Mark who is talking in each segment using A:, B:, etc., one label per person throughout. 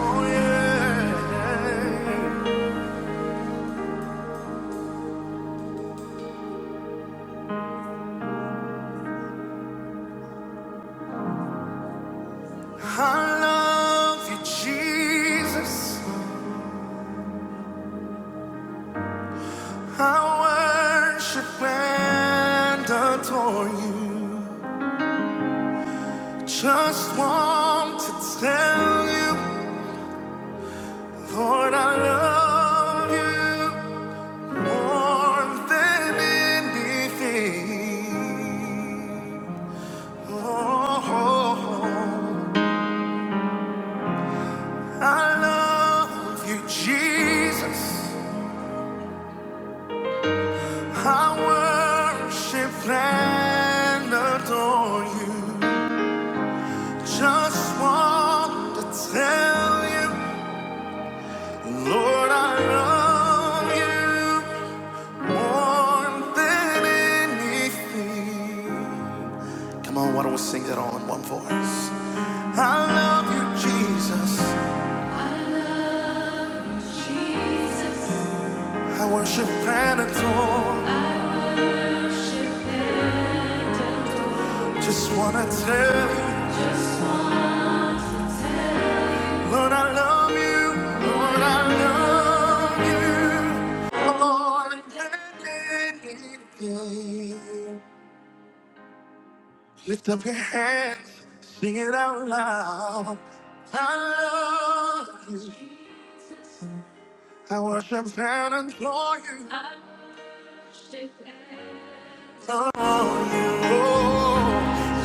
A: Oh, yeah. I love you, Jesus. I worship and adore you. Just want to tell you, Lord, I love you more than anything. Oh, I love you, Jesus. I worship and adore you. Just want to tell you, Lord, I love you more than anything. Come on, why don't we sing that all in one voice? I love you, Jesus. Jesus. I worship and adore. I worship and adore. Just wanna tell you. Lord, I love you. Lord, I love you. Lord, yeah, yeah, yeah. Lift up your hands, sing it out loud. I love you. I worship and adore you. I worship and adore you. Oh,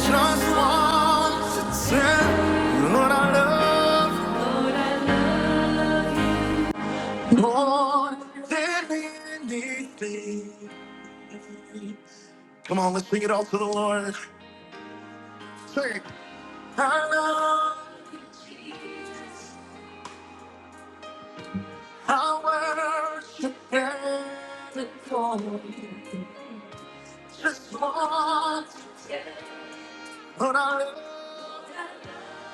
A: just want to tell you, Lord, I love you. Lord, I love you. More than anything. Come on, let's sing it all to the Lord. Sing. it. I love you, Jesus. I worship and adore you. Just want to tell you that I love you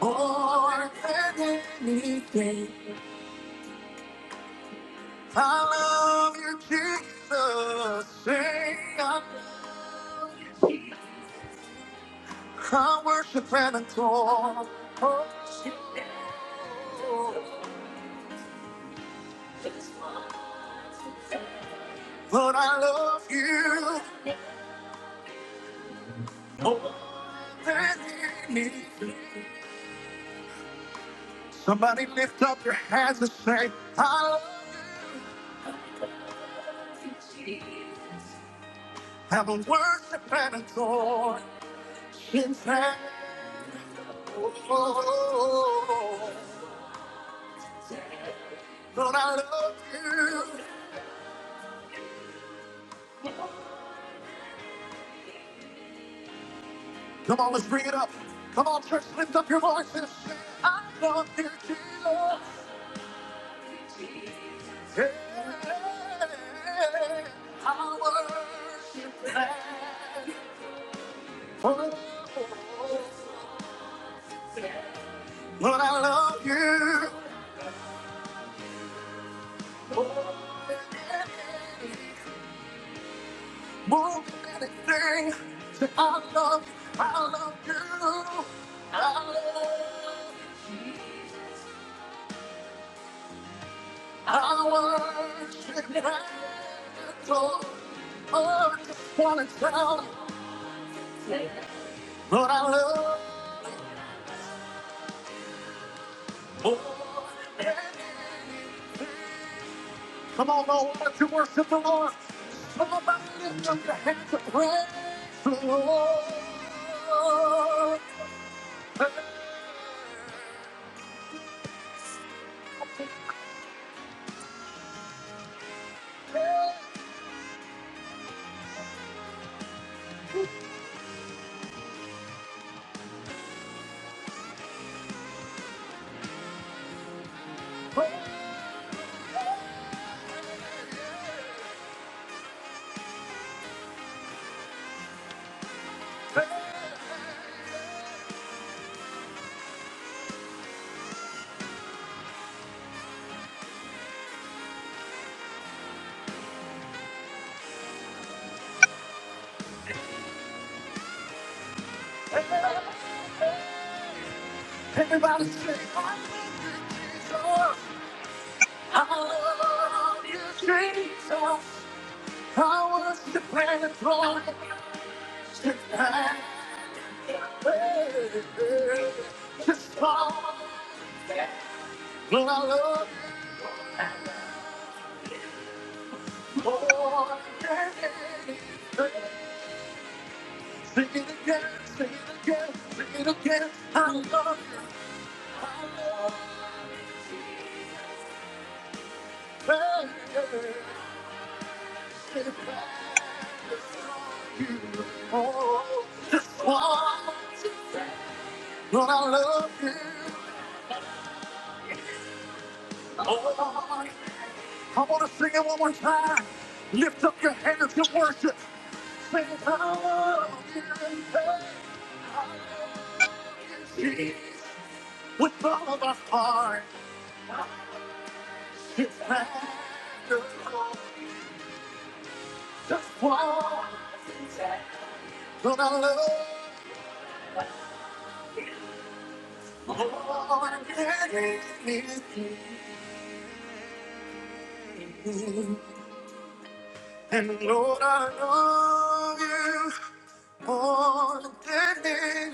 A: more than anything. I love you, Jesus. Sing. I love you, Jesus. I worship and adore. Worship But I love you more than anything. Somebody lift up your hands and say, I love you. Have a worship and adore. In fact, oh, oh, oh, oh. but I love you. Come on, let's bring it up. Come on, church, lift up your voices. I love you, Jesus. Yeah. I worship and Oh, you. Lord, I love you. More than anything, say, I love you. I love you. I love you. Jesus. I worship and adore. Oh, I just wanna tell you what I love more than anything. Come on, all want to worship the Lord. Somebody lift up your hands and praise the Lord. Hey, hey, hey. Everybody say, I love you, Jesus. I love you, Jesus. Power to plan the throne. To plan. To stop. Well, I love you more than Sing it again, sing it again, sing it again. I love you. I love you. To plan the throne. Oh, to stop. Well, I love you. Oh, I want to sing it one more time. Lift up your hands and worship. Sing I love You, Jesus. I love you, Jesus. With all of our heart and our soul. Just one. But I love You Lord, and it is you. And Lord, I love you more than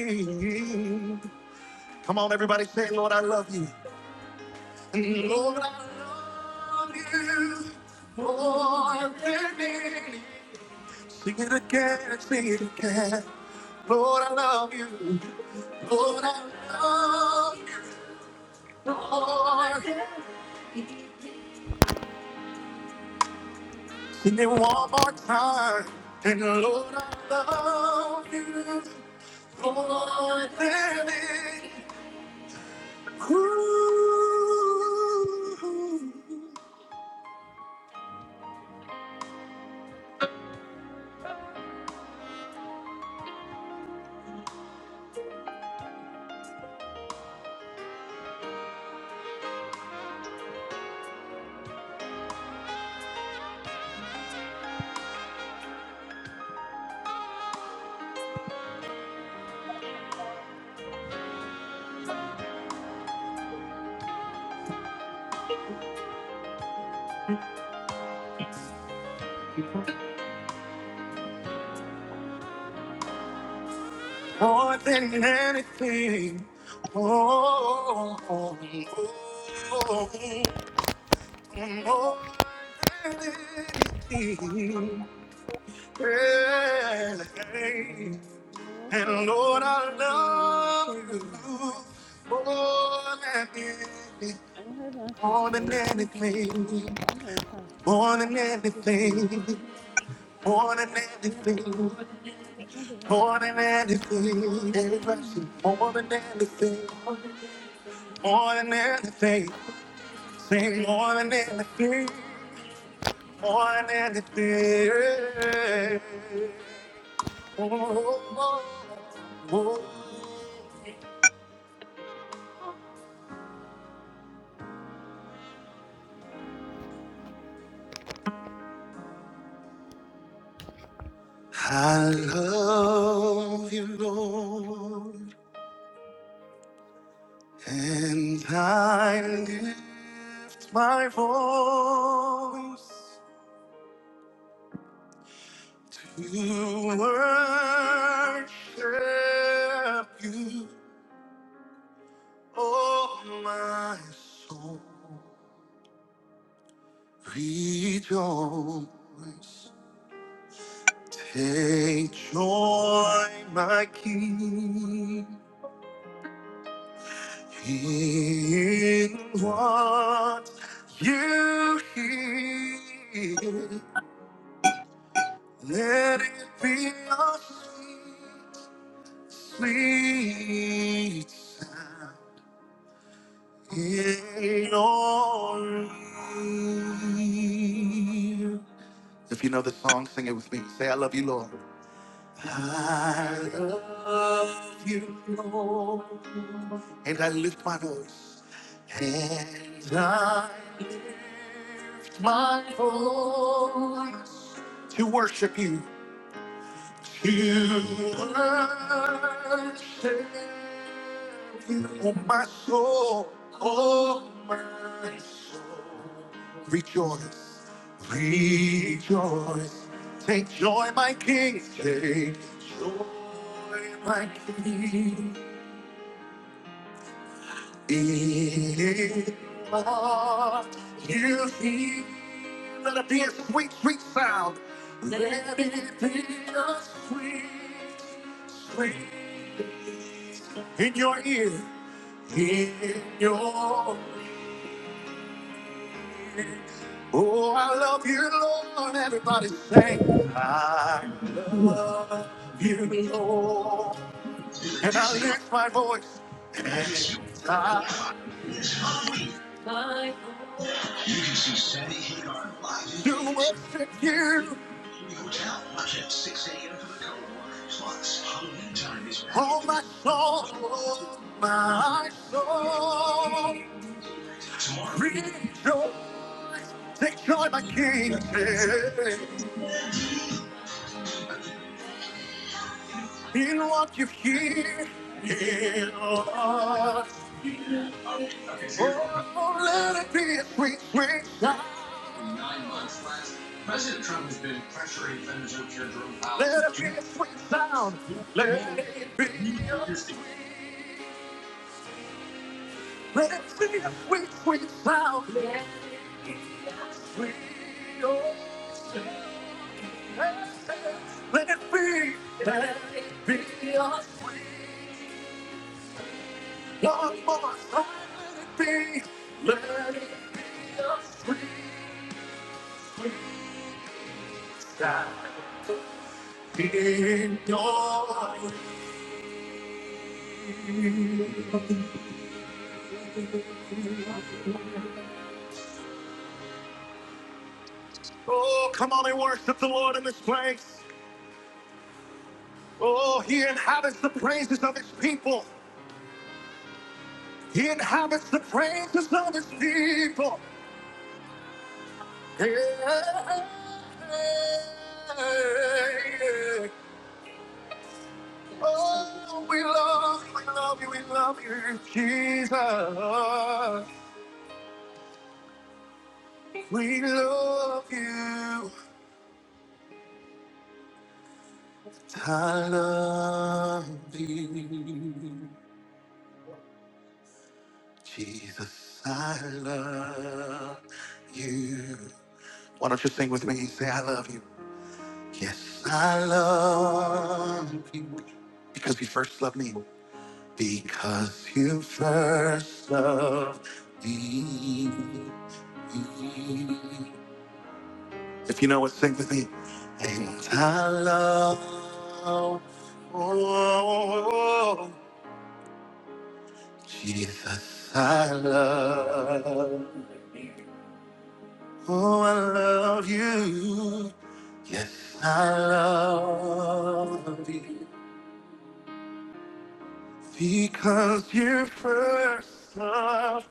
A: anything. Come on, everybody, say, Lord, I love you. Lord, I love you more than anything. Sing it again, sing it again. Lord, I love you. Lord, I love you more than anything. Sing it one more time. And Lord, I love you more than anything. Ooh.
B: Storm
A: more than anything. Oh, oh, oh, oh, more than anything.
B: Domino
A: Hey.
C: Abarosi
A: And
C: omuti
A: Lord, I
C: omukurabire
A: love you
C: n'abateeziire
A: more than anything,
C: omuhedansi
A: more than
C: asere
A: anything,
C: amwenkai
A: more than
C: timpa fifty filimi
A: anything,
C: soso
A: more than
C: abyada
A: anything,
C: baada mudeva
A: more
C: vahema
A: than anything, more than
C: vanamudamazififisi
A: anything.
C: nkofana
A: More than anything, sing more than anything, more than anything. Oh, oh, oh. oh. I love you, Lord, and I lift my voice to worship you, oh my soul. Rejoice. Take joy, my King, in what you hear. Let it be a sweet, sweet sound in your ear. If you know the song, sing it with me. Say, I love you, Lord. I love you, Lord. And I lift my voice. And I lift my voice to worship you. Give worship, you, oh my soul, oh my soul. Rejoice, rejoice. Take joy, my King. Take joy, my King. In love, you hear, let it be a sweet, sweet sound. Let it be a sweet, sweet. in your ear, in your ear. Oh, I love you, Lord. Everybody sing, I love you, Lord.
D: This
A: And I
D: is
A: lift my voice and
D: this you
A: I
D: is Halloween.
A: lift my
D: You
A: voice
D: can see Sammy Hagar live in
A: to
D: Vegas.
A: worship you,
D: Hotel. Watch at 6 a.m. for the code word. Plus, Halloween time is back at
A: oh my
D: Disney.
A: soul, oh my soul.
D: tomorrow. All
A: Rejoice, take joy, my King. In what you hear, in what you hear.
D: right. Okay. So here's what we're talking
A: Oh, let it be a sweet, sweet sound.
D: about. In nine months less, President Trump has been pressuring Federal Reserve Chair Jerome
A: Let
D: Powell to
A: it
D: do
A: be a sweet
D: months.
A: sound.
D: more
A: Let it
D: more, more,
A: be a
D: more, more,
A: sweet. Let it be a sweet, sweet sound. Let it be sweet. Oh, let it be. Let it be a sweet. One more time. Let it be. Let it be a sweet, sweet. oh, come on and worship the Lord in this place. Oh, He inhabits the praises of His people. He inhabits the praises of His people. Yeah. Oh, we love, You, we love you, we love you, Jesus. We love you. I love you. Jesus, I love you. Why don't you sing with me? Say, I love you. Yes, I love you. Because you first loved me. Because you first loved me. If you know it, sing with me. And I love, oh, oh, oh, Jesus, I love. Oh, I love you. Yes, I love you. Because you first loved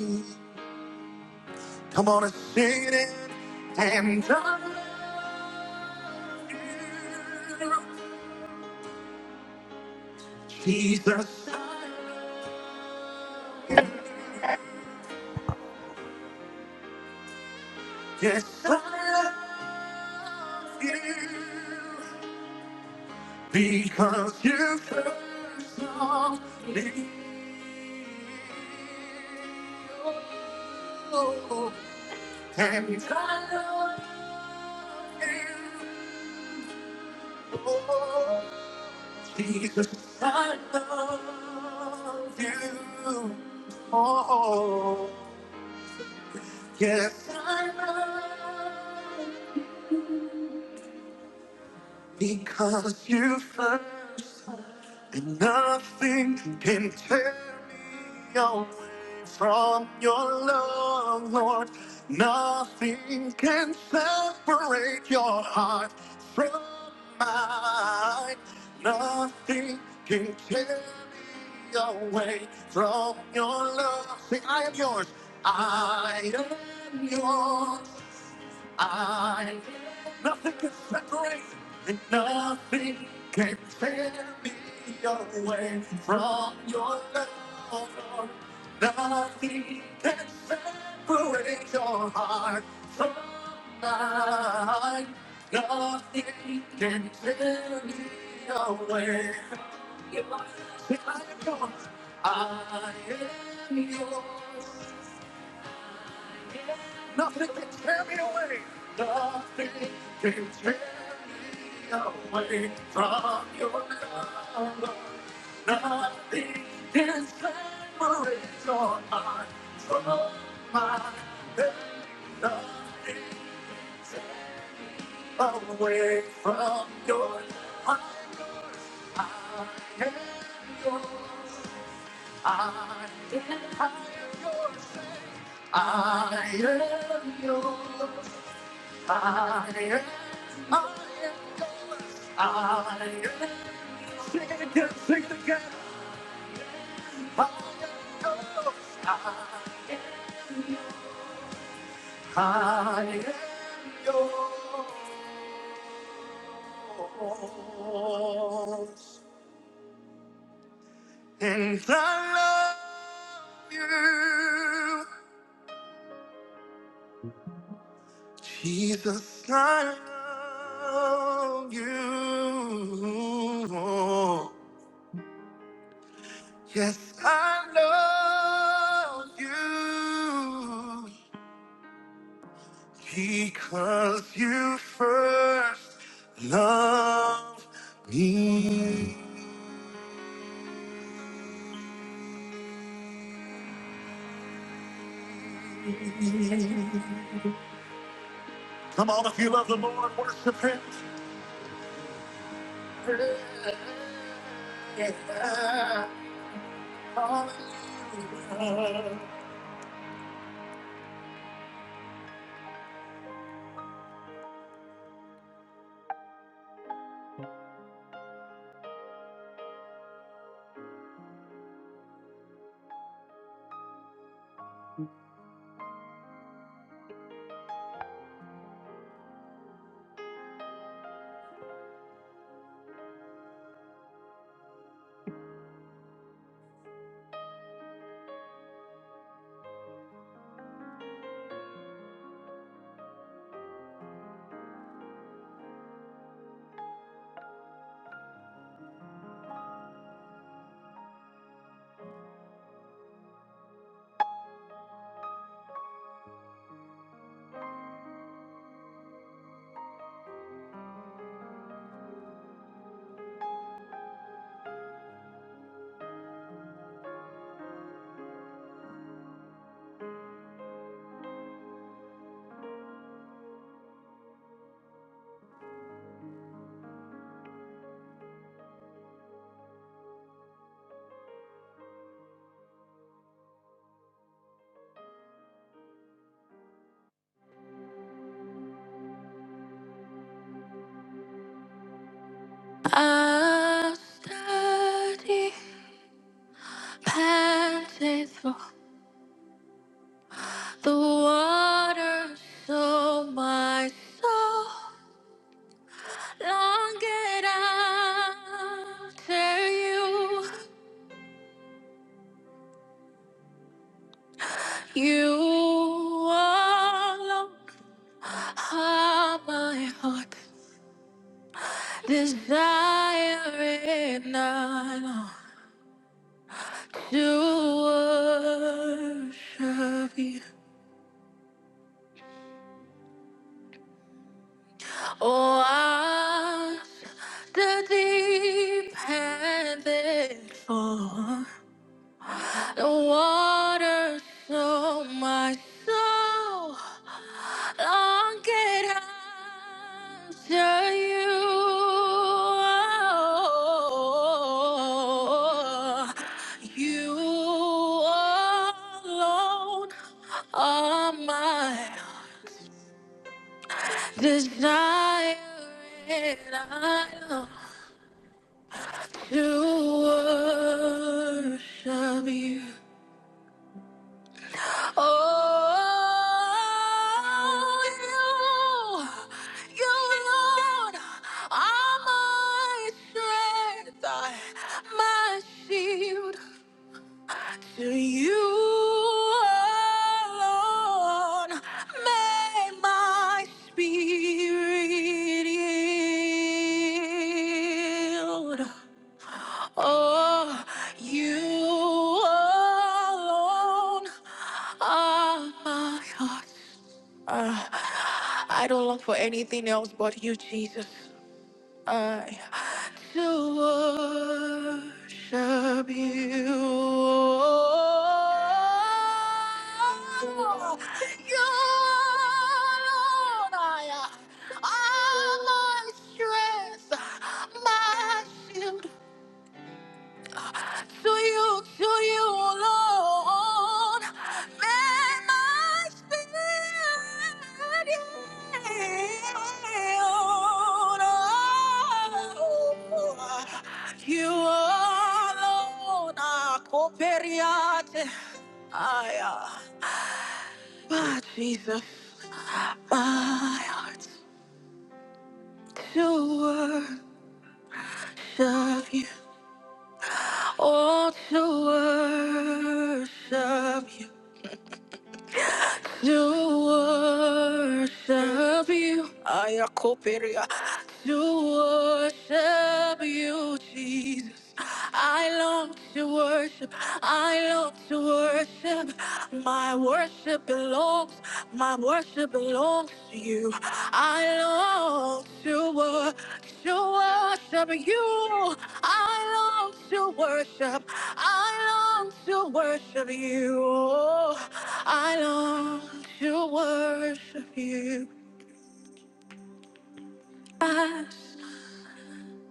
A: me. Come on and sing it. And I love you. Jesus, I love you. Yes, I love you. Because you first loved me. Oh, and I love you. Oh, Jesus, I love you. Oh, yes, I love you. Because you first And nothing can tear me away from your love, Lord. Nothing can separate your heart from mine. Nothing can tear me away from your love. Say, I am yours. I am yours. I nothing can separate and nothing can tear me away from your love. Nothing can separate your heart from mine. Nothing can tear me away. If I am yours, I am yours. Nothing can tear me away. Nothing can tear me away from your love. Nothing can separate your heart from mine. Nothing can tear away from your heart. I am yours. I am your savior. I am yours. I am, I am yours. I am yours. Sing it again, sing it again. I am yours. I am, yours. I am yours. And I love you. Jesus, I love you. Yes, I love you because you first loved me. Come on, if you love the Lord, worship Him. I study past faithful. The waters of my soul longed after you. You alone are my heart, desiring I to worship you. Oh, I the deep and then full. The waters of my soul longed after you. You alone are my desire, and I long to worship you. Oh, you, you alone are my strength, my shield. To you alone may my spirit yield. Oh, you alone are my God. Uh, I don't long for anything else but you, Jesus. I to worship you. You alone are my strength, my shield to you, to you alone. Let my spirit yield. Oh, you alone are coperiate. I, uh, but Jesus, my heart to worship you, oh, to worship you. To worship you, I Ayakoperia. To worship you, Jesus. I long to worship. I long to worship. My worship belongs. My worship belongs to you. I long to worship. To worship you. I long to worship. I long long to worship you. Oh, I long to worship you. I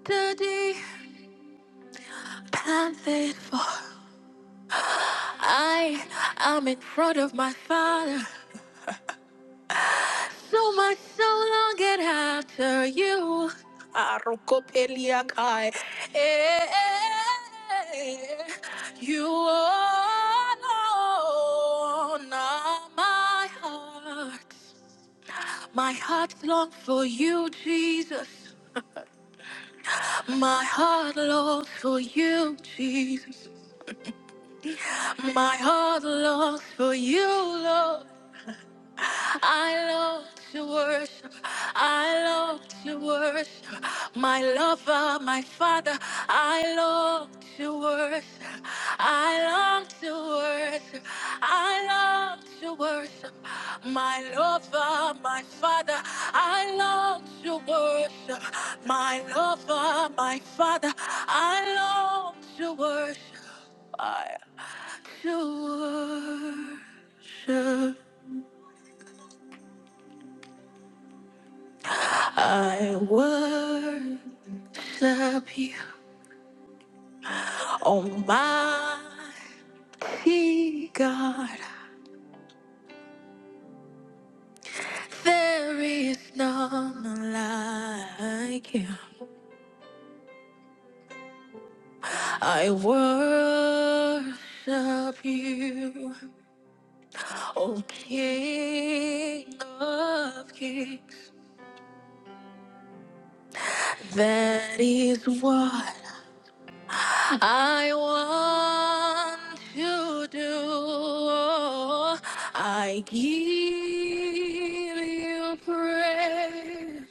A: study and faithful. I am in front of my Father, so my soul longeth after you. Arukopeliakai. Eh, You alone are my heart. My heart longs for you, Jesus. My heart longs for you, Jesus. My heart longs for you, Lord. I love to worship. I love to worship. My lover, my father, I love to worship. I long to worship. I long to worship. My lover, my father, I long to worship. My lover, my father, I long to worship. I to worship. I worship you, Almighty God. There is none like you. I worship you, O King of Kings. That is what I want to do. I give you praise,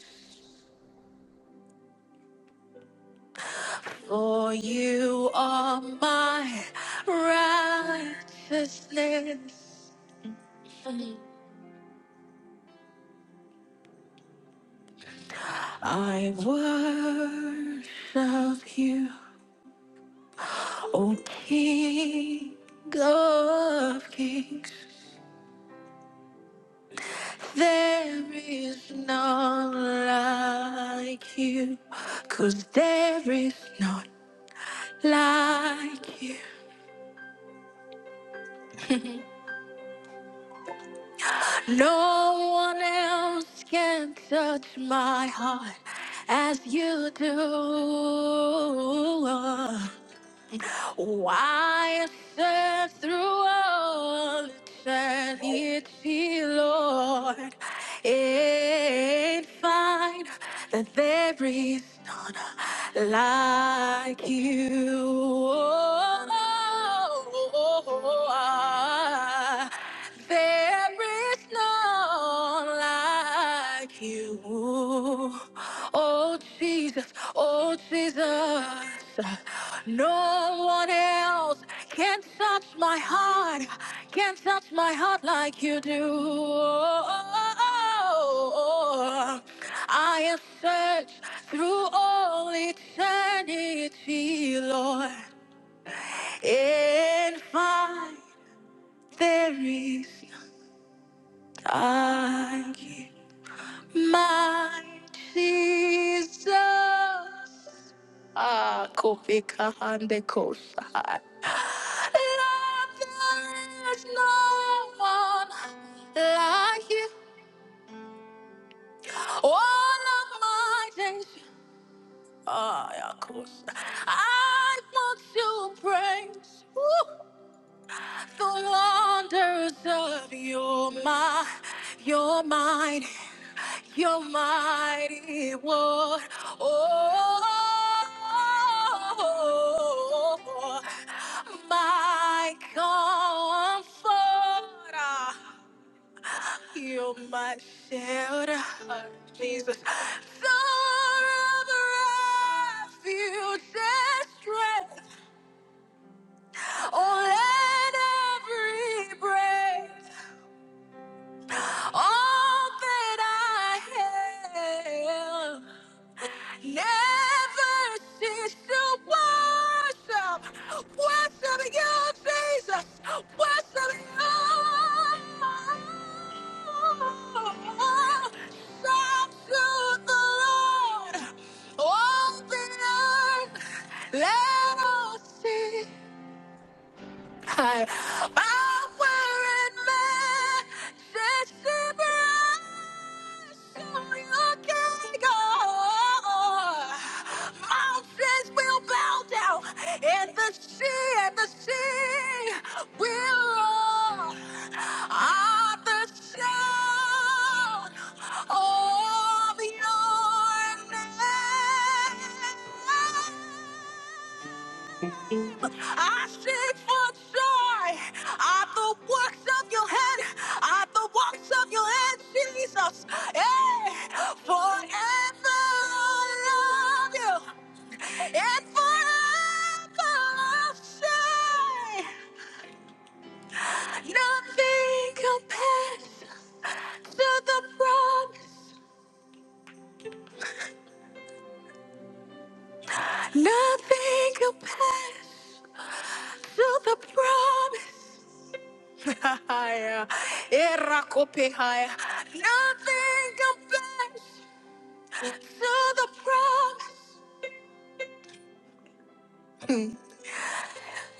A: for you are my righteousness. I worship you, O King of Kings. There is none like you, 'cause there is none like you. No one else can touch my heart as you do. Why I serve through all eternity, Lord, and find that there is none like you. Oh, there is none like you. Oh Jesus, oh Jesus. No one else can touch my heart, can touch my heart like you do. Oh, I have searched through all eternity, Lord, and find there is none like you. My Jesus. Ah, Kofi Kahande Kosha. Lord, there is no one like you. All of my days. Ah, yeah, Kosha. I want to praise. Woo. The wonders of your mind, your mind, your mighty word. Oh, my comfort, you're my shelter, Jesus. Star of refuge and strength, oh, let every breath. All that I have never cease to worship, worship you, Jesus, worship you. Shout to the Lord, all the earth, let us sing. I offer in my desperation, your king. Oh, Mountains will bow down, and the sea, and the sea will roar. At the sound of your name. I seek for joy are the works of your hand, are the works of your hand, Jesus. Hey, forever I love you, and forever I'll say, nothing compares to the promise, nothing compares to the promise. Nothing compares. to the promise. Mm.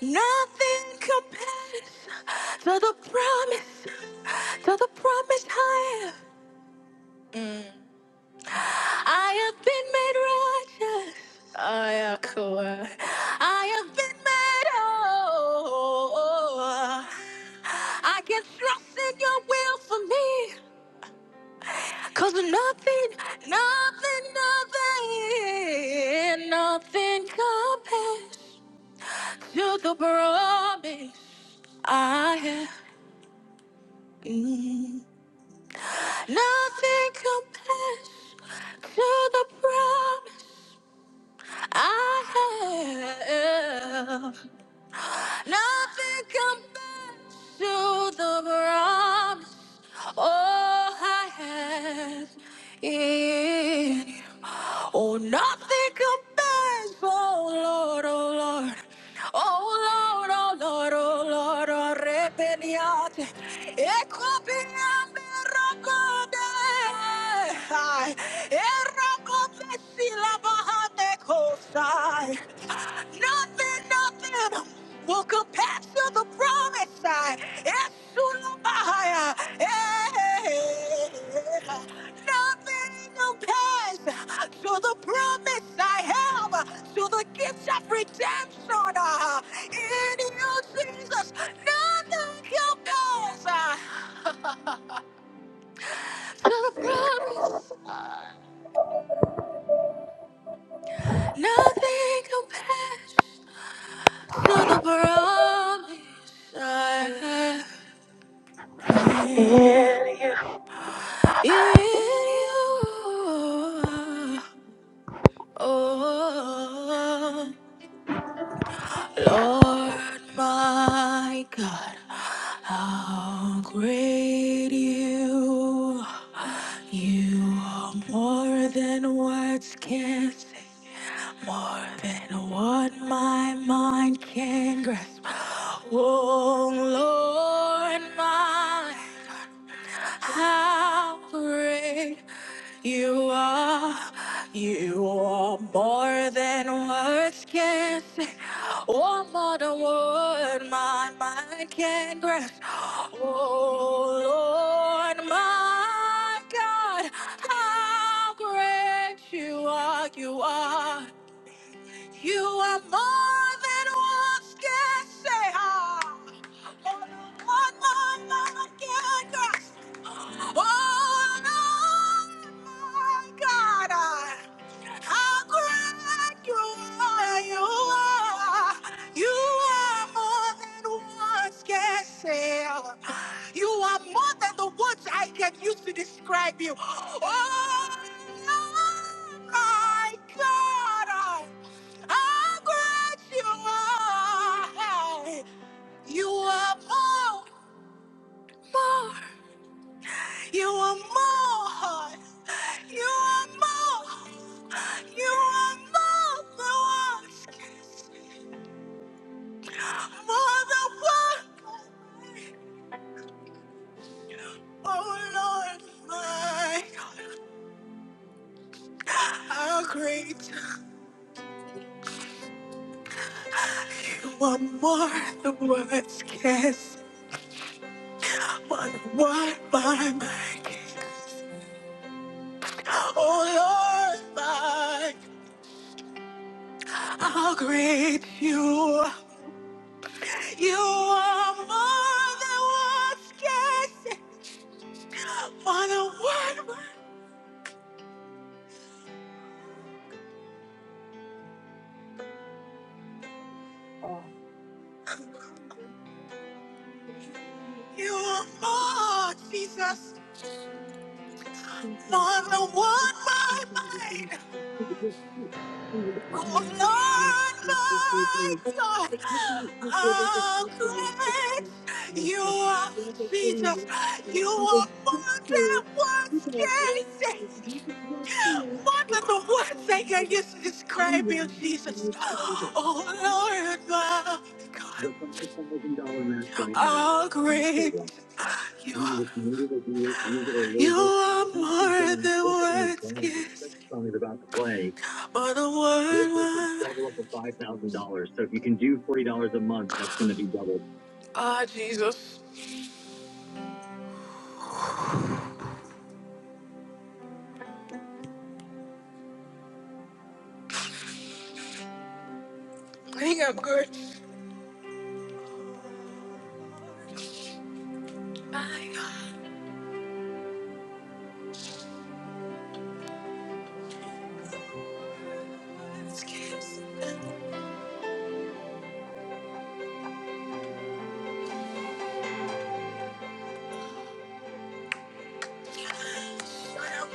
A: Nothing compares to the promise, to the promise I am. I have been made righteous. I am cool. I have been made whole. I can trust in your will for me. Cause nothing, nothing, nothing, nothing compares to the promise. I have mm, nothing compares to the promise I have. Nothing compares to the promise. all I have in you. Oh, nothing compares, oh Lord, oh Lord. Oh Lord, oh Lord, oh Lord, oh repeniate. Ecopiame racode. Eracopesi la bahane cosa. Nothing, nothing will capture the promise. I Esulubahaya. Eh, Nothing compares to the promise I have, to the gift of redemption uh, in you, Jesus. Nothing compares uh, to the promise. Nothing compares to the promise. I have. in you.
E: In you.
A: In you. Oh, Lord my God, how great you are. You are more than words can say, more than what my mind can grasp. Oh, Lord my God. How great you are. You are more than words can say. Or more than what my mind can grasp. Oh Lord, my God, how great you are. You are. You are more than one can say. Ah, One more moment can grasp. Oh, Lord, my God. How great you are, you are, you are more than words can say. You are more than the words I can use to describe you. Oh my God, how great you are. You are more, more. You are more. You are more. You are more than words. More than words. Oh Lord, my God, how great. You are more than words. Yes, more than by my my King. Oh Lord, my God, how great you are. You are more than words. Yes. Father, what would
F: Oh, The reality is, so many people
A: you are more, Jesus?
F: think in the
A: Father,
F: time of
A: what
F: life, and
A: my
F: so many things,
A: mind?
F: because it gets too, it's too different,
A: Oh,
F: next, next,
A: Lord,
F: next, next, next,
A: my
F: next.
A: God,
F: It could be, it could be, it could be,
A: how
F: it could be, it could
A: great
F: be, like,
A: you
F: this is
A: are,
F: the other thing,
A: Jesus.
F: and I
A: You
F: think
A: are
F: it's
A: more
F: just so,
A: than words
F: people are, like,
A: can say.
F: you can tell too,
A: More than
F: it's
A: the words they
F: probably
A: can
F: like,
A: use to
F: it's
A: describe you,
F: too, and
A: Jesus.
F: it's too,
A: Oh, Lord, my God,
F: The five thousand dollar match right now,
A: how
F: in the
A: great
F: state
A: you
F: You
A: are.
F: either use use it or
A: You
F: lose it.
A: are
F: I think he's
A: more
F: going,
A: than
F: this one is
A: words,
F: going, the
A: kiss,
F: second song is about to play.
A: more than
F: Your
A: one
F: piece is
A: word.
F: double up to five thousand dollars. So if you can do forty dollars a month, that's gonna be doubled.
A: Ah, Jesus. I of grace. My God. words, kiss, and shout.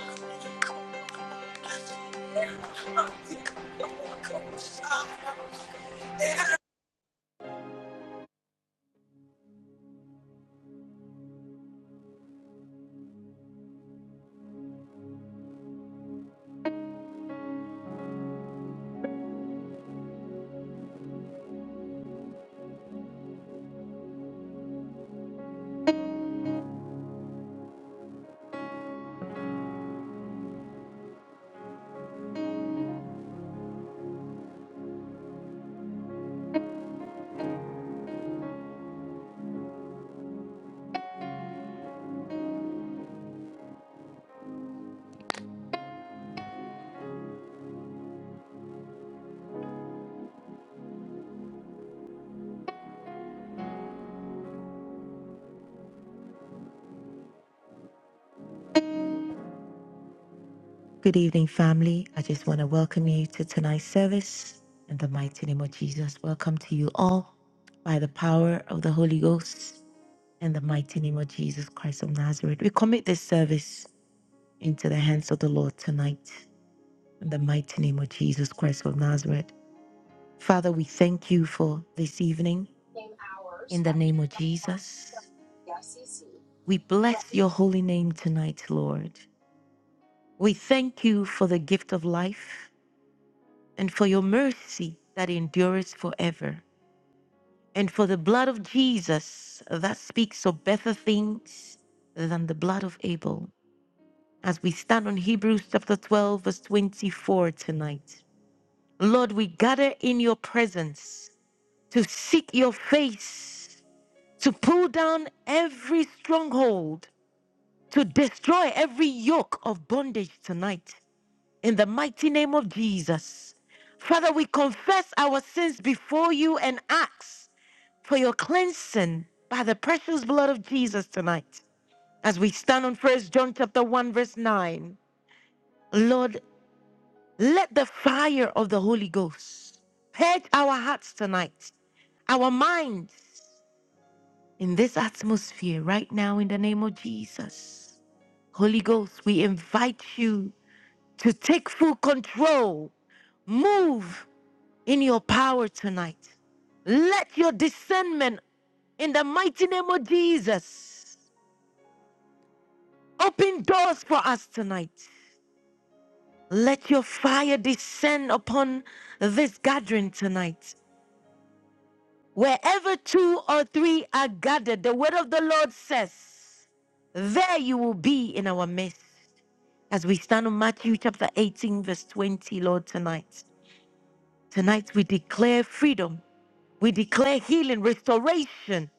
A: Good evening, family. I just want to welcome you to tonight's service. In the mighty name of Jesus, welcome to you all by the power of the Holy Ghost. In the mighty name of Jesus Christ of Nazareth, we commit this service into the hands of the Lord tonight. in the mighty name of Jesus Christ of Nazareth. Father, we thank you for this evening
B: came hours
A: in the
B: after
A: name
B: the
A: of
B: crime
A: Jesus.
B: ICC
A: We bless
B: threatened
A: your holy name tonight, Lord. We thank you for the gift of life and for your mercy that endures forever, and for the blood of Jesus that speaks of better things than the blood of Abel. As we stand on Hebrews chapter 12, verse 24 tonight, Lord, we gather in your presence to seek your face, to pull down every stronghold, to destroy every yoke of bondage tonight. In the mighty name of Jesus. Father, we confess our sins before you and ask for your cleansing by the precious blood of Jesus tonight. As we stand on First John chapter 1 verse 9. Lord, let the fire of the Holy Ghost purge our hearts tonight, our minds, in this atmosphere right now in the name of Jesus. Holy Ghost, we invite you to take full control. Move in your power tonight. Let your discernment in the mighty name of Jesus open doors for us tonight. Let your fire descend upon this gathering tonight. Wherever two or three are gathered, the word of the Lord says, there you will be in our midst. As we stand on Matthew chapter 18, verse 20, Lord, tonight. Tonight we declare freedom. We declare healing, restoration,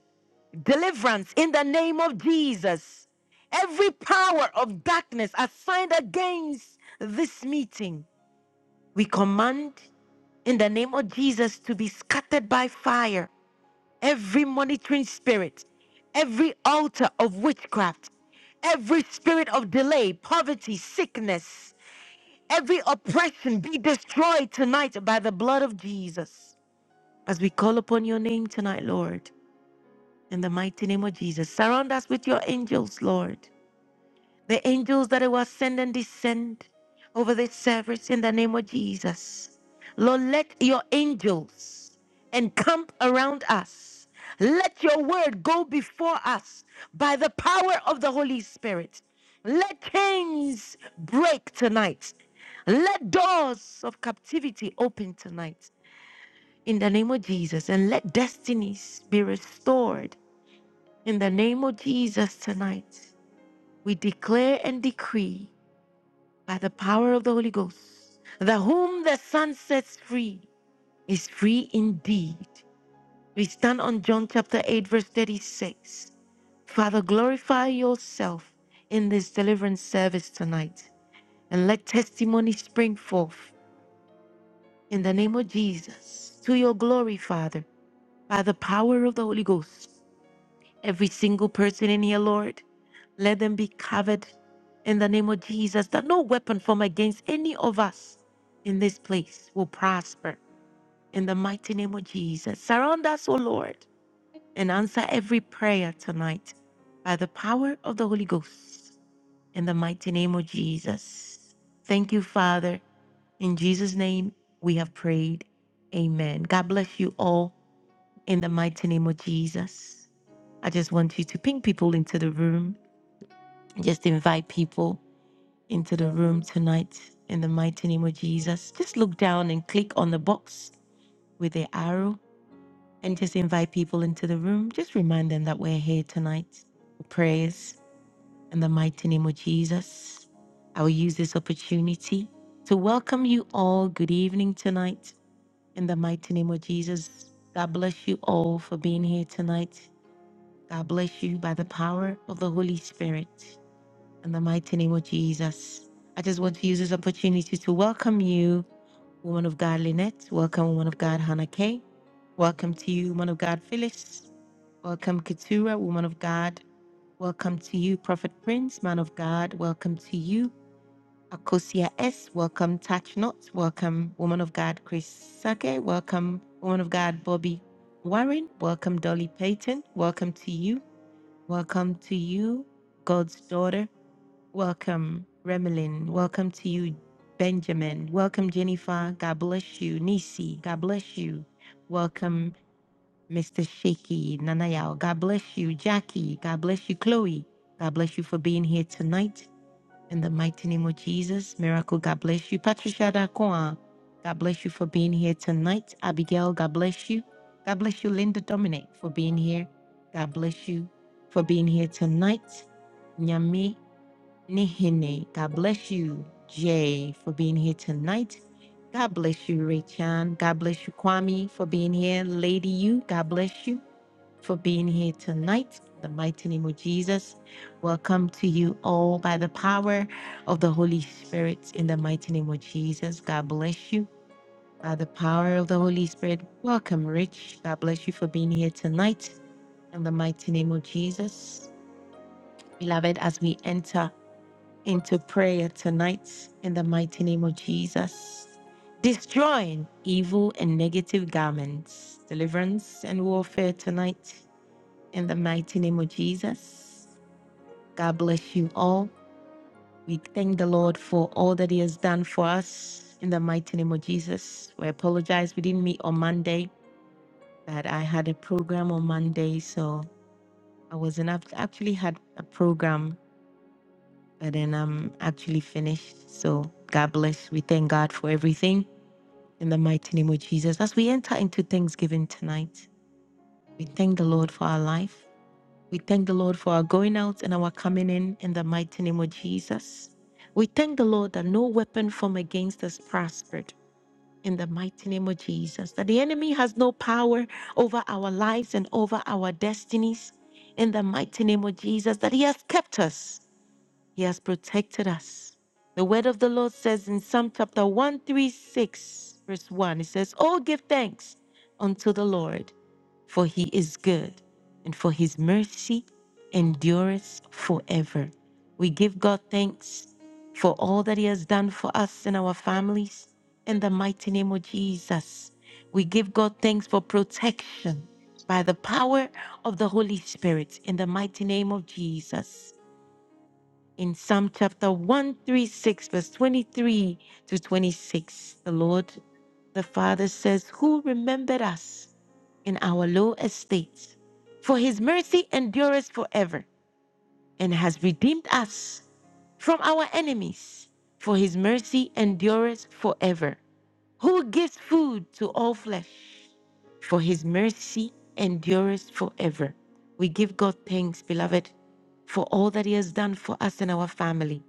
A: deliverance in the name of Jesus. Every power of darkness assigned against this meeting, we command in the name of Jesus to be scattered by fire. Every monitoring spirit, every altar of witchcraft, every spirit of delay, poverty, sickness, Every oppression be destroyed tonight by the blood of Jesus. As we call upon your name tonight, Lord, in the mighty name of Jesus, surround us with your angels, Lord. The angels that I will send and descend over this service in the name of Jesus. Lord, let your angels encamp around us. Let your word go before us by the power of the Holy Spirit. Let chains break tonight. Let doors of captivity open tonight in the name of Jesus and let destinies be restored in the name of Jesus tonight. We declare and decree by the power of the Holy Ghost, the whom the Son sets free is free indeed. We stand on John chapter 8, verse 36. Father, glorify yourself in this deliverance service tonight and let testimony spring forth in the name of Jesus to your glory, Father, by the power of the Holy Ghost. every single person in here, Lord. Let them be covered in the name of Jesus, that no weapon formed against any of us in this place will prosper. In the mighty name of Jesus, surround us, O Lord, and answer every prayer tonight by the power of the Holy Ghost. In the mighty name of Jesus. Thank you, Father. In Jesus' name, we have prayed. Amen. God bless you all in the mighty name of Jesus. I just want you to ping people into the room. Just invite people into the room tonight in the mighty name of Jesus. Just look down and click on the box with the arrow and just invite people into the room. Just remind them that we're here tonight for prayers in the mighty name of Jesus. I will use this opportunity to welcome you all. Good evening tonight in the mighty name of Jesus. God bless you all for being here tonight. God bless you by the power of the Holy Spirit. In the mighty name of Jesus. I just want to use this opportunity to welcome you, woman of God Lynette. Welcome, woman of God Hannah Kay. Welcome to you, woman of God Phyllis. Welcome, Keturah, woman of God. Welcome to you, Prophet Prince, man of God. Welcome to you, Akosia S. Welcome, Touch Not. Welcome, woman of God Chris Sake. Welcome, woman of God Bobby Warren. Welcome, Dolly Payton. Welcome to you. Welcome to you, God's daughter. Welcome, Remelin. Welcome to you, Benjamin. Welcome, Jennifer. God bless you. Nisi, God bless you. Welcome, Mr. Shaky Nanayao. God bless you. Jackie, God bless you. Chloe, God bless you for being here tonight. In the mighty name of Jesus, miracle, God bless you. Patricia Dakoa, God bless you for being here tonight. Abigail, God bless you. God bless you, Linda Dominic, for being here. God bless you for being here tonight. Nyame Nihine. God bless you, Jay, for being here tonight. God bless you, Raychan. God bless you, Kwame, for being here. Lady you, God bless you for being here tonight. The mighty name of Jesus. Welcome to you all by the power of the Holy Spirit in the mighty name of Jesus. God bless you by the power of the Holy Spirit. Welcome, Rich. God bless you for being here tonight in the mighty name of Jesus. Beloved, as we enter into prayer tonight in the mighty name of Jesus. Destroying evil and negative garments, deliverance and warfare tonight in the mighty name of Jesus. God bless you all. We thank the Lord for all that He has done for us in the mighty name of Jesus. We apologize, we didn't meet on Monday, but I had a program on Monday, so I wasn't I actually had a program but then I'm actually finished. So God bless. We thank God for everything in the mighty name of Jesus. As we enter into Thanksgiving tonight, we thank the Lord for our life. We thank the Lord for our going out and our coming in in the mighty name of Jesus. We thank the Lord that no weapon formed against us prospered in the mighty name of Jesus, that the enemy has no power over our lives and over our destinies in the mighty name of Jesus, that he has kept us he has protected us. The word of the Lord says in Psalm chapter 136, verse 1, it says, Oh, give thanks unto the Lord, for he is good, and for his mercy endureth forever. We give God thanks for all that he has done for us and our families in the mighty name of Jesus. We give God thanks for protection by the power of the Holy Spirit in the mighty name of Jesus in Psalm chapter 136, verse 23 to 26. The Lord, the Father says, Who remembered us in our low estate? For his mercy endureth forever and has redeemed us from our enemies. For his mercy endureth forever who gives food to all flesh, for his mercy endures forever. We give God thanks, beloved, for all that he has done for us and our family.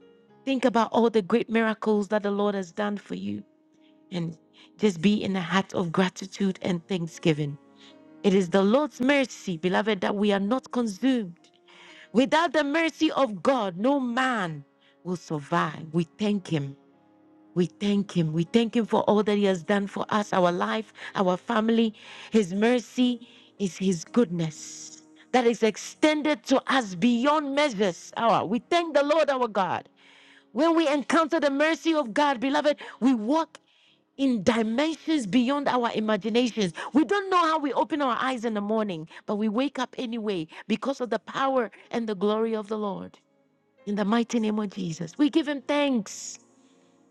A: Think about all the great miracles that the Lord has done for you and just be in a heart of gratitude and thanksgiving. It is the Lord's mercy, beloved, that we are not consumed. Without the mercy of God, no man will survive. We thank him. We thank him. We thank him for all that he has done for us, our life, our family. His mercy is his goodness that is extended to us beyond measures. Our, we thank the Lord our God. When we encounter the mercy of God, beloved, we walk in dimensions beyond our imaginations. We don't know how we open our eyes in the morning, but we wake up anyway because of the power and the glory of the Lord. In the mighty name of Jesus, we give him thanks.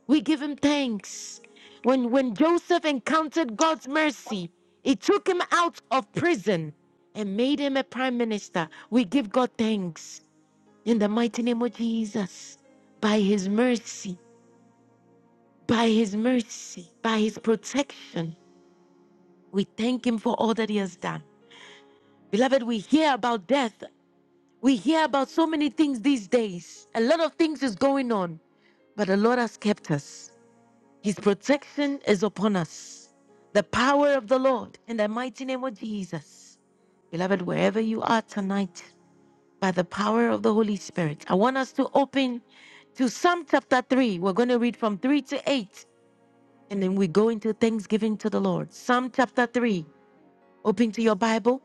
A: We give him thanks. When, when Joseph encountered God's mercy, it took him out of prison and made him a prime minister. We give God thanks in the mighty name of Jesus. By his mercy, by his mercy, by his protection, we thank him for all that he has done. Beloved, we hear about death. We hear about so many things these days. A lot of things is going on, but the Lord has kept us. His protection is upon us. The power of the Lord in the mighty name of Jesus. Beloved, wherever you are tonight, by the power of the Holy Spirit, I want us to open to Psalm chapter 3. We're going to read from 3 to 8, and then we go into thanksgiving to the Lord. Psalm chapter 3. Open to your Bible,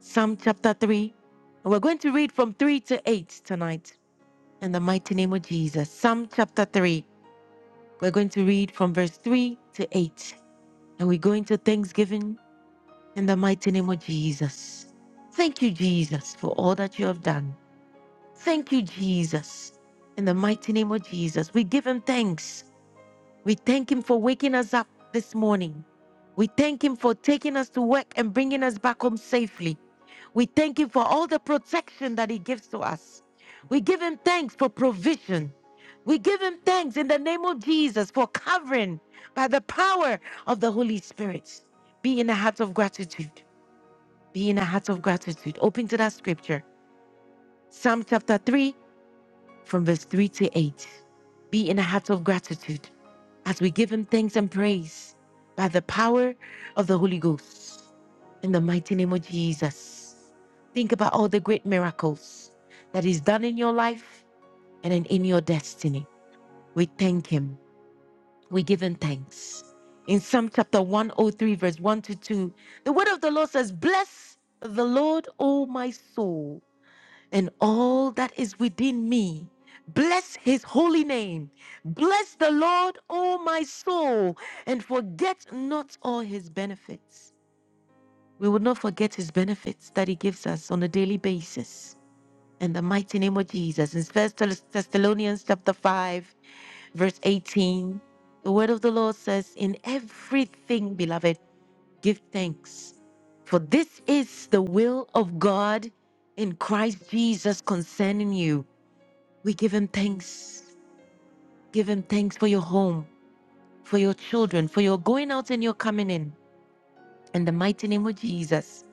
A: Psalm chapter 3. And we're going to read from 3 to 8 tonight in the mighty name of Jesus. Psalm chapter 3. We're going to read from verse 3 to 8. And we go into thanksgiving in the mighty name of Jesus. Thank you, Jesus, for all that you have done. Thank you, Jesus. In the mighty name of Jesus, we give him thanks. We thank Him for waking us up this morning. We thank Him for taking us to work and bringing us back home safely. We thank Him for all the protection that He gives to us. We give Him thanks for provision. We give Him thanks in the name of Jesus for covering by the power of the Holy Spirit. Be in a heart of gratitude. Be in a heart of gratitude. Open to that scripture. Psalm chapter 3 from verse 3 to 8. Be in a heart of gratitude as we give Him thanks and praise by the power of the Holy Ghost. In the mighty name of Jesus. Think about all the great miracles that He's done in your life and in, in your destiny. We thank Him. We give Him thanks. In Psalm chapter 103, verse 1 to 2, the word of the Lord says, Bless the Lord, O my soul and all that is within me. Bless his holy name. Bless the Lord, O my soul, and forget not all his benefits. We will not forget his benefits that he gives us on a daily basis. In the mighty name of Jesus. In First Thessalonians chapter 5, verse 18, the word of the Lord says, In everything, beloved, give thanks. For this is the will of God in Christ Jesus concerning you. We give him thanks. Give him thanks for your home, for your children, for your going out and your coming in. In the mighty name of Jesus.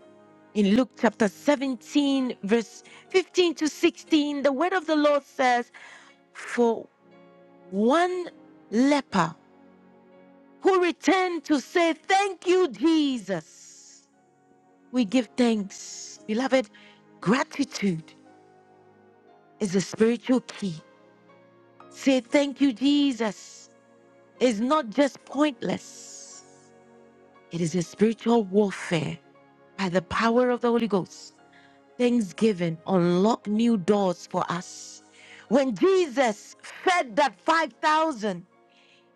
A: In Luke chapter 17, verse 15 to 16, the word of the Lord says, For one leper who returned to say, Thank you, Jesus, we give thanks. Beloved, gratitude is a spiritual key. Say, Thank you, Jesus. It's not just pointless. It is a spiritual warfare by the power of the Holy Ghost. Thanksgiving unlock new doors for us. When Jesus fed that 5,000,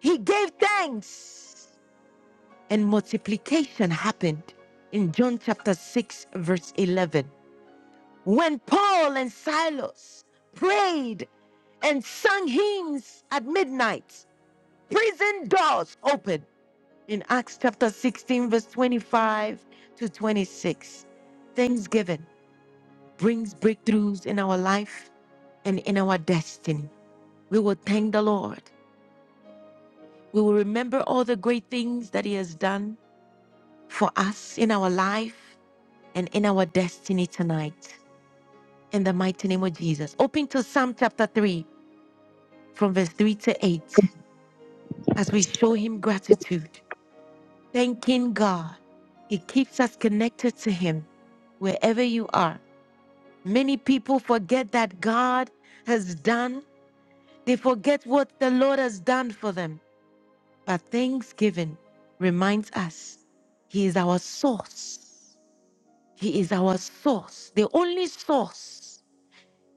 A: he gave thanks and multiplication happened in John chapter 6 verse 11. When Paul and Silas prayed and sung hymns at midnight, prison doors opened. in Acts chapter 16, verse 25 to 26. Thanksgiving brings breakthroughs in our life and in our destiny. We will thank the Lord. We will remember all the great things that He has done for us in our life and in our destiny tonight. In the mighty name of Jesus. Open to Psalm chapter 3, from verse 3 to 8, as we show Him gratitude. Thanking God, He keeps us connected to Him wherever you are. Many people forget that God has done, they forget what the Lord has done for them. But Thanksgiving reminds us He is our source. He is our source, the only source.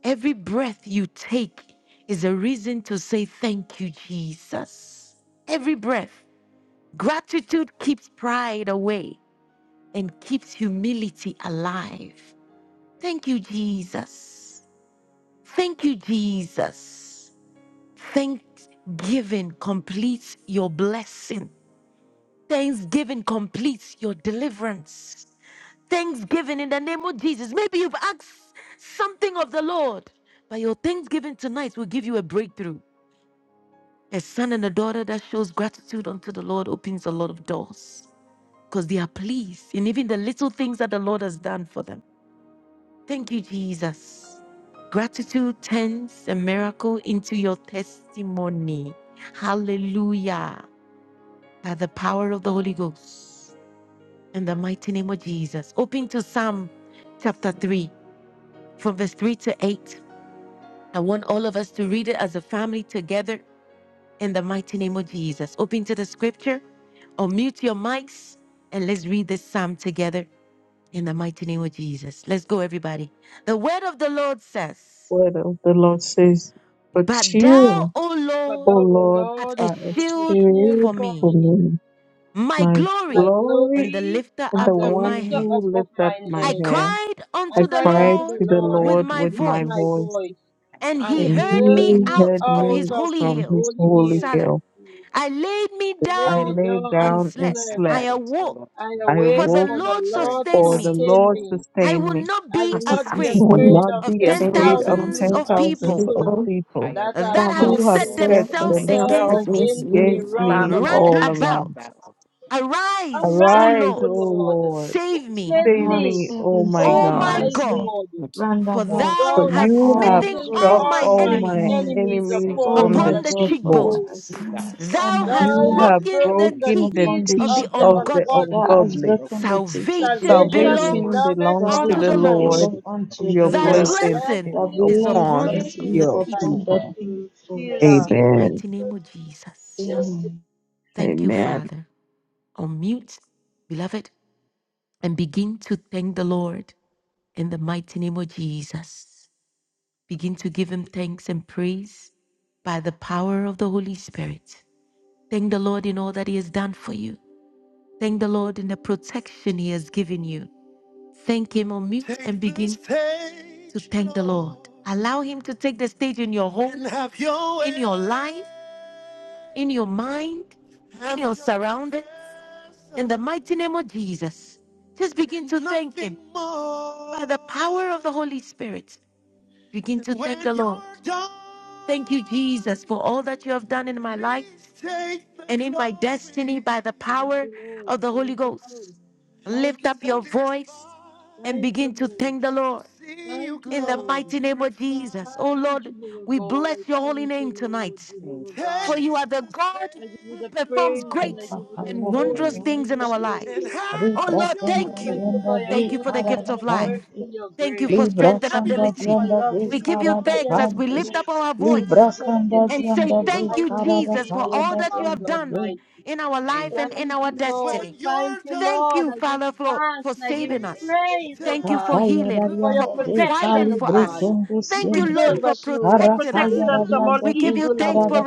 A: Every breath you take is a reason to say thank you, Jesus. Every breath. Gratitude keeps pride away and keeps humility alive. Thank you, Jesus. Thank you, Jesus. Thanksgiving completes your blessing. Thanksgiving completes your deliverance. Thanksgiving in the name of Jesus. Maybe you've asked something of the Lord, but your Thanksgiving tonight will give you a breakthrough. A son and a daughter that shows gratitude unto the Lord opens a lot of doors because they are pleased in even the little things that the Lord has done for them. Thank you, Jesus. Gratitude turns a miracle into your testimony. Hallelujah. by the power of the Holy Ghost in the mighty name of Jesus. Open to Psalm chapter 3 from verse 3 to 8. I want all of us to read it as a family together in the mighty name of Jesus. Open to the scripture, unmute your mics, and let's read this psalm together in the mighty name of Jesus. Let's go, everybody. The word of the Lord says,
G: word of the Lord says, But
A: But thou,
G: you,
A: O
H: But
G: O
A: Lord,
H: thou, O
G: Lord,
A: art
H: Lord,
A: a
G: are a
H: art a
A: shield
H: shield
A: for
G: shield
H: for
G: for
A: me,
H: me,
G: me,
A: my
G: my
H: my
A: glory, and
G: glory,
A: the
H: glory,
A: lifter
G: and
A: up
G: the
H: and the
A: of
G: one
A: my
H: lifter
A: head.
H: up
G: who
H: of
G: lifts up
H: mine
G: my
A: I
H: head.
I: Christ,
G: head.
A: cried
H: I
A: unto
G: I
A: the
H: cried
G: cried
H: unto the
A: Lord
I: the
G: to the
H: Lord
I: glory
A: with
G: Lord
I: and
A: my
G: with
H: with
G: my
H: my
A: voice,
G: voice,
H: voice,
I: the
A: and
H: and
A: he
I: lift
H: he
G: and
A: heard
H: heard
A: me
G: he
I: up
H: me
A: out
G: heard
I: of
A: of
I: our
H: out
A: his
G: me
I: head.
H: of
A: holy
H: his
G: from his
A: hill,
H: holy
G: holy
H: hill.
A: Salah.
G: hill.
A: I laid me
H: I laid
G: I
H: me
A: down
G: lay
H: down
A: and
H: and
G: down and
A: slept.
I: I
H: slept.
A: I
G: slept.
I: cried unto the
A: awoke,
I: Lord,
H: I
I: for my
G: I
A: for
H: awake,
I: voice,
A: the
G: woke,
I: and
H: for
I: he
H: the
A: Lord
I: heard
H: Lord
I: me
A: sustained
G: for
I: out
J: this.
I: of
G: the
A: me.
I: his
H: sustain
G: Lord
H: me.
I: holy
A: I
I: hill.
G: sustained me.
A: will not
H: I
A: be
J: I
H: will
J: see
H: not
J: I'm
H: be
I: Seal,
G: I
A: afraid
G: will
J: saved,
H: afraid of
G: not
A: of
G: be
A: ten
H: ten
I: I
J: saved
G: afraid of
I: laid me
J: those
A: thousands
H: thousand
G: ten
J: and
I: down
A: of
H: of
I: to
G: thousands
A: people
I: sleep.
G: of
H: people
J: people
G: people
I: I
H: that have
A: that
J: that
I: awakened,
A: have
H: set
I: for
G: who
I: the
G: have
A: set
I: Lord
G: set
J: myself
A: themselves
I: sustained me.
J: themselves
H: themselves
A: against
G: themselves
A: me.
J: against
H: against
I: I
H: me
J: me
I: will
G: against
I: not be
H: round
G: me
J: from
A: Round
I: afraid
H: about.
G: all
I: of ten
G: around.
A: about,
I: thousand that
A: arise,
I: have
A: O
I: set
H: Arise,
G: Arise,
H: O
G: O
A: Lord,
H: Lord,
I: themselves
G: Lord,
A: save me,
H: save
G: save
K: have
H: me.
I: against
G: me,
I: me
K: set
G: O
I: round
G: my
H: O
A: O
K: himself
I: about.
A: my
G: God.
H: my
K: against
A: God.
K: me
H: God,
J: God
K: round
A: For
H: for
K: about.
A: thou
G: For
H: thou hast
A: hast
G: you have
A: smitten
K: Arise,
H: smitten
K: O
I: I rise
A: all
I: to
G: struck
K: Lord,
H: all
A: my
I: the
G: all
I: Lord.
H: mine
K: save
G: my
A: enemies
K: me,
H: enemies
I: Save
G: enemies
I: me
K: O
G: on
H: upon
K: my
G: the
A: upon
H: the
A: the
K: God, for
I: from
K: that
G: cheekbone.
K: I
H: cheekbone.
A: cheekbones.
I: thy
K: smite all
A: Thou
I: smite
K: my
H: Thou
A: hast
G: You
I: all
H: hast
G: have
K: enemies
I: of
A: broken
I: my
A: the
H: broken the
I: enemies.
G: broken
A: teeth
G: the
H: teeth
K: upon the
A: of
G: teeth
A: the
I: She
H: of the
G: of
K: cheekbone,
G: the
A: ungodly.
K: thou
I: thou
H: ungodly.
K: hast
I: hast
G: ungodly.
K: broken
I: broken the
K: the
I: teeth
K: teeth of the
I: of
A: Salvation
I: my
H: Salvation
K: ungodly.
G: Salvation
A: belongs
H: belongeth
G: belongs to
A: unto
G: the
A: the
H: unto
K: Salvation
H: the
A: Lord.
G: Lord.
I: salvation
K: belongs
H: Lord.
I: along
K: unto
I: with
K: the
G: Your
A: Thy
H: Thy
K: Lord,
G: blessing
I: unsurrendered
A: blessing
G: is
K: the
H: blessing
A: is
I: thy
H: is
A: upon
K: blessing
G: upon
I: blessing
A: the
K: is
G: your
H: upon
I: is
H: thy
K: upon
I: upon
A: people.
K: the
I: thy
G: people.
H: people.
I: people.
K: faithful.
H: Selah.
A: The
I: Selah.
G: Amen.
A: mighty name of Jesus. Thank you,
G: Amen.
A: Father. Unmute, beloved, and begin to thank the Lord in the mighty name of Jesus. Begin to give him thanks and praise by the power of the Holy Spirit. Thank the Lord in all that he has done for you. Thank the Lord in the protection he has given you. Thank him on mute and Take the begin stage, to thank the Lord. Allow him to take the stage in your home, your in your life, in your mind, in your surroundings. In the mighty name of Jesus, just begin to thank him more. by the power of the Holy Spirit. Begin to thank the Lord. Thank you, Jesus, for all that you have done in my life and in my destiny by the
H: Thank
A: power
H: you, Lord.
A: of the Holy
H: Thank you, Lord.
A: Ghost.
H: Thank
A: Lift
H: you,
A: up your
H: Lord.
A: voice and
H: Thank you,
A: begin to
H: Lord.
A: thank the Lord
H: Thank you,
A: in the
H: Lord.
A: mighty name of Jesus. Oh
H: Thank you,
A: Lord,
H: Jehovah
A: we
H: God.
A: bless
H: I
A: your holy
H: thank you,
A: name
H: Lord,
A: tonight.
I: Thank you,
H: Jehovah
A: For
H: God.
A: you
I: Jesus.
A: are the God
H: I give you
A: who
H: the
A: performs
H: praise and
A: great
H: I give you the
A: and
I: Thank
A: wondrous
I: you,
H: glory to
K: Amen.
A: things in
H: you,
A: our life.
H: Jehovah
I: Jesus.
H: God.
A: Oh
K: Libra
A: Lord,
H: I
K: kanda
A: thank
I: Hallelujah.
A: you.
H: thank you
K: janda
H: for your
K: de
A: Thank you
I: Thank
A: for the
I: you,
H: goodness,
A: gift
K: karada
A: of
H: your
I: Father God.
A: life.
K: kanti.
H: mercy, your
A: Thank you
H: grace.
A: for
I: Thank you,
K: Libra
A: strength and
I: Jesus.
K: kanda
H: Thank you
A: ability.
H: for
K: janda de
A: We
H: loving
A: give
H: me,
A: you
H: for
K: karada
A: thanks
I: Thank
A: as
H: caring
A: we
I: you,
H: for
K: kanti.
H: me,
A: lift up our
I: Jesus.
H: for
A: voice
K: Libra kanda
H: protecting
A: and
H: me,
A: say
H: for
K: janda
I: Hallelujah.
K: de
A: thank you,
H: providing for
K: karada
I: Thank
A: Jesus,
H: me,
A: for
I: you,
H: oh
A: all
K: payanda
I: Father
A: that you
H: God
A: have
K: janda de.
A: done
H: Almighty.
A: in our
I: God. Thank
A: life and
I: you,
A: in
H: Thank
A: our
H: you,
I: Jesus.
H: Lord.
A: destiny.
H: Thank you,
A: Thank you,
H: Lord. I give
A: Father,
H: you
A: for,
H: thanks
A: for
H: and I give you
A: saving
I: Thank
A: us.
I: you,
H: praise, oh
A: Thank you for
H: God
I: Jesus.
K: Rapaya
A: healing,
H: for your
A: for
K: Darianda de
H: protection,
A: providing
K: Kali
H: O
A: for
I: Thank
H: God.
I: you,
A: us.
K: Britendo
H: You
I: Jesus.
A: Thank you, Lord,
H: preserve
K: Sindi
A: for
H: us, Lord. You
A: protecting us.
H: protected
K: Arapaya
I: Thank
H: us
I: you.
H: from all
A: We
K: Darianda
A: give
K: de
A: you
H: evil,
A: thanks for
H: Lord.
K: Karada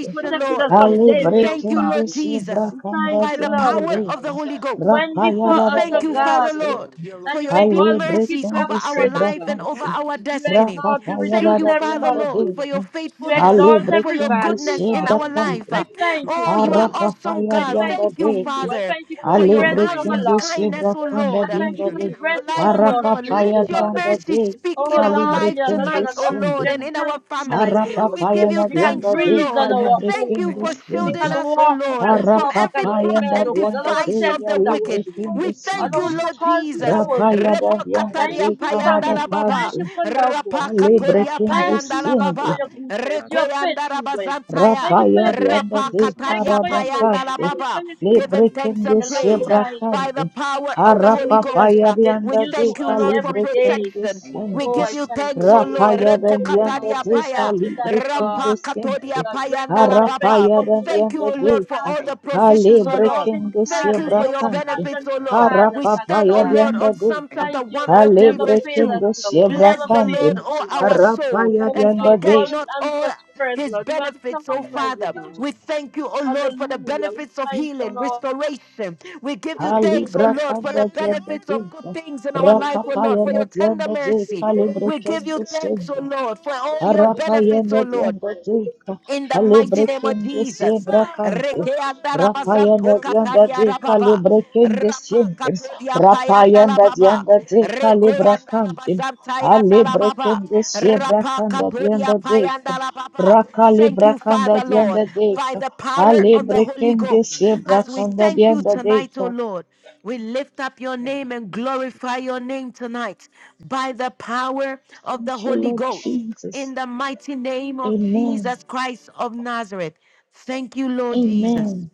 H: You protected
A: Lord.
H: us from
K: Ali
I: Hallelujah.
A: We
H: danger,
I: Thank
H: O
I: you,
A: thank you,
H: God.
K: Britendo
A: Lord
I: Jesus.
A: Jesus,
K: Sibra
H: We thank
K: Kanda
A: by
H: you,
A: the
K: Dianda
H: Lord.
A: power
K: de
A: of
I: Thank
A: the
I: you.
A: Holy
H: You
A: Ghost.
H: went
K: Rapaya
A: We
H: before us, O
A: thank you,
K: Darianda
A: Father
H: God,
K: de
A: Lord,
I: Hallelujah.
A: for
H: and you
A: your
H: make
I: Thank
A: deep
H: all
I: you.
K: Ali
H: crooked
A: mercies over
K: Britendo
H: paths
A: our
H: straight, O
K: Sibra
A: life and
H: God.
K: Kanda
A: over our
H: You
A: destiny.
H: exalt, you
I: Thank you,
K: Rapapaya
A: Thank
H: reduce
A: you,
H: every
I: Jesus.
A: Father
K: Darianda
A: Lord,
K: de
A: for
H: mountain.
A: your
H: You
A: faithfulness,
K: Ali
H: exalt
A: for
H: every
A: your
K: Britendo
H: valley, O
A: goodness in
H: God.
K: Sibra
A: our
I: Thank you.
A: life.
K: Kanda
H: I
I: Father
H: thank you,
A: Oh, you are
H: Lord.
A: awesome,
K: Arapapaya
H: I
A: God.
H: thank
K: Dianda
H: you
A: Thank
H: for
A: you,
H: who you.
K: de
H: are. I
A: Father,
H: thank you for
A: for
H: the
A: your
H: breath in
I: Thank
H: our
A: marvelous
I: you,
K: Alebrekende
H: lungs.
I: Father.
A: kindness,
K: sebra
A: oh
K: kanda
H: I
A: Lord,
H: thank you
K: dianda
H: for
K: de
H: the
A: in our
H: breath in
A: life,
H: our
A: oh Lord.
I: Hallelujah.
H: nostrils,
A: Let
K: arapapaya
H: O
A: your
I: Thank you.
K: dianda
H: God.
A: mercy
K: de
A: speak
H: Oh
A: in our
H: Lord, we
A: life
H: are not
K: kalibrekende
H: on
A: tonight,
H: an
A: oh
K: sende
A: Lord,
I: Thank
A: and
H: oxygen
I: you,
A: in our
H: tank tonight,
A: family.
I: Jesus.
H: Lord.
A: We
K: arapapaya
A: give you
K: na
H: We can
K: dianda
A: thanks, O
K: de
H: breathe on
A: Lord.
H: our
A: Thank
H: own.
A: you
K: kalibrekende
A: for
I: Thank you,
H: We
K: sende
A: shielding
H: can
A: us,
I: Jesus.
A: O
H: walk, we
A: Lord,
H: can
A: from
H: talk, we
A: every
H: can
K: arapapaya
A: plot
K: na
H: smell,
A: and
H: oh God. All
K: dianda
H: our
K: de
A: device of the
H: senses are
A: wicked.
H: working.
I: Thank
K: yalebrekende
A: We
H: All
I: you,
A: thank you,
K: sende
H: our
I: Jesus.
A: Lord
H: faculties
A: Jesus.
H: are
K: rapaya
H: working.
K: na dianda
H: Thank
K: de
A: Rebokatadia
H: you for
I: Thank
K: karada
A: payandala
H: family.
I: you,
A: baba.
H: Thank
K: pande
H: you
I: Jesus.
H: for loved ones.
A: Rapakatodia
K: kalibrekende
H: Thank you,
A: payandala
H: Lord,
I: Hallelujah.
H: for
K: sende
A: baba.
H: your
I: Thank you,
H: goodness,
I: Father.
H: your
A: Rekoyandara
H: faithfulness. Thank
A: bazantaya.
H: you for
K: Rapaya
H: your
I: Thank
K: dianda
I: you,
A: Rapa
K: de
H: faithfulness. Thank you
A: katadia
H: for your
I: Jesus.
H: mercy.
A: payanda la
K: karabapande,
H: Thank you for
A: baba.
H: your
I: Thank
A: Give
H: grace,
A: him
I: you,
A: thanks
K: lebrekende
A: and
H: your loving
A: praise uh, by
H: kindness,
K: sebrakande,
A: the power of
I: God.
H: the
A: the Holy
H: mercies that
A: Ghost.
I: Hallelujah.
H: is
K: harapapaya
A: uh,
H: made
I: Thank
A: We
K: dianda
I: you,
H: new
K: de
H: to
A: thank you,
H: us
A: Lord, for
I: Jesus.
H: every day.
K: kalibrekende
A: protection.
I: Thank
A: We
I: you,
H: Oh,
K: sende,
A: give
H: I
A: you
I: Jesus.
H: thank
A: thanks,
H: you,
A: O
H: Lord.
A: Lord.
H: I
K: rapaya
H: thank
A: Reko
H: you,
I: Thank
K: dianda
A: katadia
H: Lord.
I: you,
K: de
H: I thank
A: paya,
I: Jesus.
H: you, Daddy God.
K: kalibrekende
A: rampa
K: sende,
A: katodia
H: You are
I: Hallelujah.
H: great
A: payanda
H: God.
A: la
I: Thank
H: I
I: you.
H: thank you
A: baba.
K: harapaya
H: for being a
A: Thank
H: good,
A: you,
K: dianda
A: O
K: de
H: good
A: Lord, for
K: ka,
A: all
H: Father.
I: Thank
A: the
I: you, Jesus.
H: You
A: provisions, O
H: are a
A: Lord.
H: loving
K: halebrekende
A: Thank you
H: Father.
A: for
H: You
I: Yes,
H: are
A: your
K: sebrakande,
I: Lord.
A: benefits,
H: compassionate
A: O
I: Thank
A: Lord.
I: you,
H: Father,
A: We
I: Father.
H: Father
I: God.
A: stand, O
K: harapapaya
H: God.
A: Lord,
K: dianda
A: on
K: de
A: Psalm
K: ka,
I: Thank
A: chapter
H: Thank
I: you,
H: you that you
I: Father.
A: 103,
H: never
I: God.
A: verse
H: fail
A: 2.
H: us,
K: halebrekende
H: Lord. You
A: Bless
H: never
A: the
I: Thank
K: sebrakande,
H: fail
A: Lord,
I: you,
H: us,
A: O
H: Lord.
A: our
I: Jesus.
A: soul,
K: harapaya
H: Oh
A: and
K: dianda
H: God, you
K: de
A: forget
H: always
A: not
H: answer
A: all
H: prayers,
A: his
H: Lord. You answer
A: benefits,
H: my
A: oh
I: Thank
H: prayers, oh
A: Father.
I: you,
H: God.
A: We thank you, oh
I: Jesus.
A: Lord, for the
H: Hallelujah. We
A: benefits of
H: thank you,
A: healing,
H: Lord.
A: restoration. We give you
I: Thank you,
A: thanks, oh
K: Alibra
I: Jesus.
A: Lord, for
K: kanda
A: the
K: tienda
A: benefits of good
K: duka.
A: things in our life, oh Lord,
K: Rakapaya
A: for
K: na
A: your tender
K: tienda duka.
A: mercy.
K: Libre
A: We give you
K: kende
A: thanks,
K: shende.
A: oh Lord, for all your
K: Harapaya
A: benefits,
K: na
A: oh Lord
K: tienda duka.
A: in the mighty
K: Libre
A: name of
K: kende
A: Jesus.
K: siebra kante.
A: Rekeanda
K: Rapaya na
A: rabasanto
K: tienda
A: kataria
K: duka.
A: rababa.
K: Libre kende
A: Rapa
K: shende.
A: katodia
K: Rapaya
A: payanda
K: na
A: rababa.
K: tienda duka. Libra
A: Rekoyanda
K: kante.
A: rabasantayanda
K: Alibre
A: rababa.
K: kende siebra
A: Rapa
K: kanda
A: katodia
K: tienda duka.
A: payanda rababa.
K: Raka
A: Thank
K: libra
A: you,
K: kanda
A: Father Lord,
K: tienda
A: by
K: duka.
A: the power of the
K: Alibre
A: Holy
K: kende
I: Thank
A: Ghost.
I: you,
K: siebra
A: As we
K: kanda
A: thank you
I: Jesus.
K: tienda
A: tonight, O
K: duka.
A: Lord, we lift up your
I: Thank
A: name and
I: you, Jesus.
A: glorify your name tonight by the power of the
K: Thank you,
A: Holy
K: Lord
A: Ghost
K: Jesus.
A: in the mighty name of
K: Amen.
A: Jesus Christ of Nazareth. Thank you, Lord Jesus.
K: Amen.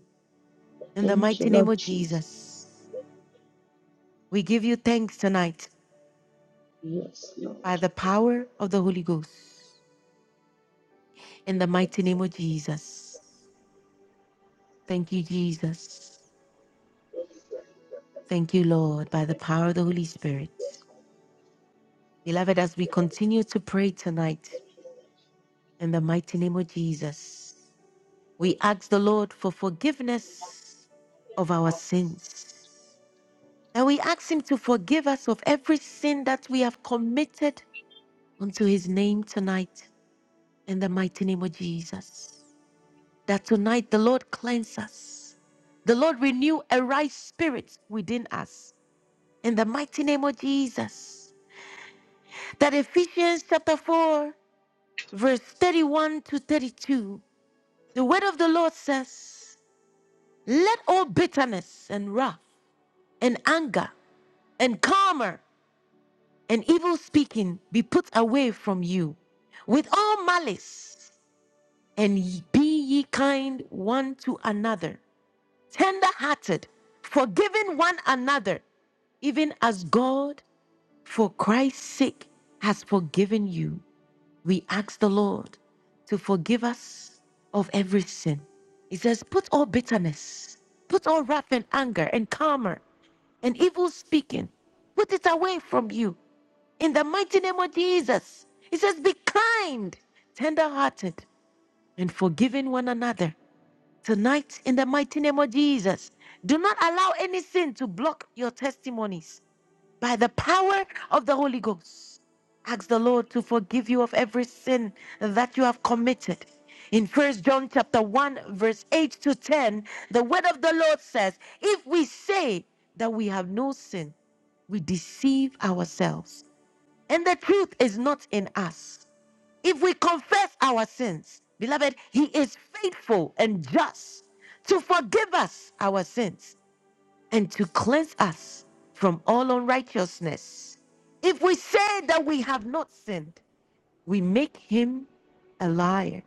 A: In the
K: Thank you,
A: mighty name
K: Lord
A: of
K: Jesus.
A: Jesus, we give you thanks tonight
K: Yes, Lord.
A: by the power of the Holy Ghost. In the mighty name of Jesus. Thank you, Jesus. Thank you, Lord, by the power of the Holy Spirit. Beloved, as we continue to pray tonight, in the mighty name of Jesus, we ask the Lord for forgiveness of our sins And we ask Him to forgive us of every sin that we have committed unto His name tonight in the mighty name of Jesus. That tonight the Lord cleanse us. The Lord renew a right spirit within us in the mighty name of Jesus. That Ephesians chapter 4, verse 31 to 32, the word of the Lord says, Let all bitterness and wrath and anger and clamor and evil speaking be put away from you with all malice, and ye- be ye kind one to another, tender hearted, forgiving one another, even as God, for Christ's sake, has forgiven you. We ask the Lord to forgive us of every sin. He says, Put all bitterness, put all wrath and anger and clamor and evil speaking. Put it away from you in the mighty name of Jesus, He says, Be kind, tender hearted, and forgiving one another. Tonight, in the mighty name of Jesus, do not allow any sin to block your testimonies by the power of the Holy Ghost. Ask the Lord to forgive you of every sin that you have committed. In First John chapter 1 verse 8 to 10, the word of the Lord says, if we say that we have no sin, we deceive ourselves and the truth is not in us. If we confess our sins, beloved, He is faithful and just to forgive us our sins and to cleanse us from all unrighteousness. If we say that we have not sinned, we make Him a liar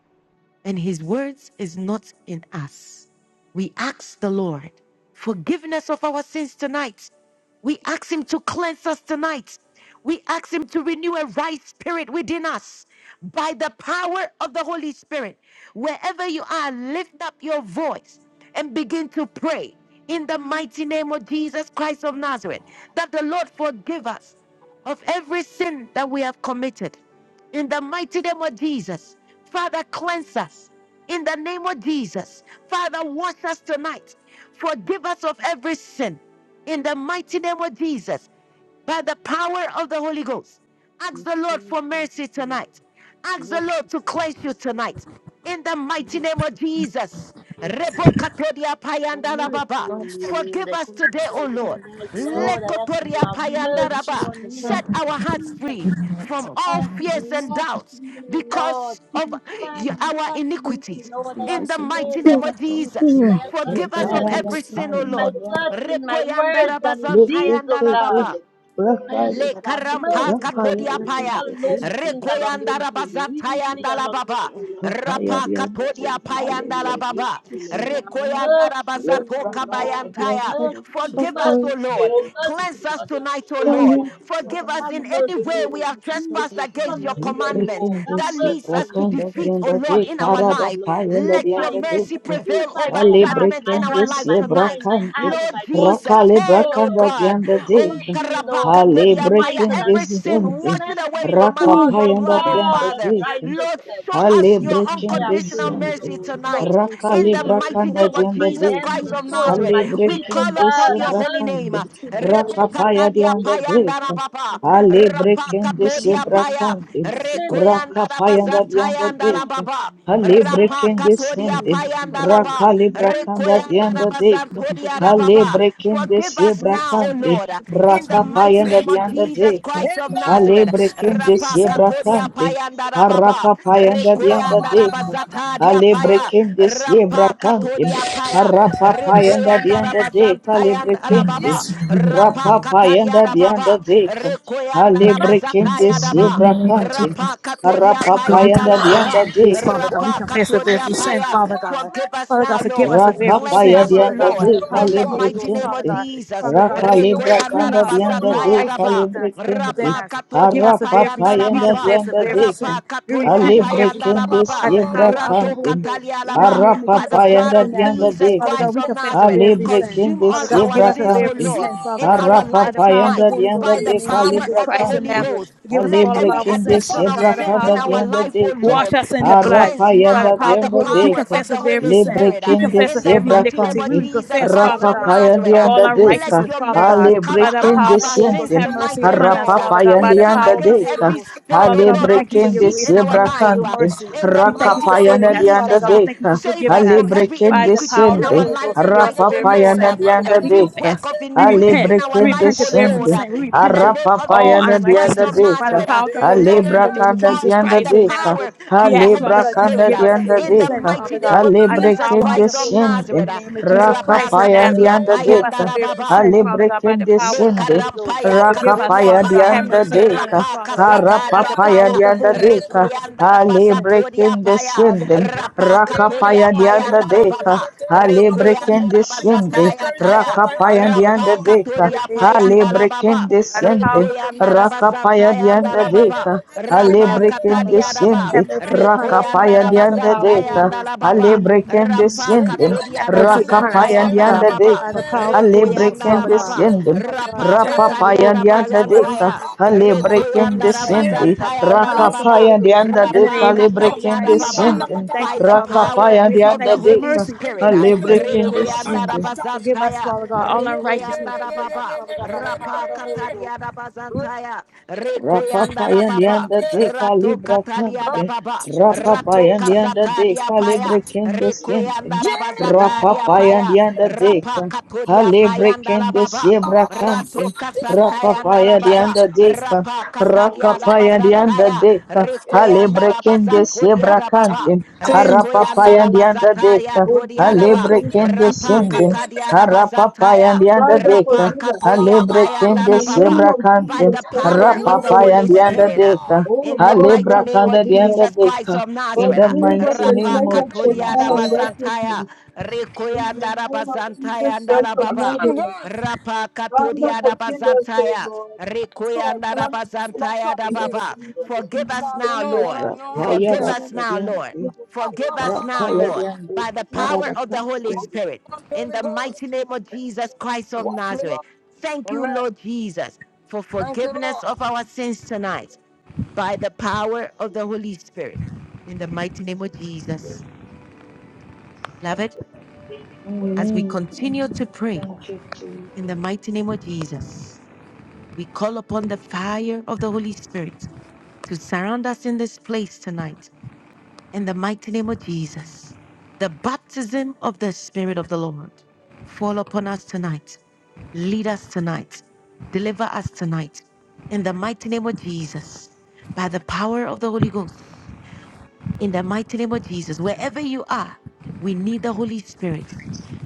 A: and his words is not in us. We ask the Lord forgiveness of our sins tonight. We ask him to cleanse us tonight. We ask him to renew a right spirit within us by the power of the Holy Spirit. Wherever you are, lift up your voice and begin to pray in the mighty name of Jesus Christ of Nazareth that the Lord forgive us of every sin that we have committed. In the mighty name of Jesus, Father, cleanse us. In the name of Jesus, Father, wash us tonight. Forgive us of every sin. In the mighty name of Jesus, by the power of the Holy Ghost, ask
H: Yes,
A: the Lord
H: Lord,
A: for
H: thank you,
A: mercy
H: Lord.
A: tonight. Ask the
H: Mercy,
A: Lord to cleanse you
H: mercy, mercy,
A: tonight. In the mighty
H: mercy,
A: name of Jesus.
H: mercy, Lord.
A: Rebokatoria
H: Have
A: payanda la
H: mercy
A: baba.
H: on me, O Lord.
A: Forgive
H: I
A: us
H: come
A: today,
H: before
A: O
H: you
J: for
A: Lord.
H: tonight,
J: so
H: Lord. I
J: much
H: ask you to
A: Lekotoria
J: Jesus,
H: have
J: my
A: payanda
H: mercy
A: raba.
J: relationship
H: on
J: with
H: me, a
J: love
A: Set our hearts
J: is
H: sinner.
A: free from
H: I
A: all
J: open.
H: ask you to
A: fears and
H: wash
A: doubts
H: me, Lord.
A: because of
H: Purify me,
A: our
J: Thank
H: saturate me,
A: iniquities.
J: you,
H: Lord. I
A: In
H: have
A: the
J: Jesus, you are
A: mighty
H: failed, I
L: Oh,
A: name
J: God
A: of
J: of
H: have
J: all.
L: oh,
A: Jesus.
H: sinned, I
L: oh,
H: have
J: We are
A: Forgive us
J: gonna
A: of
H: transgressed
J: give you
A: every sin, O
J: sleeping
H: in
J: God.
H: my
A: Lord.
H: thoughts, in my
A: Rekoyanda
H: words, and in deeds, O
A: rabazantayanda la
H: God.
A: baba.
H: I ask you
A: Le
H: to have
A: karampa
H: mercy on me,
A: katodia
H: O Lord.
A: paya.
H: All known sins and
A: Rekoyanda
H: unknown sins, willingly
A: rabasatayanda la
H: and
A: baba.
H: unwillingly, Lord.
A: Rapa
H: Thank you
A: katodia
H: for forgive me,
A: payanda la
H: Lord. Wash
A: baba.
H: me,
J: Thank
H: Lord. Have
A: Rekoyanda
H: mercy on
A: rabasato
H: me, Lord. Have
A: kabayantaya.
H: mercy. Be
A: Forgive us, O
H: merciful.
A: Lord.
H: Be
A: Cleanse
H: merciful
A: us
H: unto me, O
A: tonight, O
K: Thank
H: God.
A: Lord.
K: you,
A: Forgive us
H: Have
A: in any
H: mercy,
A: way
H: O
A: we
H: Lord.
A: have trespassed
H: Jesus, Son
A: against
H: of
A: your
H: the
K: Ale
H: living
A: commandments
H: God. Have
A: that leads
H: mercy
A: us
H: on
A: to
H: me.
A: defeat, O Lord, in
H: Wash me
A: our
H: with your
A: life.
H: blood.
A: Let your
H: Purify me.
A: mercy prevail
H: Purify
A: over
H: my heart,
A: judgment
H: my
A: in
K: brekende
A: our
H: hands,
A: life
K: sie
H: my mind,
A: tonight.
H: my
K: brakante,
H: eyes,
A: Lord
H: my body,
A: Jesus,
H: my
K: rakale
A: turn,
H: soul,
A: O
K: brakanda
H: Lord.
A: God.
K: dianda
A: O
K: deka,
H: Wash me,
A: karapa.
H: Lord, till
K: ale
H: I'm
A: Pakatodiapaya.
H: whiter
L: oh,
K: brekende
H: than
A: Every sin,
H: snow.
K: siente,
A: wash it
H: Cleanse
A: away
H: me, O
A: from us
H: God,
A: with
L: oh.
A: your
H: from
K: rakapayanda
A: blood, oh
H: all
K: dianda
A: Father.
K: deka,
A: Lord,
H: unrighteousness.
A: show
K: ale
A: us your
H: I
K: brekende
H: have
A: unconditional
H: failed you,
K: siente,
A: mercy
H: Lord. Wash
A: tonight.
H: me with your
A: In
K: rakale
A: the
H: blood from the
A: mighty
K: brakanda
A: name
H: crown of
A: of
H: my
K: dianda
A: Jesus
L: Let
K: dek
H: head
L: me
H: to
A: Christ
H: the
A: of
H: sole
L: see
H: of
L: my
K: alle
A: Nazareth,
H: my
A: we
L: through
H: feet, oh
A: call
K: brekende
A: upon
H: God.
K: sie
H: I
A: your holy
H: must
L: in
A: name.
K: brakante
L: the name of Jesus.
H: repent
K: rakapaya
H: for my
K: dianda
A: Rebokatadiapaya
H: children.
K: deka
A: andarababa.
J: you.
H: Repent
K: alle
H: for my
L: The
H: brothers
K: brekende
H: and
L: congregation
K: sie
L: of the
J: Thank
H: sisters.
A: Rapakatodiapaya.
L: Lord
K: brakante
L: Jesus.
H: Repent for my
K: rakapaya da
H: siblings.
K: dianda
A: Rekoyandarabazantaya
H: Repent
K: deka
H: for my
A: andarababa.
H: mother.
K: alle
H: Repent for
A: Rapa
H: my
K: brekende
H: country.
A: katodia
K: sende
H: I
A: payanda
H: repent for
A: laba,
H: this
K: rakale
H: one. I
K: brakanda
H: repent for
A: rekoyanda
K: dianda
A: raba
K: deka
A: zantodia
K: alle
A: rababa.
K: brekende
A: Forgive
K: sie
A: us now, O
K: brakante
A: Lord, in the
K: rakapaya
M: In
A: mighty
K: da
A: name of
K: dianda
A: Jesus
K: deka
M: the
A: Christ
M: name
A: of
L: I should be
A: Nazareth.
K: Alebre
L: doing
M: of
K: kende
L: something.
A: Rapa
K: siebra
M: Jesus.
A: katodia
K: kande.
A: payanda rababa,
K: Harapapa yanda dianda
A: rekoyanda
M: Bababala
A: raba
K: deka.
M: mama kanda
A: zatadia
K: Alebre
A: paya,
M: kataya.
K: kende siebra
A: rampa
K: kande.
A: katodia
M: Baby, baby,
A: paya,
M: baby,
K: Harapapa
M: baby,
K: yanda
A: rekoyanda
M: baby.
K: dianda
A: raba
K: deka. Alebre
A: zantayanda
K: kende.
A: rababa,
M: Yes.
A: rapa
K: Rapapa
A: katadia
K: yanda dianda
A: rababa,
K: deka.
A: rekoyanda raba
K: Alebre kende
A: zataya
N: In
A: raba.
N: the
K: siebra
N: name of
K: kande.
N: Jesus.
A: Rapa katodia
K: Harapapa
N: God,
A: paya
N: we come
K: yanda
A: andala
N: before you
K: dianda
A: baba.
N: with grace,
K: deka.
N: Father God. We
A: Rapa
N: confess
M: Wash
N: of
M: me,
A: katodia
N: every sin,
A: paya.
M: Jesus,
N: Father
M: wash
N: God.
M: me
A: Forgive us
N: Father God,
A: now,
N: forgive
A: Lord.
N: us of every
A: Cleanse
K: Rakapaya
M: in
K: ya
N: sin,
M: your
A: us, O
N: Father
K: dianda
N: God,
M: precious
A: Lord,
N: by
K: de
N: the
M: blood,
N: power
M: oh
A: in
N: of the
A: the
K: calibre
N: Holy
M: God.
A: mighty
N: Ghost,
A: name
N: Father
A: of
K: kente.
N: God.
A: Jesus.
N: Father God,
M: Wash me
N: creating us
K: Rakalibra
N: a
M: whiter
A: Rekoyanda
N: clean
K: kanda
M: than
N: heart and
M: snow,
K: dianda
N: renew a
A: rabazataya
K: de
N: right
M: Lord.
N: spirit
A: daba.
N: with us,
K: calibre kente.
N: within
A: Rapa
N: us. Forgive
A: katodia
N: us of every
K: Harapapa
A: payanda
N: sin.
A: la
N: We
K: yanda
A: baba.
N: confess of
K: dianda
N: every sin.
K: deka.
A: Rapa
N: We
M: Wa-
A: katodia
N: repent of
M: ba-
K: Halibre
N: every
M: ba-
A: payanda
N: sin
A: la
K: kende
M: ba- ba- ba-
A: baba.
N: by
M: ba-
N: the
K: siebra
M: ba-
N: power
M: ba.
N: of the
A: Rato
K: kante.
N: Holy Ghost.
A: katalia la
M: Yeah.
N: In the name of
A: By the
K: Harapapa
N: Jesus
A: blood
N: Christ
K: yanda
N: in
A: of
K: dianda
N: Nazareth.
A: Jesus
N: Father
K: deka.
N: God,
A: Christ
N: we
A: of
N: confess of
A: Nazareth,
N: every
K: Halibre
N: sin.
A: consume
K: kende
A: all
N: Father God,
M: Let
A: our
N: forgive
K: siebra
M: your
N: us of
A: sins, O
M: blood
K: kante.
N: every
A: Lord,
N: sin,
M: flow
N: Father
A: in
M: for
N: God.
M: me,
A: our
M: Lord.
N: By
A: life
N: the
M: Let
N: power of
M: your
N: the
K: Arapapayanda
A: tonight
M: blood
N: Holy Ghost,
K: dianda
A: by
N: in
A: the
N: the
K: de
M: speak
N: name
M: for
N: of
A: power
M: me.
N: Jesus
K: calibra
A: of the
N: Christ in
A: Holy
K: cante.
N: Nazareth.
A: Ghost.
N: Forgive us of
A: Let
N: all of
K: Alibre
A: every
N: our
M: Wash me,
K: kende
N: sins,
A: addiction
N: Father
A: of
N: God,
K: sebra
M: family,
N: by
M: in
N: the
A: sin
M: your
N: power of
K: cada
A: in
N: the
M: blood.
A: our
N: Holy
K: dianda
N: Ghost.
A: life, O
K: deca.
N: Wash
A: Lord,
N: us in
A: be
N: the blood.
A: cleansed
N: By the
K: Arapayanda
A: now
N: power
A: by
N: of the
A: the
K: dianda
N: Holy
M: Lord
N: Ghost, we
A: power
M: God
K: deca.
A: of
N: confess
A: the
N: of every
A: Holy
M: Almighty,
N: sin.
K: Libre
A: Spirit.
M: cleanse
N: We
A: uh,
M: me,
K: kende
M: Lord.
N: confess
A: In
N: of
A: the
N: every
K: sebra
A: mighty name
N: iniquity.
A: of
N: We
K: cante.
N: will
A: Jesus
N: confess,
A: Christ
N: Father
A: of
N: God,
K: Rapapayanda
M: Sanctify
A: Nazareth,
M: me,
N: of
A: uh,
N: all
K: dianda deca.
A: let
M: purify
N: unrighteousness,
A: your
M: me.
N: Father
A: mercy
N: God.
K: Alibre
A: cover
N: By the
A: up
N: power
K: kende
N: of the
A: our
N: Holy Ghost,
A: sins
K: siente.
M: Consecrate
N: have
M: me,
N: mercy
A: tonight, O
N: upon us,
A: Lord.
M: Lord.
A: uh.
N: Father God.
K: Arapapayanda
A: We
N: By the
A: come
K: dianda
N: power of the
A: against
N: Holy
K: deca.
A: every
N: Ghost,
M: Sanctify
A: spirit,
N: Father
A: O
N: God, we
A: Lord,
K: Alibre
A: of
N: thank you for your
K: kende
A: deceit
N: grace.
A: in
N: We
A: our
N: thank
K: sebra
N: you for
A: life.
N: your
A: uh,
K: cante.
N: mercy.
A: in the
N: We thank you
A: mighty
N: for
A: name of
K: Rakapayanda
N: saving us, Father
K: dianda
A: Jesus.
N: God. We
A: Uh,
N: thank you
K: deca.
N: for
A: save
N: forgiving
A: us
N: us.
A: from
K: Alibre
A: every
N: By
K: kende
N: the
A: iniquity
N: power of
A: in
N: the
K: siente.
A: our
N: Holy
A: life
N: Ghost, forgive us
A: tonight,
N: of
A: oh
N: every
A: Lord.
K: Rapapayanda
A: Uh,
N: sin, Father
K: dianda
N: God. We
A: every
K: deca.
A: work
N: confess.
A: of
N: We
A: iniquity
N: repent.
A: in our
N: We
K: Alebrekende
A: life,
N: repent
A: oh
N: of every
A: Lord.
K: sende.
A: Uh,
N: sin. We
A: in
N: repent
A: the
N: of
A: name of
N: all
K: Arapapayana
A: Jesus Christ
K: dianda
A: of
N: unrighteousness by the
K: deka.
A: Nazareth, uh,
N: power of the Holy
A: let
N: Ghost
A: it
N: in the
A: be
N: name of
K: Alebrakanda
N: Jesus
A: destroyed by
K: dianda
A: the
N: Christ and
K: deka.
A: power
N: Nazareth.
A: of
N: We
A: the
N: ask, Father
A: Holy
N: God, that you
K: Alebrakanda
A: Spirit.
N: forgive
A: uh,
N: us of
K: dianda
A: in
N: every
A: the
N: sin,
K: deka.
A: mighty
N: Father
A: name
N: God,
A: of
N: by the
A: Jesus
N: power of
K: Alebrekende
N: the
A: Christ of
N: Holy Ghost
K: sende.
A: Nazareth.
N: in
A: Uh,
N: the name of Jesus
A: Rapa
N: Christ and
K: Rakapaya
N: Nazareth.
A: katodia
K: dianda
N: Forgive us
K: deka.
N: of
A: payandara
N: every
A: baba.
N: sin, Father God, by the
K: Alebrekende
A: Le
N: power of the
K: sende.
N: Holy Ghost.
A: karampaya
N: Forgive us,
A: katodia
K: Rakapaya
N: Father God.
A: paya,
N: Have
K: dianda
N: mercy upon
K: deka.
N: us,
A: rapa
N: Father God. By
A: kasatadia
N: the
K: Harapapaya
N: power
A: paya,
N: of the
K: dianda
N: Holy
M: me.
N: Ghost,
K: deka.
N: forgive us of
A: rekuyanda
N: every
K: Ale
N: sin.
A: rabazatodia
K: breaking
N: By the
A: paya,
N: power of the
K: desciende,
N: Holy Ghost.
A: rapa
M: Wait a minute,
A: katodia
K: rakapaya
M: Lord.
N: By
A: paya
N: the
K: dianda
N: power
M: Echo
N: of
A: andala
N: the Holy
K: deka.
M: shake
N: Ghost.
M: the
A: baba,
M: tail of
K: Ale
N: In
M: my
N: the name of
M: kataya.
N: Jesus,
A: rekuyanda
K: breaking
N: forgive us of
K: desciende,
N: every
M: Minister
A: rabazataya
M: in
N: sin.
M: the
N: By
A: taya,
M: angels
N: the
M: ahead
N: power
M: of
N: of
K: rakapaya
N: the
M: me, Holy
N: Holy Ghost.
K: dianda
A: rampa
M: Ghost.
K: deka.
N: In the
A: katodia
N: name of
A: paya
K: Ale
M: Rock.
N: Jesus.
A: andala
K: breaking
A: baba,
N: By the power
K: desciende,
N: of the Holy
A: rekuyanda
N: Ghost.
K: rakapaya
A: rabazantaya
K: dianda
A: andala
N: Lord
A: baba,
K: deka.
N: Jesus Christ of
K: Ale
A: Rapa
N: Nazareth,
K: breaking
N: Father God.
A: katadiadaba.
K: desciende,
N: Have mercy upon us, Father
K: rakapaya
N: God, by the
K: dianda
N: power of the
K: deka.
N: Holy Ghost, in
K: Ale
A: Rekoyandarabazantayandalababa.
N: the name of
K: breaking
A: Rampa
N: Jesus.
K: desciende,
A: katodia
N: Have mercy upon us,
A: rabazantaya
K: rakapaya
N: Father
A: anda la
N: God,
K: dianda
A: baba.
N: by the
K: deka.
N: power of the Holy Ghost,
A: rekoyanda
K: Alebrequen
A: la
N: Father God.
A: baba,
K: descende,
N: Father God,
A: Rapa
N: cover us under your
A: katadia
K: rapapaya
N: holy and
K: dianda
N: precious blood. We
K: deca,
A: rabazantaya,
N: confess of
K: alebrequen
N: every
A: rekoyanda
N: sin,
K: descende,
N: Father God, by
A: rabazantaya
N: the
A: anda la
N: power of the
A: baba.
N: Holy
K: rakapaya
N: Ghost,
K: dianda
N: in the
K: deca,
A: Rapa
N: name of Jesus
K: alebrequen
N: Christ of
A: katadiadababa
N: Nazareth.
K: descende,
N: We thank
A: by
N: you,
A: the
N: Father God, for your
A: power
K: rakapaya
N: grace. We
A: of
K: dianda
A: the
N: thank you for
A: Holy
K: deca,
N: mercy.
A: Spirit.
N: We
A: uh,
N: thank you for your
K: alebrequen
N: deliverance.
K: descende,
N: Forgive us,
A: Rekoyandarabazantaya,
N: Father God, all our righteousness. Forgive us,
A: Rekoyandarababa,
N: Father God, by the power of the Holy Ghost.
M: Yeah,
A: Rapakatariadabazantaya,
K: Rapapaya
A: Rekoyandarababa,
K: lianda de calibra cande.
A: Ratokatariadababa,
K: Rapapaya lianda de
A: Ratokasatariapaya,
K: calibre kende siente. Rapapaya
A: Rekoyandarabazatariapaya,
K: lianda de ca- calibre kende
A: Rapakatoriapayandarababa.
K: siebra cande.
A: Ratoka Santaya and
K: Rapapaya
A: Alababa,
K: lianda de ca-
A: Rapa Katadia
K: Rakapaya lianda
A: Rabazantaya,
K: de ca-
A: Requianda
K: calibre kende
A: Rabazatodia
K: siebra
A: Rababa,
K: cande.
G: Since the
A: Requianda
K: Harapapaya and
G: Lord
K: the
A: Rabazataya
K: undertaker,
A: Todia
G: Forgive us
A: Raba,
K: Halebre
G: those
K: can
G: people,
A: Rapa
G: Lord.
K: descending,
A: Katadia
K: Harapapaya
A: Rabazantaya,
K: and the
G: Father,
A: Rapa
K: undertaker,
G: forgive us.
A: Katodia
K: Halebre can
G: In
A: Payanda
G: the
A: Rababa,
G: name
K: desebra
G: of
A: by
K: candim,
G: Jesus
A: the
M: Do
G: Christ of
M: a
A: power
M: new
A: of the
M: work
K: Harapapaya
G: Nazareth.
A: Holy
K: and the
M: within me,
A: Spirit. uh,
M: Lord.
K: undertaker,
G: Oh
A: In the
G: Lord
A: mighty
G: God,
K: Halebra
A: name of
K: kanda the
G: forgive us.
A: Jesus Christ
K: undertaker,
A: of
K: in
A: Nazareth,
K: the
A: uh,
G: Forgive us
K: mighty
G: and
A: Rapa
K: name
G: cleanse
K: of
G: us from
A: Katodia
G: all
K: Jesus.
A: Rabazantaya,
G: unrighteousness. In the
A: Requianda
G: name of Jesus
A: Rabazantaya and
G: Christ of
M: That's
A: Alababa.
M: not
G: Nazareth.
M: gun.
A: Rapa
G: Father,
A: katodia da
G: forgive us, O
A: bazantaya.
G: Lord.
M: Oh, it's
A: Rekoyanda da
M: I it's not
A: bazantaya
M: crap
A: da
G: In the
M: face.
A: baba.
G: name of
A: Forgive
M: It's
A: us
M: not
G: Jesus
M: me,
A: now,
M: no. I
G: Christ
M: don't
A: Lord.
M: have
G: of
M: no
G: Nazareth.
M: heart
K: Rapaya
A: Forgive
K: da
M: here.
K: da
A: us
K: da
A: now, Lord.
K: diante,
G: Forgive us, O
A: Forgive
M: the
G: Lord.
A: us now,
K: Rapaya
A: Lord,
K: diante,
A: by the
G: Forgive
K: para
A: power
K: da
A: of the Holy
K: pastor.
A: Spirit. In
M: Holy
A: the mighty
M: Ghost.
A: name of Jesus Christ of
M: Watch me,
A: Nazareth.
M: Lord.
A: Thank you,
M: Amen.
A: Lord Jesus, for
M: Thank you,
A: forgiveness
M: Lord.
A: of our sins tonight by the power of the Holy Spirit. In the mighty name of Jesus. Beloved, as we
K: Amen,
A: continue to
K: amen.
A: pray
K: Thank you, Jesus.
A: in the mighty name of Jesus. We call upon the fire of the Holy Spirit to surround us in this place tonight in the mighty name of Jesus. The baptism of the Spirit of the Lord fall upon us tonight. Lead us tonight. Deliver us tonight in the mighty name of Jesus by the power of the Holy Ghost. In the mighty name of Jesus, wherever you are, we need the Holy Spirit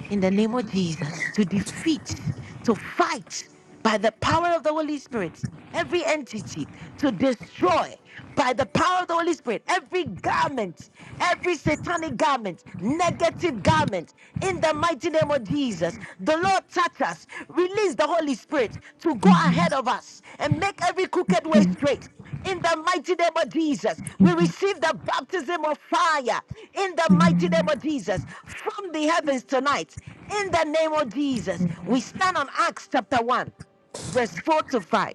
A: in the name of Jesus to defeat, to fight by the power of the Holy Spirit every entity, to destroy by the power of the Holy Spirit every garment, every satanic garment, negative garment in the mighty name of Jesus. The Lord touch us, release the Holy Spirit to go ahead of us and make every
L: I
A: crooked
L: should
A: way straight. In the mighty name of Jesus,
L: be
A: we receive the baptism of fire. In the mighty name
L: doing
A: of Jesus, from the heavens tonight. In the name of Jesus,
L: something.
A: we stand on Acts chapter 1, verse 4 to 5.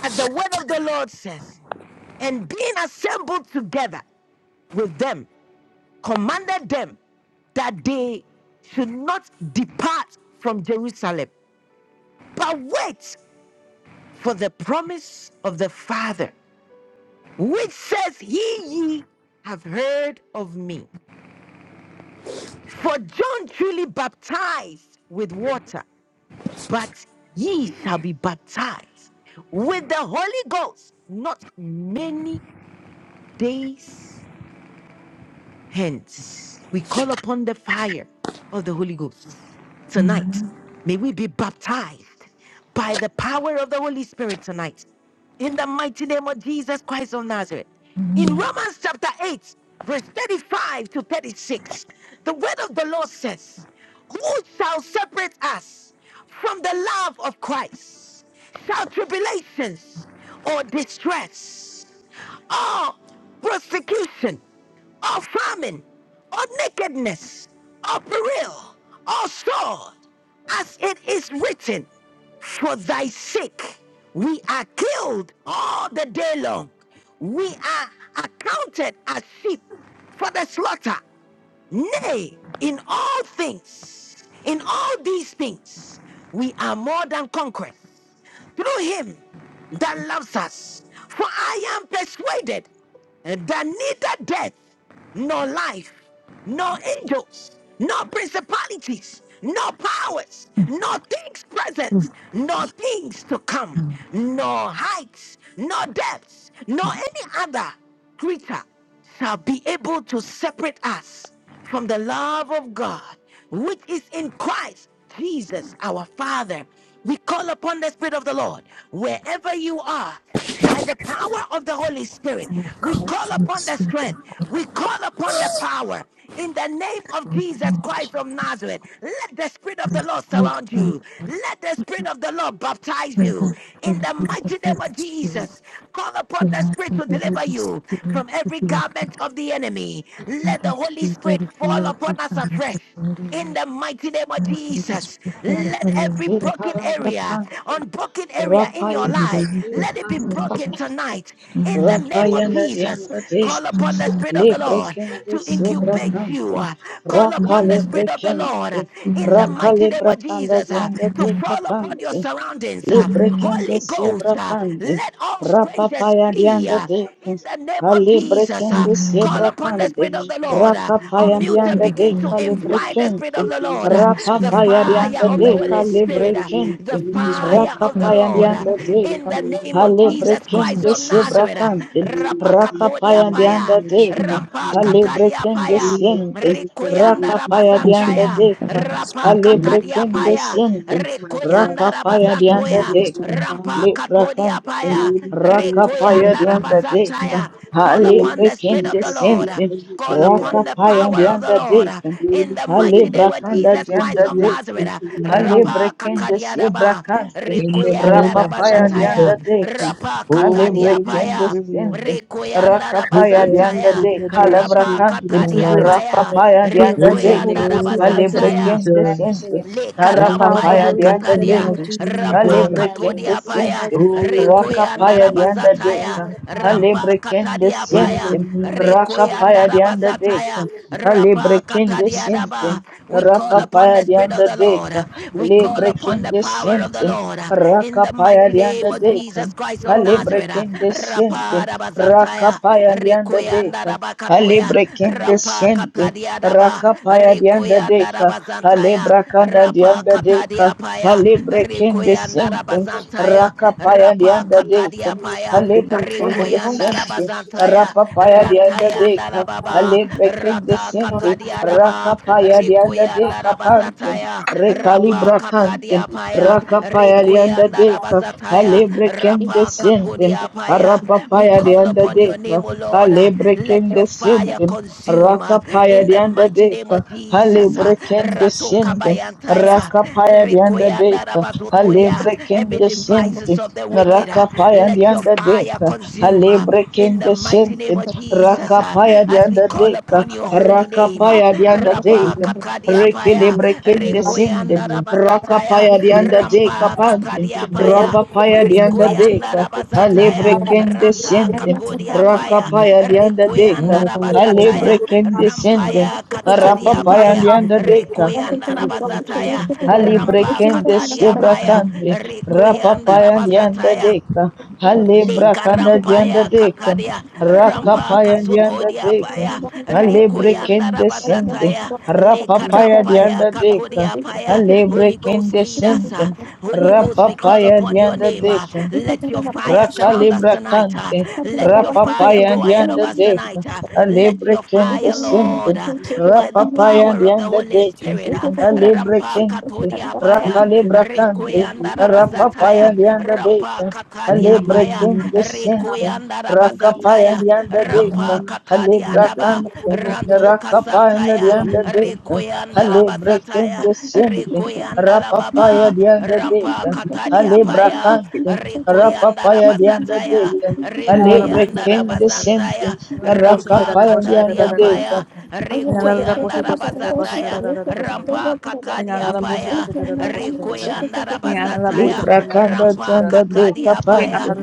A: As the word of the Lord says, and being assembled together with them, commanded them that they should not depart from Jerusalem, but wait for the promise of the Father which says, He ye have heard of me. For John truly baptized with water, but ye shall be baptized with the Holy Ghost not many days Hence, we call upon the fire of the Holy Ghost.
L: Amen.
A: Tonight,
L: Amen.
A: may we be baptized by the power of the Holy Spirit tonight. In the mighty name of Jesus Christ of Nazareth. In
L: Amen.
A: Romans chapter 8, verse 35 to 36, the word of the Lord says, Who shall separate us from the love of Christ? Shall tribulations or distress? Or persecution, or famine, or nakedness, or peril, or sword, as it is written, for thy sake we are killed all the day long. We are accounted as sheep for the slaughter. Nay, in all things, in all these things, we are more than conquerors through him that loves us. For I am persuaded that neither death, nor life, nor angels, nor principalities, nor powers, nor things present, nor things to come, nor heights, nor depths, nor any other creature shall be able to separate us from the love of God, which is in Christ Jesus our Father. We call upon the Spirit of the Lord wherever you are by the power of the Holy Spirit. We call upon the strength. We call upon the power in the name of Jesus Christ from Nazareth. Let the Spirit of the Lord surround you. Let the Spirit of the Lord baptize you in the mighty name of Jesus. Call upon the Spirit to deliver you from every garment of the enemy. Let the Holy Spirit fall upon us afresh. In the mighty name of Jesus, let every broken area,
K: Ekaragapante,
A: unbroken area in your life,
K: Rapayende
A: let it be broken
K: karakapante,
A: tonight. In the name of
K: Rapayende
A: Jesus,
K: diende
A: call
K: deke,
A: upon the Spirit of the Lord
K: Lebrekende
A: to incubate
K: sobrakante,
A: you. uh, Call upon
K: Rakale
A: the Spirit of the Lord
K: brekende,
A: uh, in the
L: Amen.
K: Rakale
A: mighty name of
K: brakanda
A: Jesus uh,
K: diende
A: to fall upon your
K: dekapante,
A: surroundings. uh.
L: Amen.
K: Librekende
A: Holy Ghost, uh,
K: siebrakande,
A: let all strangers
K: rapapaya
A: flee.
K: diande
A: uh,
K: deka,
A: in the name of Jesus, uh,
K: alibrekende
A: call upon the
K: siebrakande,
A: Spirit of the Lord. Uh,
K: rakapaya
A: unmute and
K: diande
L: Amen.
A: begin to
K: deka
L: Amen.
A: invite the Spirit
K: librekende,
A: of the Lord, uh,
L: Holy
A: the
L: Spirit,
K: rapapaya
L: come
A: fire
K: diande
A: of the
L: upon me.
K: deka
A: Holy Spirit, uh, the
K: librekende,
L: Holy Spirit,
A: fire of
L: come
A: the
K: rakapaya
L: upon
A: Lord. uh,
K: diande
L: me.
G: us,
A: in
K: deka,
A: the name of
L: This
A: Jesus
G: O Lord.
L: time is
A: Christ
K: alibrekende
L: not
A: of
L: supposed
A: Nazareth. uh,
L: to be
K: siebrakande,
G: Holy
A: Rapakatodia
K: rakapaya diande
A: paya,
L: should
K: deka,
L: have to
A: rampakatadia
K: alibrekende
A: paya.
K: siende,
G: Spirit,
A: Rikoyanda
G: saturate my
K: rakapaya
L: I
G: vessel.
L: should
K: diande
A: Rabazantaya,
L: have a
K: deka,
L: family
A: Rapa
L: spirit in my
G: Holy
A: Katadia
L: body.
K: alebrekende
G: Spirit,
A: Paya,
K: siente,
G: saturate my home.
A: Rikoyanda
L: What I
K: rakapaya
L: should
K: dianda
L: have
A: Rabazantoya,
G: Saturate
L: is the
K: deka,
G: my
L: love.
G: family.
A: Rampa Katodia
K: lebrakante,
A: Paya,
G: Holy Spirit, I
L: What
K: rakapaya
L: I
A: Rikoyanda
G: come up.
L: should
K: dianda
L: have is the
K: deka,
L: love.
A: Rabazantaya. Call upon
G: Holy
A: the Spirit
G: Spirit,
A: of
K: alebrekende
A: the Lord.
G: saturate
K: siente,
G: every
A: Call
G: area of
A: upon the
G: my
K: rakapaya
G: life.
A: power of the
K: dianda
A: Lord
K: deka,
A: in
G: Holy
A: the
K: Hale
G: Spirit,
A: mighty name
G: make
A: of
K: brakanda
G: every
A: Jesus Christ
K: janda
G: good
A: of
G: way
K: deka.
A: Nazareth.
G: into my
K: Hale
G: life.
A: Rapa
K: brekende
A: Katadia
K: se
A: Daba,
K: brakaste.
G: In the
A: Rikoyanda
G: name of
K: Rapapaya dianda
A: Rabazataya,
G: Jesus.
K: deka.
A: Rapa
K: Hale
G: Oh,
A: Katadia
G: Holy
K: brekende
A: Paya.
K: sende.
G: Spirit,
A: Rekoyanda
G: make
K: Rakapaya
G: every
K: dianda
A: rabazantaya,
G: crooked
K: deka. Le
G: way
A: rapa
G: straight
K: brakante.
G: in
N: invite your
G: my
A: katadia
N: Holy
G: life.
A: paya,
N: Spirit.
K: Rapapaya
N: We
K: dianda
G: In
N: invite
G: the
N: your
K: deka.
N: Holy
A: rekoyanda
N: Ghost.
G: name
N: We
G: of
K: Hale
N: invite your fire
A: rabazantaya.
N: into
K: brekende
N: our
G: Jesus.
K: sende.
N: atmosphere.
A: Leka
N: By the
G: In the
N: power of the
K: Tarapapaya
A: rampaya
N: Holy
G: matchless
N: Ghost,
K: dianda
N: in the
G: name
N: name
A: katadia,
N: of
G: of
K: deka.
N: Jesus Christ of
A: rampa
G: Jesus,
N: Nazareth,
K: Alebrekende
A: katodia
N: we
A: paya,
N: invite
K: sentem,
N: your
G: Holy
A: rekoyanda
K: rakapaya
G: Spirit,
N: fire.
K: dianda
G: I
A: rabasataya,
N: By
K: deka.
G: come to
N: the power of
G: you.
A: rampa
K: Alebrekende
A: katadia
N: the Holy
G: In the
N: Ghost,
A: paya,
K: sentem,
G: name of Jesus,
K: rakapaya
A: rekoyanda
K: dianda deka.
A: rabasataya, rapa
K: Alebrekende
A: katadia
K: sentem,
G: I
A: daba. We
G: come to
A: call
G: you.
A: upon
K: rakapaya
A: the Spirit of
K: dianda
A: the Lord.
K: deka.
A: We call upon the
K: Alebrekende
A: power of the
K: sentem,
A: Lord. In the
K: rakapaya
A: mighty
K: dianda
A: name of
K: deka.
A: Jesus Christ
N: we
A: of
N: call upon
A: Nazareth.
K: Alebrekende sentem,
A: Rapa rabasataya,
K: rakapaya
A: rekoya
K: dianda deka.
A: Rikuyandaraba Katoya,
K: Alebrekende
A: Rampa Katadiadaba,
K: rakapaya dianda deka.
A: Rikuyandaraba Zantaya,
K: Alebrakanda
A: Rapa
K: dianda deka.
A: Katadiapaya,
K: Halibre kende
A: Rikuyandaraba
K: sente,
A: Zantaya,
K: rakapaya
A: Rapa
K: dianda deka.
A: Katadiapaya,
K: Halibre kende sente,
A: Rikuyandaraba Zantaya,
K: rapapaya dianda
A: rantaya
K: deka.
A: Rantayandarababa,
K: Halibre kende
A: Rata
N: God.
K: sente,
A: Katadiadaba,
K: rakapaya dianda deka
A: Rikuyandaraba
K: pante.
A: Zataya, Rapa
K: Rekalibra kante,
A: Katadiapaya,
K: rakapaya dianda deka.
A: Rikuyandarabazataya,
K: Halibre kende
A: Rapa
K: sente,
A: Kakudiapaya. We
K: rapapaya
A: call
K: dianda
A: upon your
K: deka.
A: name, O Lord. Uh,
K: Halibre
A: Let
K: kende
A: your fire
K: sente.
A: consume uh,
K: Rakapaya
A: in
K: the
A: the
K: under
A: mighty name of
K: deka,
A: Jesus. uh,
K: Halebrekin descending,
J: you.
A: Ratokabayantaya,
K: Rakapaya the under deka,
J: Thank
A: Rikuyandarabazothoria.
K: Halebrekin
A: Every devices
K: descending.
A: of the wicked, uh,
K: Rakapaya the
A: let your
K: under
A: fire
K: deka,
A: consume uh, in
K: Halebrekin
A: the mighty name
K: descending,
A: of Jesus. uh,
K: Rakapaya the
A: As we
K: under
A: call
K: deka,
A: upon your holy name.
K: Rakapaya the under
G: Holy Spirit, I come
A: Rapa
K: deka,
A: katadia
G: to
A: paya,
K: Rekilebrekin
G: you.
A: rekoyanda
K: descending,
A: rabazataya,
K: Rakapaya the under
A: rampa
K: deka panding,
A: katadia
N: We invite
A: paya,
N: your Holy
K: Rapapaya
N: Ghost.
K: the
N: We
K: under
N: invite your
A: rekoyanda
K: deka,
N: fire into
A: rabazataya,
N: our
G: In
K: Halebrekin
N: atmosphere.
A: ranta
N: We invite your
G: the
K: descending,
N: Holy
A: katodia
G: name
A: paya,
K: Rakapaya the
N: Ghost.
K: under
A: rekoyanda
K: deka,
N: We invite your Holy
A: rabazataya,
N: Ghost. to come
K: Alebrekende
N: into
K: sende,
N: our
A: rampaya
N: atmosphere.
A: katadia
N: By the
A: paya,
N: power of the
K: rapapayandianda
N: Holy Ghost,
K: deka.
N: we call
A: rekoyanda
N: upon your Holy Ghost.
A: rabazataya,
N: We call upon your
A: rampa
N: fire.
K: Alebrekende
A: katadia paya,
K: sebrakande,
A: rekoyanda
K: rapapayandianda
A: rabazataya,
K: deka.
G: of Jesus,
A: Leka
K: Alebrakanda dianda
A: rampaya
K: deka,
A: kapadia
G: Thank
A: rampa
K: rakapayandianda
A: kasutodia
K: deka.
A: paya rekoyanda
K: Alebrekende sende,
A: rabazataya Leka rampaya
K: rapapayandianda deka.
A: katodia paya
J: you.
A: Holy Ghost
K: Alebrekende
A: lead
J: Thank
A: us
K: sende,
A: uh, Holy Ghost we call upon your
K: rapapayandianda
A: name uh,
K: deka.
A: let your fire surround us tonight uh,
K: Rakalibrakante,
A: let your fire
K: Rapapaya
A: go
K: and
A: ahead of
K: Yanda
A: us
K: Deka,
A: tonight uh, let your
K: Alebriken
A: fire Lord
K: Besendin,
A: uh, by the
K: Rapapaya and
A: power of the
K: Yanda
A: Holy
K: Deka,
A: Spirit uh, rampa
K: Alebrekente,
A: katodia paya Apaya,
K: Rakalibrakante,
A: Requianda
K: Rapapaya
A: Rabazataya,
K: and Yanda
A: Rampa
K: Deka,
A: Katadi Apaya,
K: Alebrekin Descendant,
A: Requianda
K: Rakapaya
A: Rabazataya,
K: the under deka,
A: Rampa
K: Hale
A: Katadi Adaba,
K: Brakante,
A: Ranto
K: Rakapaya the
A: Kasantaya,
K: under deka,
A: Requianda
K: Hale Brekende
A: Rabazataya,
K: Siente,
A: Requianda
K: Rapapaya
A: Rababa,
K: the under
A: Rampa
K: deka,
A: Katadi
K: Hale
A: Apaya,
K: Brakante,
A: Requianda
K: Rapapaya the under
A: Rabazataya,
K: deka,
N: Ing
K: Hale
A: Requianda
K: Brekende Siente,
A: Rabazantaya, Rampa
K: Rakapaya the
A: Katadi
K: under
J: you.
K: deka,
A: Apaya, Requianda
J: Oh,
A: Requianda rabazataya, Rampa Katadia Paya, Requianda rabazataya,
K: Libra kanda
A: Rampa
K: tanda de
A: Katadia
K: kapande.
A: Paya,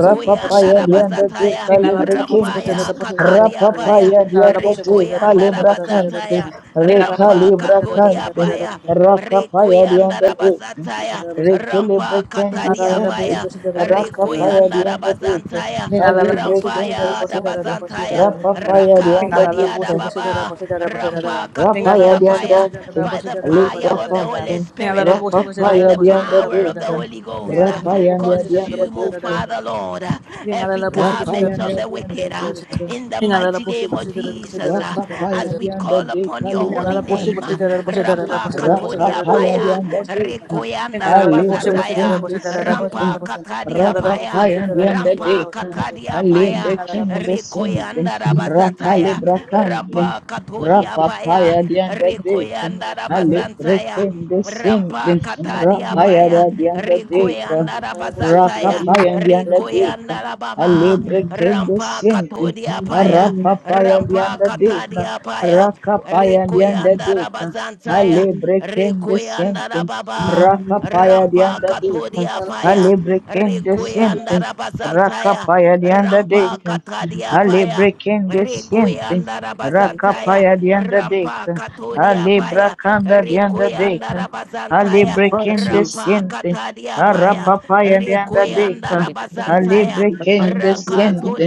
K: Rapapaya lianda de calibre kente.
A: Rampaya Katadia Paya,
K: Rapapaya dianda deka libra kante.
A: Rikuyandarabazataya,
K: Reka
A: Rampa
K: libra
A: Katadia
K: kante.
A: Paya,
K: Rakapaya lianda de.
A: Rikoyandarabazataya
K: Recalibre
A: Rampa
K: kende sende.
A: Katadiapaya
K: Rakapaya lianda de.
A: Rikoyandarabazantaya
N: Singalala
K: Calibre
N: boshi boshi
K: kende
N: dada
A: Rampaya
N: boshi dada
K: sende.
N: dada boshi dada
A: Dabazantaya
N: dada dada.
K: Rapapaya dianda
N: Singalala
K: deka.
N: boshi boshi dada
A: Rakatadiadababa
N: boshi dada boshi dada
A: Rampa
N: dada. Singalala
K: Rapaya the
N: boshi boshi
A: Katodiapaya
N: dada dada
K: Andantum,
A: by
N: boshi
A: the
N: dada dada boshi
A: fire
K: Libra
A: of the
N: dada dada.
A: Holy
K: Campin,
A: Spirit
N: Singalala
A: uh,
N: boshi boshi dada
A: by
N: dada
A: the
K: Rapapaya the
N: boshi dada dada
A: power of the Holy Ghost uh,
K: Rapaya the
N: boshi
A: consume O
N: dada
K: Andadicum,
A: Father
N: dada.
A: Lord uh, every
N: Singalala boshi boshi dada
A: garment
N: dada
K: Rapaya
A: of
N: boshi
K: the
A: the
N: dada
A: wicked
N: dada
A: uh,
N: dada.
K: Andadicum,
A: in
N: Singalala
A: the mighty
N: boshi
A: name of
N: boshi dada boshi
A: Jesus
N: dada boshi dada dada. Singalala boshi boshi dada boshi dada boshi
A: uh,
N: dada boshi
A: as
K: Rapapaya
N: dada
K: the
A: we
N: dada.
A: call upon
K: Andadica
A: your holy
K: Libra
A: holy
N: Singalala boshi
A: name.
N: boshi
K: candy,
N: dada boshi dada dada
A: Rampa
N: boshi dada boshi
K: Raka
N: dada
A: katodia
N: dada boshi
K: paya
N: dada dada
A: paya,
N: boshi
K: dianda
N: dada
K: deka.
N: dada.
A: rekoyanda
N: Singalala
K: Ali
N: boshi boshi dada
A: rabasataya,
K: breaking
N: boshi dada
K: this
N: dada boshi dada
K: ending.
N: dada
A: rampa
N: boshi.
A: katadia
N: Singalala
K: Raka
N: boshi
A: paya.
N: boshi
K: paya
N: dada dada boshi
K: dianda
N: dada dada
A: Rampa
N: boshi
K: deka.
N: dada dada.
A: katadia
K: Ali
A: paya,
N: Arara
K: breaking
N: boşu
K: this
N: boşu
K: ending.
A: rekoyanda
K: Raka
A: rabasataya,
K: libra kandin.
A: rampa katodia
K: Rapa
A: paya,
K: paya dianda deka.
A: rekoyanda
K: Ali
A: rabasantaya,
K: breaking this
A: Rampa
K: ending.
A: katadia
K: Rapaya
N: Arara
A: paya,
K: dianda deka.
A: rikoyanda
N: boşu boşu
A: rabazataya,
K: Rakapaya the
A: rikoyanda
K: Beka, a
A: rababa,
K: libre kendo
A: rampa
K: sente,
A: katodia
K: a
A: paya,
G: you.
K: rapapaya
A: rampa
K: the Beka,
A: katadia paya,
K: Rakapaya the
A: rikoyanda
K: Beka, a
A: rabazantaya,
K: libre kendo
A: rikoyanda
K: sente,
A: rababa,
K: Rakapaya
A: rampa
K: the Beka,
A: katodia
N: Arara
K: a
N: boşu
A: paya,
K: libre kendo
A: rikoyanda
K: sente,
A: rabazantaya,
K: Rakapaya the
A: rampa
K: deka.
A: katadia
K: Ale
A: paya.
K: brekende siente.
A: Rikuyandarabazansaya,
K: Rakapaya dianda
A: Rampa
K: deka.
A: katodia
K: Ale
A: Paya,
K: brakanda dianda deka. Ale
A: Rikuyandarabazansaya,
K: brekende
J: jeez.
A: Rampa
K: siente.
A: Katadia Paya,
K: Arapapaya dianda deka. Ale
A: Rikuyandarabazansaya,
K: brekende siente.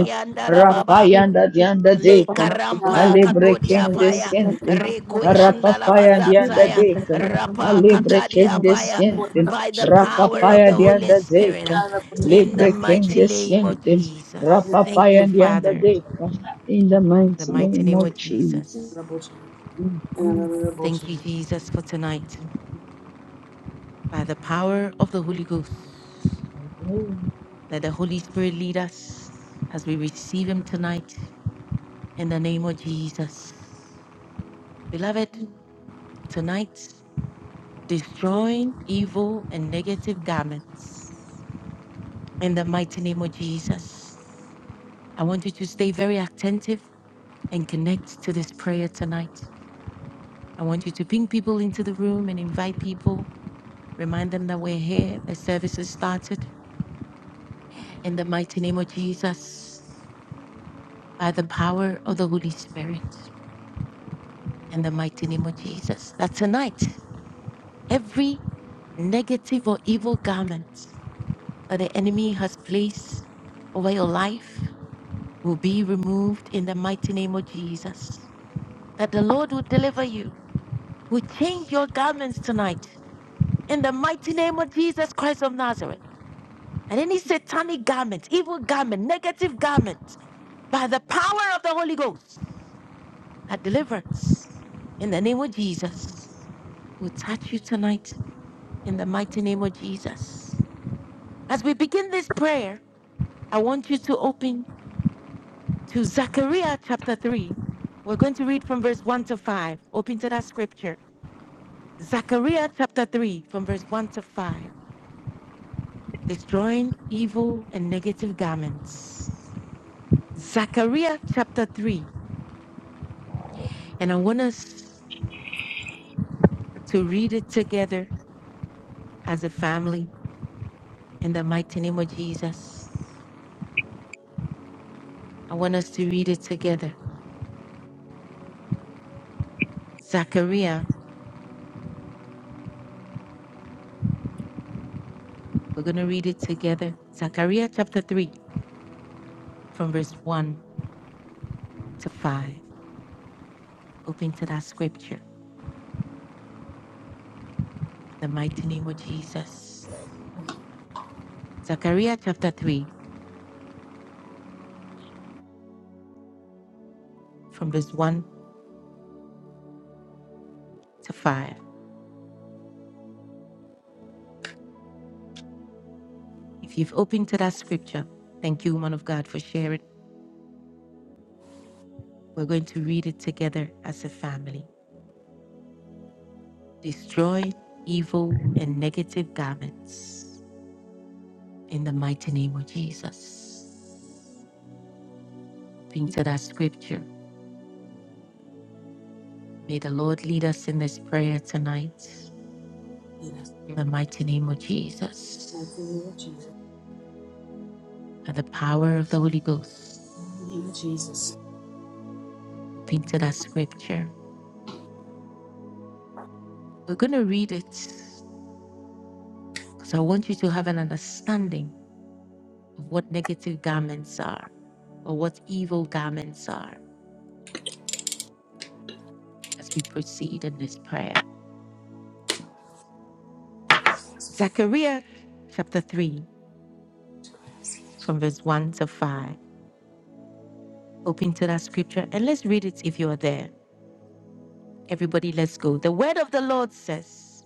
N: Arara
K: Rapaya dianda deka.
A: Likarampa
K: Ale
N: Arara
A: katodia
K: brekende
A: paya,
N: boşu
K: siente.
A: rikuyanda la
K: Arapapaya
N: Arara
K: dianda
A: bazansaya,
K: deka.
A: rapa
K: Ale
A: katadia
K: brekende
A: paya,
N: boşu
K: siente.
A: by the power of
K: Rakapaya
A: the Holy
K: dianda
A: Spirit,
K: deka.
N: Arara boşu boşu
A: in the
K: Libre can
A: mighty name of
K: descend them.
A: Jesus. Thank
K: Rapapaya
A: you,
K: and the
A: Father.
K: Deca in the
A: In the
K: mighty
A: mighty
K: name
A: name
K: of
A: of
K: Jesus.
A: Jesus.
N: Arara boşu Arara boşu
A: Thank you, Jesus, for tonight. By the power of the Holy Ghost, let the Holy Spirit lead us as we receive Him tonight in the name of Jesus. Beloved, tonight, destroying evil and negative garments in the mighty name of Jesus. I want you to stay very attentive and connect to this prayer tonight. I want you to ping people into the room and invite people. Remind them that we're here. The service has started. In the mighty name of Jesus, by the power of the Holy Spirit, in the mighty name of Jesus, that tonight every negative or evil garment that the enemy has placed over your life will be removed in the mighty name of Jesus. That the Lord will deliver you, will change your garments tonight in the mighty name of Jesus Christ of Nazareth. And any satanic garment, evil garment, negative garment, by the power of the Holy Ghost. that deliverance in the name of Jesus will touch you tonight in the mighty name of Jesus. As we begin this prayer, I want you to open to Zechariah chapter 3. We're going to read from verse 1 to 5. Open to that scripture. Zechariah chapter 3, from verse 1 to 5. Destroying evil and negative garments. Zechariah chapter 3. And I want us to read it together as a family in the mighty name of Jesus. I want us to read it together. Zechariah, we're going to read it together. Zechariah chapter 3, from verse 1 to 5. Open to that scripture in the mighty name of Jesus. Zechariah chapter 3, from verse 1 to 5. If you've opened to that scripture, thank you, woman of God, for sharing. We're going to read it together as a family. Destroy evil and negative garments in the mighty name of Jesus. Open to that scripture May the Lord lead us in this prayer tonight.
N: Jesus.
A: In the mighty name of
N: Mighty
A: Jesus,
N: Name of Jesus.
A: by the power of the Holy Ghost,
N: Name of Jesus.
A: think to that scripture. We're going to read it because I want you to have an understanding of what negative garments are or what evil garments are as we proceed in this prayer. Zechariah chapter 3, from verse 1 to 5. Open to that scripture and let's read it if you are there. Everybody, let's go. The word of the Lord says,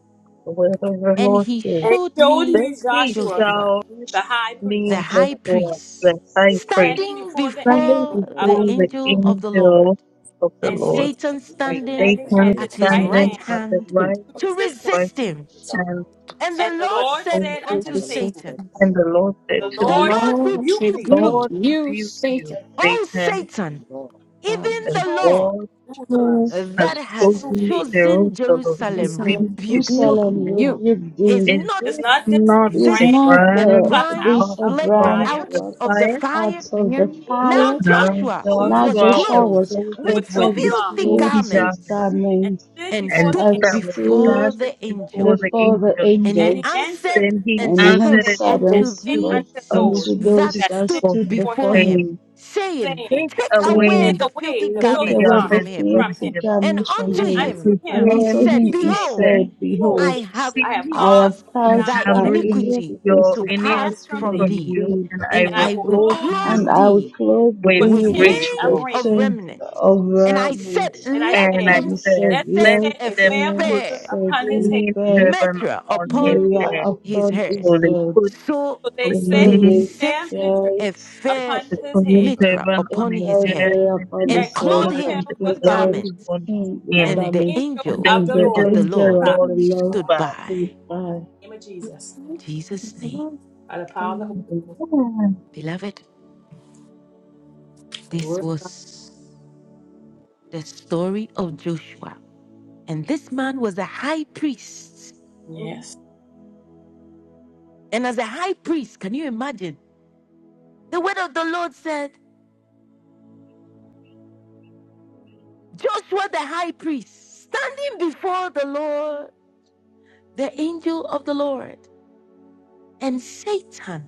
G: Where the
A: and
G: Lord
A: he
G: is,
N: And he
A: showed
N: showed
A: me
N: me
G: then he
N: Joshua,
A: Joshua,
G: shall
N: the high priest,
A: the
G: kneel
A: high
I: Joshua
G: before
I: fight
A: priest,
G: the high priest,
N: standing
A: standing
N: before the
I: standing
G: standing
N: angel
A: before
I: before
N: of
A: the
N: the
G: before
N: Lord,
I: the
G: the
I: angel
A: angel
I: of
A: of
I: the
A: the
I: Lord,
A: Lord,
G: angel of the
A: and
N: and
G: Lord,
N: Satan
A: Satan
I: and
G: and
I: Satan
A: standing
O: It
G: Satan
I: standing
A: at
O: is
I: at his
A: his
I: right
A: right
G: standing
N: to
G: at
I: hand
G: the
A: hand
I: to
G: right
A: to
I: oppose
N: resist
I: him.
N: him,
G: right
A: resist him.
G: hand
A: And
N: and
A: the Lord
G: of the
A: said
G: Lord,
A: unto
I: And the Lord said
A: Satan,
I: to
G: And the
I: Satan,
G: Lord said
I: The
N: the
G: to
J: The
A: The
G: Satan,
I: Lord has
A: Lord
I: beat
J: Lord
I: you,
G: The
A: rebuke
N: lead,
J: rebuke
I: Satan.
A: thee,
G: Lord
J: you,
G: rebuke you,
J: Satan.
A: O
G: Satan,
A: Satan,
I: The Lord
A: even
J: Um,
G: and
A: the
N: chosen
A: Lord
G: all who has
A: that
I: has
A: has
I: chosen
G: spoken
N: thee.
G: Jerusalem
A: chosen
I: Jerusalem
J: what's
A: Jerusalem
J: the name?
G: rebuke
I: with
G: you.
A: rebuke
I: you to
J: Rebuke
A: thee.
K: Jerusalem
I: be his
J: you.
K: rebuke
A: Is
K: thee.
G: Is
N: Is
A: not
G: this
N: not this
G: not
N: a
K: Is
G: a
I: light
N: brand?
A: this
K: not
A: a
I: and
K: the,
I: bread,
G: grand
N: plucked
A: brine
N: out
I: not
K: this
G: promise
K: a
N: of the
I: from the
A: flaked
G: from
K: brand
I: fire.
N: fire.
A: out
G: the
K: plucked
A: of the
G: fire?
K: out
A: fire?
K: of the
J: Man.
A: Now
N: Now
K: fire?
N: Joshua
G: Now
I: You
A: Joshua
I: shall
N: was
K: Now
A: was
G: Joshua
K: Joshua
G: was
A: clothed
N: clothed
K: was
G: clothed
N: with
A: with
G: with
K: clothed
N: filthy
K: with
A: filthy
N: garments
G: filthy
K: filthy
G: garments
A: garments
N: and
K: garments
N: stood
A: and
N: before
G: and
N: the
A: stood
N: angel.
K: and
G: that was
K: stood
A: before
G: standing
A: the
G: before
A: angel.
G: the
K: before the
G: angel.
A: And he
N: And he
K: angels.
N: answered
A: answered
G: Then he
A: and
K: And
N: and
K: he
G: answered
A: spoke
G: and
N: said,
K: answered
N: and
K: and
G: spoke
A: unto
N: spake
G: to the,
K: spoke
N: unto
A: these
N: those
G: those
K: unto
G: who
A: that
K: those
G: stood
N: that
K: that
N: stood
A: stood
G: before
K: stood
G: him,
N: before
K: before
A: before
N: him,
A: him,
K: him
G: saying,
A: saying,
N: saying,
G: Take
I: not
A: Take
I: change
G: away
A: away
I: it
N: Take
K: saying,
A: the
G: the
A: filthy
N: away the
K: Take
G: filthy
N: filthy
I: with
A: garment
K: away
A: from
K: the
N: garments
G: garments
A: him.
G: from
N: from him.
K: creative
G: him.
I: fire."
A: And
K: garment from
A: unto
N: And
K: him.
A: him
N: unto
K: And
N: him
A: he
K: unto
G: again,
A: said,
N: he
K: him he
N: said,
A: Behold,
G: said,
K: said,
A: I
K: Behold,
N: Behold,
A: have
N: I have
G: See,
K: I have
N: caused
A: caused
G: I
N: thine
K: caused
A: thy
G: have
K: thy
N: iniquity
G: removed
A: iniquity
K: iniquities
G: your
A: to
K: to
N: to pass
A: pass
K: pass
G: iniquity
N: from
A: from
N: thee,
G: from
K: from
A: thee,
G: you,
K: thee,
G: and
O: how
G: I
O: we
A: and
N: and I
G: will
A: I
N: will
A: will
G: clothe
N: clothe thee
G: you
K: and
A: clothe
K: I will
A: thee
K: clothe
G: with
N: with
K: thee
A: with
O: speak
K: with
N: change
G: rich
A: change
N: of
K: the
G: robe.
N: raiment.
A: of
K: change
A: remnant.
K: of
A: And I
K: raiment.
A: said,
N: And I
A: Let
G: And I
N: said,
A: them
K: And I
G: said,
K: said,
N: Let them
A: set
G: Let
K: Let
N: set
A: a
N: a
G: them
N: fair
K: him
G: put
N: mitre
A: fair
K: set
N: upon his
K: a
N: head.
G: clean
K: fair
G: turban
A: measure
G: on his
A: upon
K: area
G: head.
A: his
K: upon his
A: head.
G: So they
K: bed.
G: put a
A: So
N: So they set
K: So
A: they
N: a
G: clean,
K: they
N: fair
A: set
N: mitre
A: a
K: said,
G: they put
A: fair
N: upon
G: a
N: his head,
G: clean
O: up.
A: mitra
G: turban
K: It
G: on
A: upon
G: his
A: his
K: fell
G: head,
A: head
K: near
G: and they
K: upon
A: and
N: and
K: his head
A: clothed
N: clothed
G: put
N: him
K: and
A: him
G: the
N: with
A: with
K: clothed
N: garments.
G: clothes
A: garments,
G: on his
K: him with
N: And
G: him.
A: and
N: the
A: the
K: garments,
N: angel
G: And
A: angel
G: the
N: of
K: and
N: the
K: the
N: Lord
A: of
G: angel of
A: the
N: stood
G: the
K: angel
A: Lord
N: by.
K: of
G: Lord
K: the
G: stood
K: Lord
A: stood
G: by.
K: stood
A: by.
K: by.
N: In the name of Jesus.
A: Jesus' name.
N: By the power of the Holy
G: Amen.
A: Beloved,
N: Ghost. The
A: this
N: word.
A: was the story of Joshua. And this man was a high priest.
N: Yes.
A: And as a high priest, can you imagine? The word of the Lord said, Joshua the high priest, standing before the Lord, the angel of the Lord. And Satan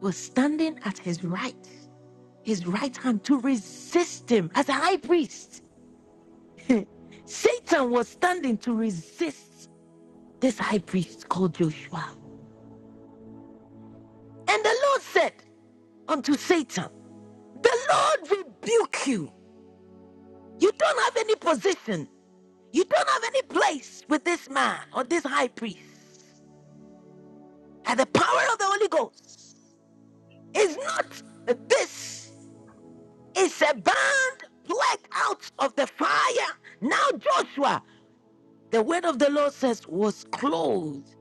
A: was standing at his right, his right hand to resist him as a high priest. Satan was standing to resist this high priest called Joshua. And the Lord said unto Satan, The Lord rebuke you. You don't have any position. You don't have any place with this man or this high priest. And the power of the Holy Ghost is not this, it's a band plucked out of the fire. Now, Joshua, the word of the Lord says, was clothed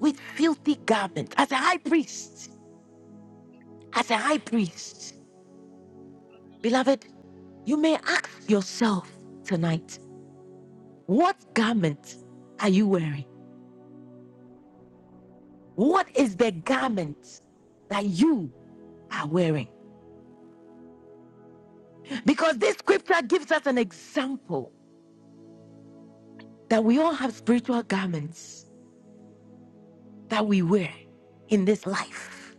A: with filthy garment as a high priest. As a high priest. Beloved, you may ask yourself tonight What garment are you wearing? What is the garment that you are wearing? Because this scripture gives us an example that we all have spiritual garments that we wear in this life.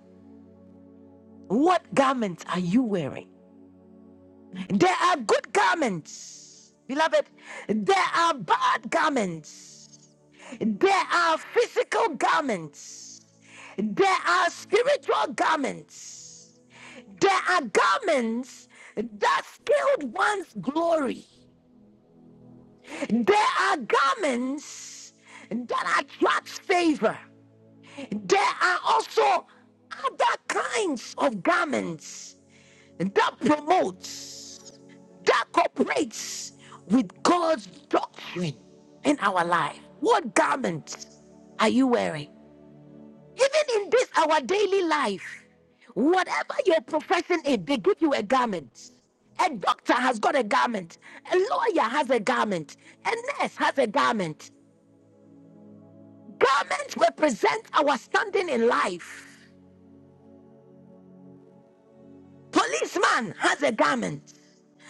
A: What garments are you wearing? There are good garments, beloved. There are bad garments. There are physical garments. There are spiritual garments. There are garments that skilled one's glory. There are garments that attract favor. There are also other kinds of garments that promotes, that cooperates with God's doctrine in our life. What garment are you wearing? Even in this, our daily life, whatever your profession is, they give you a garment. A doctor has got a garment. A lawyer has a garment. A nurse has a garment. Garments represent our standing in life. Policeman has a garment.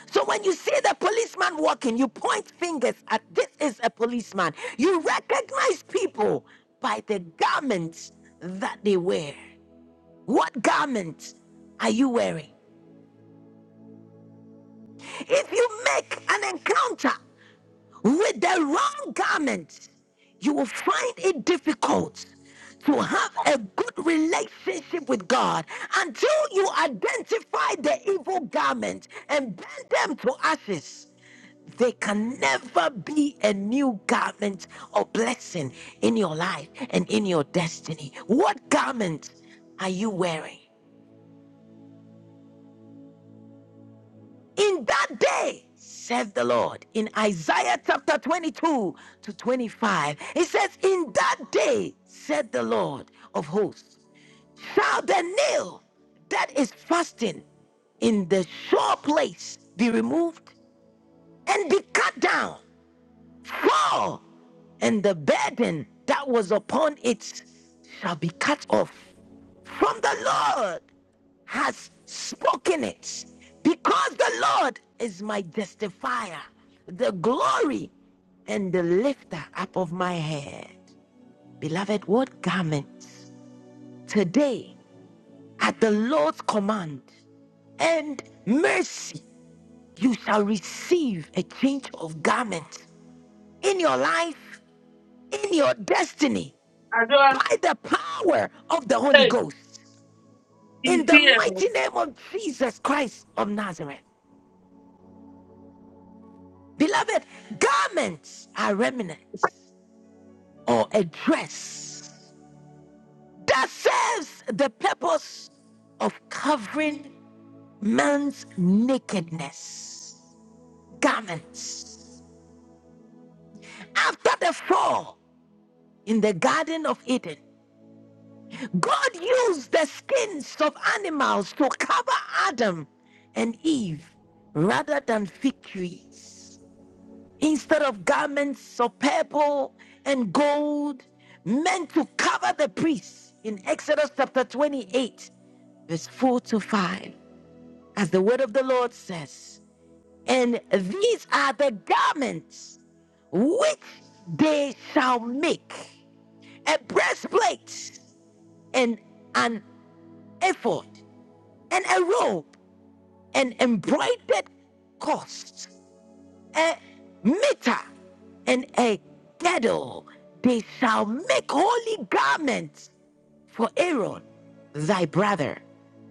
A: So when you see the policeman walking, you point fingers at this is a policeman. You recognize people by the garments that they wear. What garment are you wearing? If you make an encounter with the wrong garment, you will find it difficult to have a good relationship with God until you identify the evil garment and bend them to ashes. There can never be a new garment of blessing in your life and in your destiny. What garment are you wearing? In that day, says the Lord, in Isaiah chapter 22 to 25, it says, In that day, said the Lord of hosts, shall the nail that is fastened in the sure place be removed and be cut down, fall, and the burden that was upon it shall be cut off from the Lord has spoken it. Because the Lord is my justifier, the glory and the lifter up of my head. Beloved, what garments today at the Lord's command and mercy you shall receive a change of garment in your life, in your destiny,
G: Adua.
A: by the power of the Holy Ghost,
G: He's
A: in the
G: here.
A: mighty name of Jesus Christ of Nazareth. Beloved, garments are remnants or a dress that serves the purpose of covering man's nakedness. Garments. After the fall in the Garden of Eden, God used the skins of animals to cover Adam and Eve rather than fig trees. instead of garments of purple and gold meant to cover the priests in Exodus chapter 28, verse 4 to 5, as the word of the Lord says, And these are the garments which they shall make a breastplate and an ephod and a robe and embroidered costs a mitre and a girdle. They shall make holy garments for Aaron, thy brother,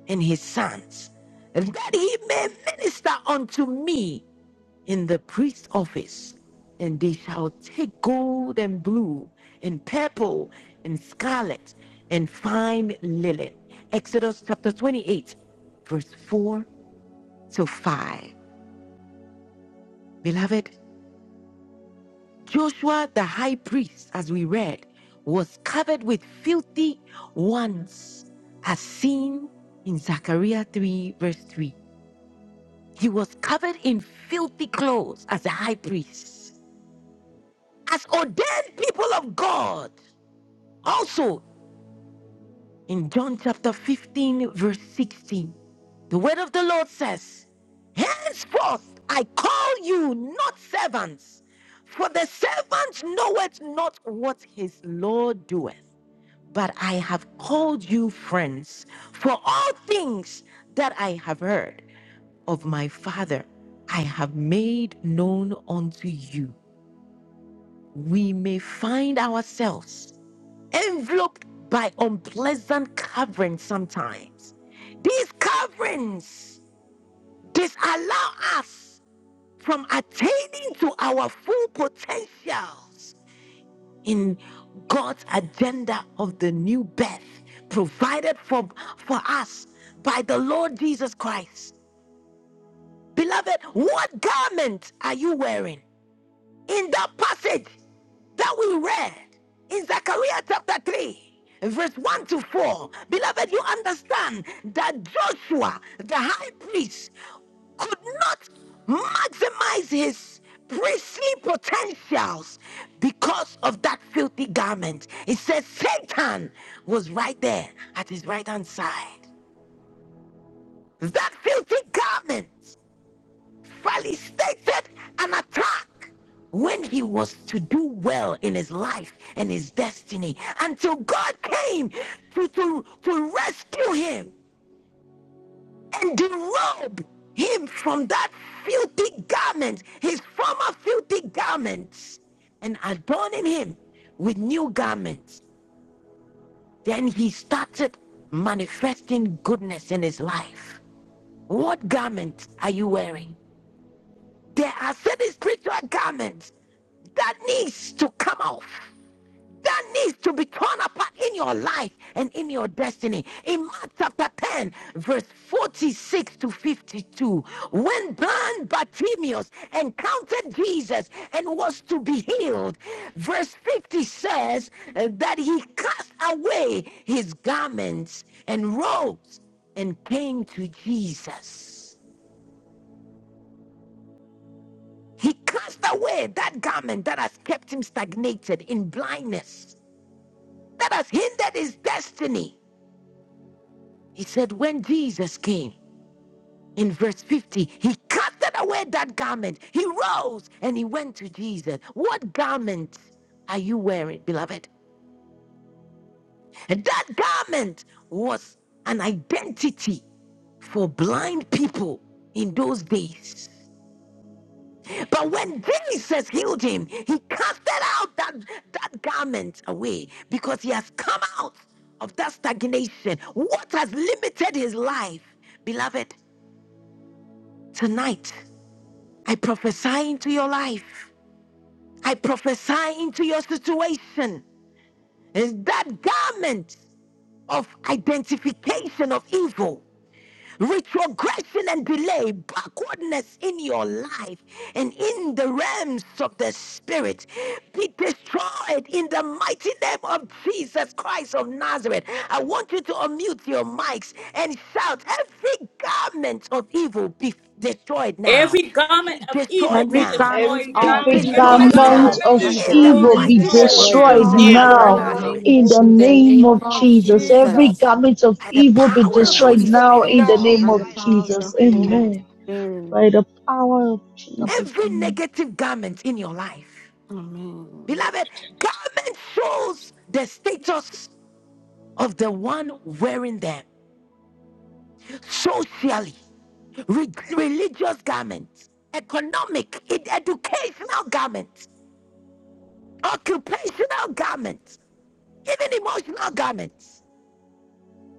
A: and his sons, that he may minister unto me in the priest's office. And they shall take gold and blue, and purple, and scarlet, and fine linen. Exodus chapter 28, verse 4 to 5. Beloved, Joshua, the high priest, as we read, was covered with filthy ones, as seen in Zechariah 3, verse 3. He was covered in filthy clothes as a high priest, as ordained people of God. Also, In John chapter 15, verse 16, the word of the Lord says, Henceforth I call you not servants, for the servant knoweth not what his Lord doeth. But I have called you friends, for all things that I have heard of my Father I have made known unto you. We may find ourselves enveloped by unpleasant coverings sometimes. These coverings disallow us from attaining to our full potentials in God's agenda of the new birth provided for, for us by the Lord Jesus Christ. Beloved, what garment are you wearing? In that passage, that we read in Zechariah chapter 3, verse 1 to 4, beloved, you understand that Joshua, the high priest, could not maximize his priestly potentials because of that filthy garment. It says Satan was right there at his right hand side. That filthy garment properly stated an attack when he was to do well in his life and his destiny until God came to, to, to rescue him and derobe him from that filthy garment, his former filthy garments, and adorning him with new garments. Then he started manifesting goodness in his life. What garment are you wearing? There are certain spiritual garments that needs to come off. That needs to be torn apart in your life and in your destiny. In Mark chapter 10, verse 46 to 52, when blind Bartimaeus encountered Jesus and was to be healed, verse 50 says uh, that he cast away his garments and robes and came to Jesus. He cast away that garment that has kept him stagnated in blindness, that has hindered his destiny. He said, When Jesus came, in verse 50, he casted away that garment. He rose and he went to Jesus. What garment are you wearing, beloved? And that garment was an identity for blind people in those days. But when Jesus healed him, he casted out that, that garment away because he has come out of that stagnation. What has limited his life? Beloved, tonight I prophesy into your life, I prophesy into your situation. Is that garment of identification of evil? retrogression and delay, backwardness in your life and in the realms of the spirit be destroyed in the mighty name of Jesus Christ of Nazareth. I want you to unmute your mics and shout, Every garment of evil be destroyed now,
N: Every garment
A: be
N: of evil
A: destroyed
J: Every
N: be
A: now.
J: garment
N: destroyed
P: Every
N: now.
A: Be
J: of
P: garment
I: Every
P: of
J: evil
N: Every
A: destroyed
M: Destroy
I: garment
N: garment
P: evil
K: Predicament
J: destroyed
I: of
A: now
P: be
N: of
K: of
J: right
M: now.
A: in
N: evil
I: evil
A: the
J: now.
N: be
K: evil
P: destroyed
F: Okay.
I: be
K: be
A: mighty
N: destroyed
A: name
F: Well,
P: now.
A: of
I: destroyed
F: look,
K: destroyed
N: now.
A: Jesus
F: it's
J: destroyed
A: Christ
I: now
A: of
F: going on in
K: now
J: right
I: in the
M: Now.
J: now
A: Nazareth
I: name
F: the
I: of
K: in the
F: middle of
J: in
I: Jesus.
J: the
K: name
F: this.
J: name
M: In
K: of
M: the name
J: of
M: of
K: Jesus. Every
M: Jesus.
J: Jesus.
K: garment of
A: by the
K: evil be
A: power of the
J: Oh,
K: destroyed
P: In
A: Holy
P: the
M: Destroy
K: now
P: name
K: in
P: of
A: Spirit
K: the
M: now.
K: name
J: by
K: of
J: the
P: Jesus.
J: power of the
K: Jesus.
P: Amen.
J: Holy
K: Amen.
J: Spirit.
K: By the power of Jesus.
A: every
K: Amen.
A: negative garment in your life
J: Amen.
A: Beloved, garment shows the status of the one wearing them socially, re- religious garments, economic, ed- educational garments, occupational garments, even emotional garments.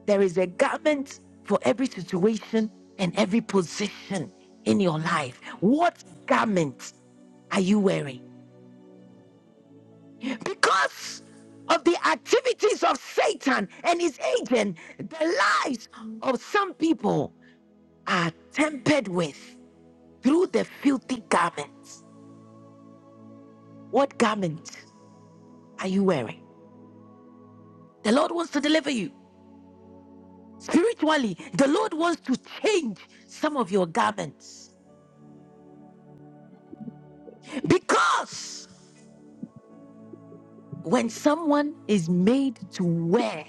A: There is a garment for every situation and every position in your life. What garment are you wearing? because of the activities of Satan and his agent, the lives of some people are tempered with through the filthy garments. What garment are you wearing? The Lord wants to deliver you. Spiritually, the Lord wants to change some of your garments. Because when someone is made to wear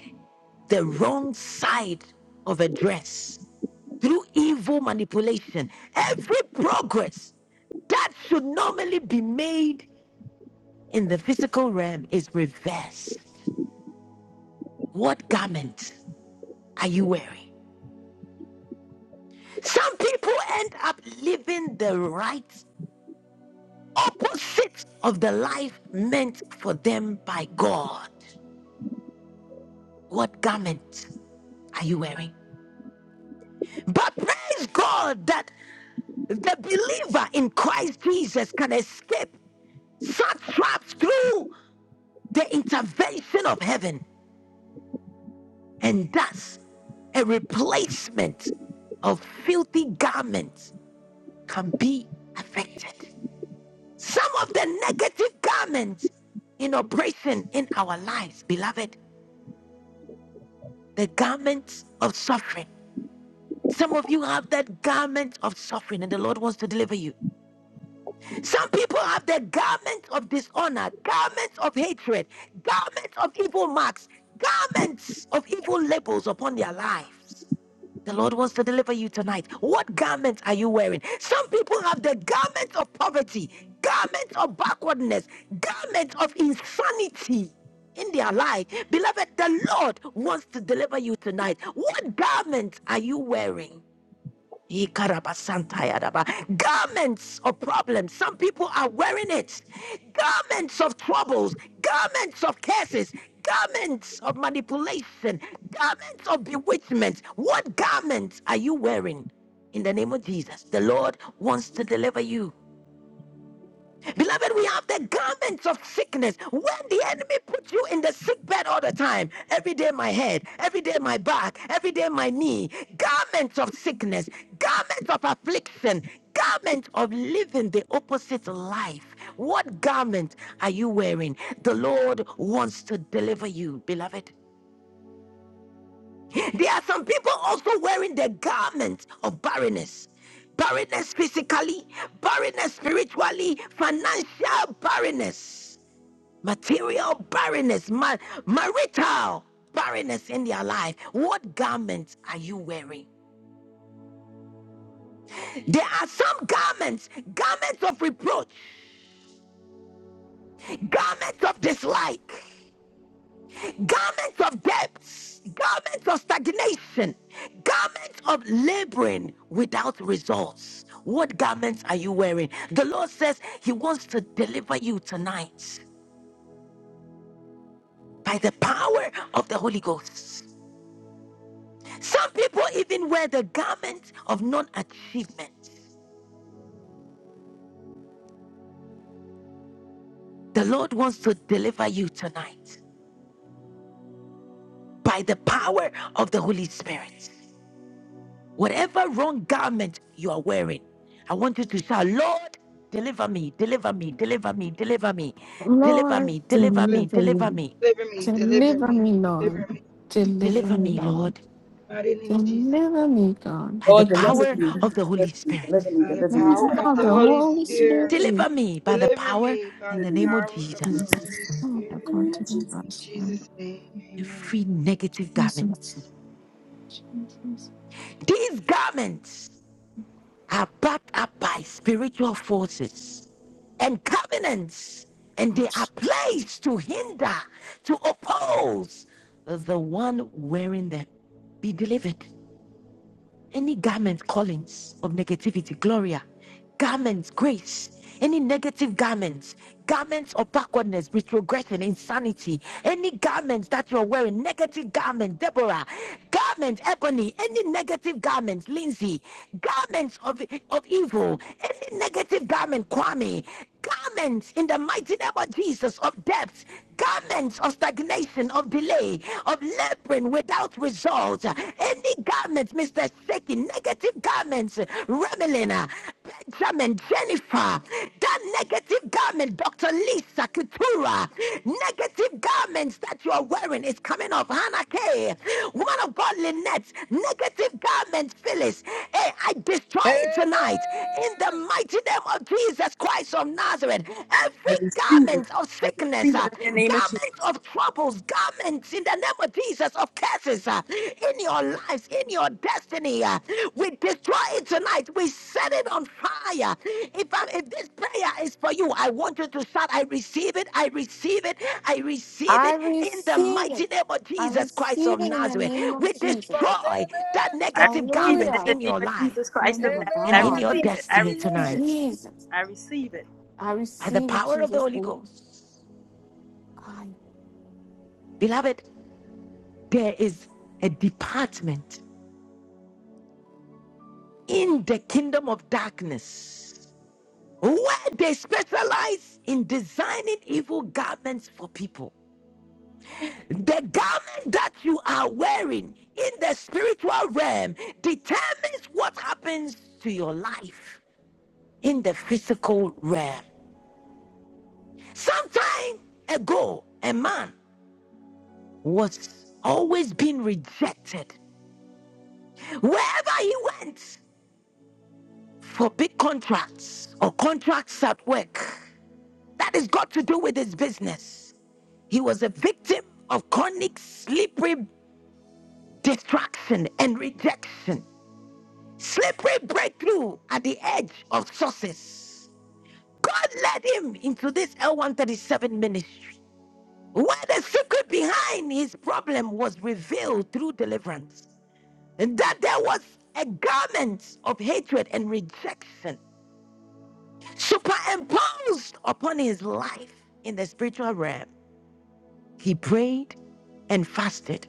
A: the wrong side of a dress, through evil manipulation. Every progress that should normally be made in the physical realm is reversed. What garment are you wearing? Some people end up living the right opposite of the life meant for them by God. What garment are you wearing? But praise God that the believer in Christ Jesus can escape such traps through the intervention of heaven, and thus a replacement of filthy garments can be affected. Some of the negative garments in operation in our lives, beloved, the garments of suffering. Some of you have that garment of suffering, and the Lord wants to deliver you. Some people have the garment of dishonor, garments of hatred, garments of evil marks, garments of evil labels upon their lives. The Lord wants to deliver you tonight. What garment are you wearing? Some people have the garment of poverty, garment of backwardness, garment of insanity in their life. Beloved, the Lord wants to deliver you tonight. What garment are you wearing? Ikarabasantayaraba. Garments of problems. Some people are wearing it. Garments of troubles. Garments of curses. Garments of manipulation. Garments of bewitchment. What garments are you wearing? In the name of Jesus, the Lord wants to deliver you. Beloved, we have the garments of sickness. When the enemy puts you in the sick bed all the time, every day my head, every day my back, every day my knee, garments of sickness, garments of affliction, garments of living the opposite life. What garment are you wearing? The Lord wants to deliver you, beloved. There are some people also wearing the garment of barrenness barrenness physically, barrenness spiritually, financial barrenness material barrenness, ma- marital barrenness in their life. What garments are you wearing? There are some garments, garments of reproach, garments of dislike, garments of debts, garments of stagnation, garments of laboring without results. What garments are you wearing? The Lord says He wants to deliver you tonight by the power of the Holy Ghost. Some people even wear the garment of non achievement. The Lord wants to deliver you tonight by the power of the Holy Spirit. Whatever wrong garment you are wearing, I want you to shout, Lord, deliver me, deliver me, deliver me, deliver me, deliver
J: Lord,
A: me, deliver me,
J: deliver
A: deliver
J: me.
A: me,
P: Deliver me, deliver
J: Deliver
P: me,
J: me, Lord.
P: deliver me. Deliver me
J: Deliver
A: deliver
J: me,
A: me,
J: Lord.
A: Lord,
P: by the name of Jesus.
J: Deliver me, God.
A: by the
N: Lord,
J: In Jesus'
N: deliver
A: power
N: me.
A: of
J: name.
A: the Holy
N: Deliver me.
A: Spirit.
N: Deliver me.
P: By the
N: Deliver
J: The
N: me.
P: power
N: By
P: of
N: the
J: power of
N: power
P: the
N: of
J: the
P: Holy
J: Holy
P: Spirit.
J: Spirit.
A: Deliver me by the
P: Deliver
A: power
P: me by
A: in
N: the Holy Ghost,
A: the
P: the
N: deliver me.
A: name of
P: power of the
A: Jesus.
J: Jesus.
P: Holy
J: Oh, the
P: Spirit.
N: In the
J: God,
N: name of Jesus.
J: deliver
P: In
J: us, Lord.
P: Jesus' name. Amen.
A: Every negative garment,
J: Jesus. Jesus.
A: these garments are backed up by spiritual forces and covenants, and they are placed to hinder, to oppose the one wearing them. Be delivered. Any garment callings of negativity, Gloria, garments, grace, any negative garments, garments of backwardness, retrogression, insanity, any garments that you're wearing, negative garment, Deborah, garment, Ebony, any negative garments, Lindsay, garments of, of evil, any negative garment, Kwame, garments in the mighty name of Jesus of depth, garments of stagnation, of delay, of laboring without results. Any garment, Mr. Seki, negative garments, Remelina, Benjamin, Jennifer, that negative garment, Dr. Lisa Keturah, negative garments that you are wearing is coming off. Hannah K, woman of God, Lynette, negative garments, Phyllis. Hey, I destroy it tonight in the
M: Amen.
A: mighty name of Jesus Christ of Nazareth.
N: I
A: Every
N: receive it.
A: garment of
N: I
A: sickness,
N: receive
A: uh,
N: it in the name of
A: garments
N: Jesus.
A: of troubles, garments in the name of Jesus of curses uh, in your lives, in your destiny, uh, we destroy it tonight. We set it on fire. If, I, if this prayer is for you, I want you to shout, I receive it, I receive it, I receive
J: I
A: it in the
J: receive it.
A: mighty name of
J: I
A: Jesus Christ
J: receive
A: of
J: it in the
A: Nazareth.
J: name of
A: We
J: Jesus.
M: Lord,
A: destroy that
M: amen.
N: I
A: negative
N: receive it in
A: garments
J: Hallelujah.
N: the
A: in
N: name
A: your
N: of
A: life
N: Jesus
J: Oh
N: Christ of
J: my
N: Nazareth.
A: and
N: I
A: in
M: Amen.
J: God.
A: your
N: receive
M: I
N: it. I
A: destiny
M: receive
N: receive
M: it.
N: it.
A: tonight
J: Jesus.
N: I receive it.
J: I
A: by the
J: receive in
A: power of the
J: Jesus'
A: Holy
J: name.
A: Ghost.
J: God.
A: Beloved, there is a department in the kingdom of darkness where they specialize in designing evil garments for people. The garment that you are wearing in the spiritual realm determines what happens to your life in the physical realm. Sometime ago, a man was always being rejected wherever he went. for big contracts or contracts at work. That has got to do with his business. He was a victim of chronic slippery distraction and rejection, slippery breakthrough at the edge of success. God led him into this L137 ministry, where the secret behind his problem was revealed through deliverance, and that there was a garment of hatred and rejection superimposed upon his life in the spiritual realm. He prayed and fasted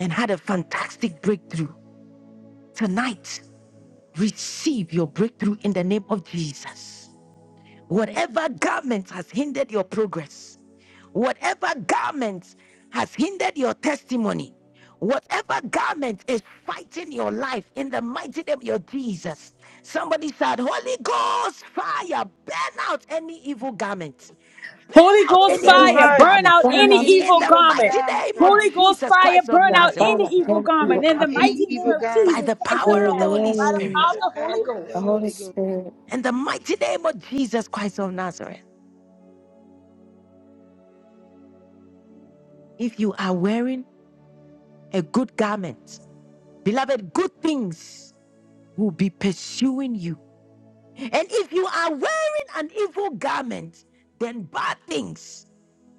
A: and had a fantastic breakthrough. Tonight, receive your breakthrough in the name of Jesus. Whatever garment has hindered your progress, whatever garment has hindered your testimony, whatever garment is fighting your life in the mighty name of Jesus. Somebody said, Holy Ghost, fire, burn out any evil garment Burn
N: Holy
A: out
N: Ghost
P: Holy
A: any
P: Ghost
J: Lord,
A: evil
N: fire,
P: fire.
N: burn out
A: garment
P: Burn
J: burn
P: out
N: any
J: out
P: any
A: in
N: evil
A: the
P: evil
N: garment.
A: mighty
P: garm-
A: name of
N: Holy
P: garment.
N: Ghost
A: Jesus
N: fire,
A: Christ of
N: burn
J: the
N: out
P: Holy
A: Nazareth
J: burn
N: any
J: out
P: Ghost fire.
N: evil
J: everything.
P: Burn
N: garment. In
P: out
N: the
P: any
N: mighty name
P: evil
N: of
A: by
N: Jesus
A: the
P: garments
N: Christ of
A: power of the Holy
N: Nazareth, by the
J: Amen.
P: by
N: power
A: Spirit
N: of
P: the
N: the Holy
P: power of the
J: The
N: Ghost.
J: Holy
P: Holy Ghost.
J: Spirit.
A: in the mighty name of Jesus Christ of Nazareth. If you are wearing a good garment, beloved, good things will be pursuing you. And if you are wearing an evil garment, then bad things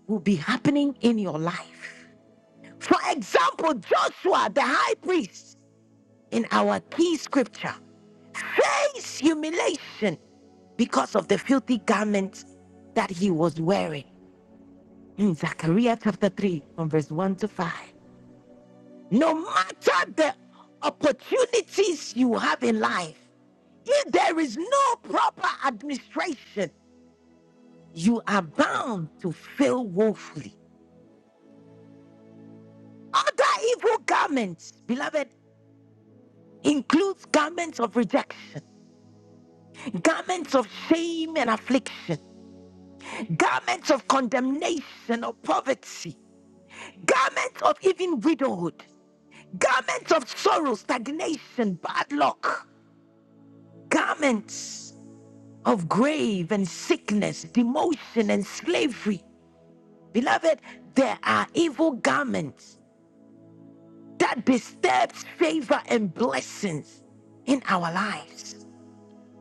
A: will be happening in your life. For example, Joshua, the high priest, in our key scripture. face humiliation because of the filthy garment that he was wearing. In Zechariah chapter 3, from verse 1 to 5. No matter the opportunities you have in life, if there is no proper administration, you are bound to fail woefully. Other evil garments, beloved, includes garments of rejection, garments of shame and affliction, garments of condemnation or poverty, garments of even widowhood, garments of sorrow, stagnation, bad luck, garments of grave and sickness, demotion and slavery. Beloved, there are evil garments that disturb favor and blessings in our lives.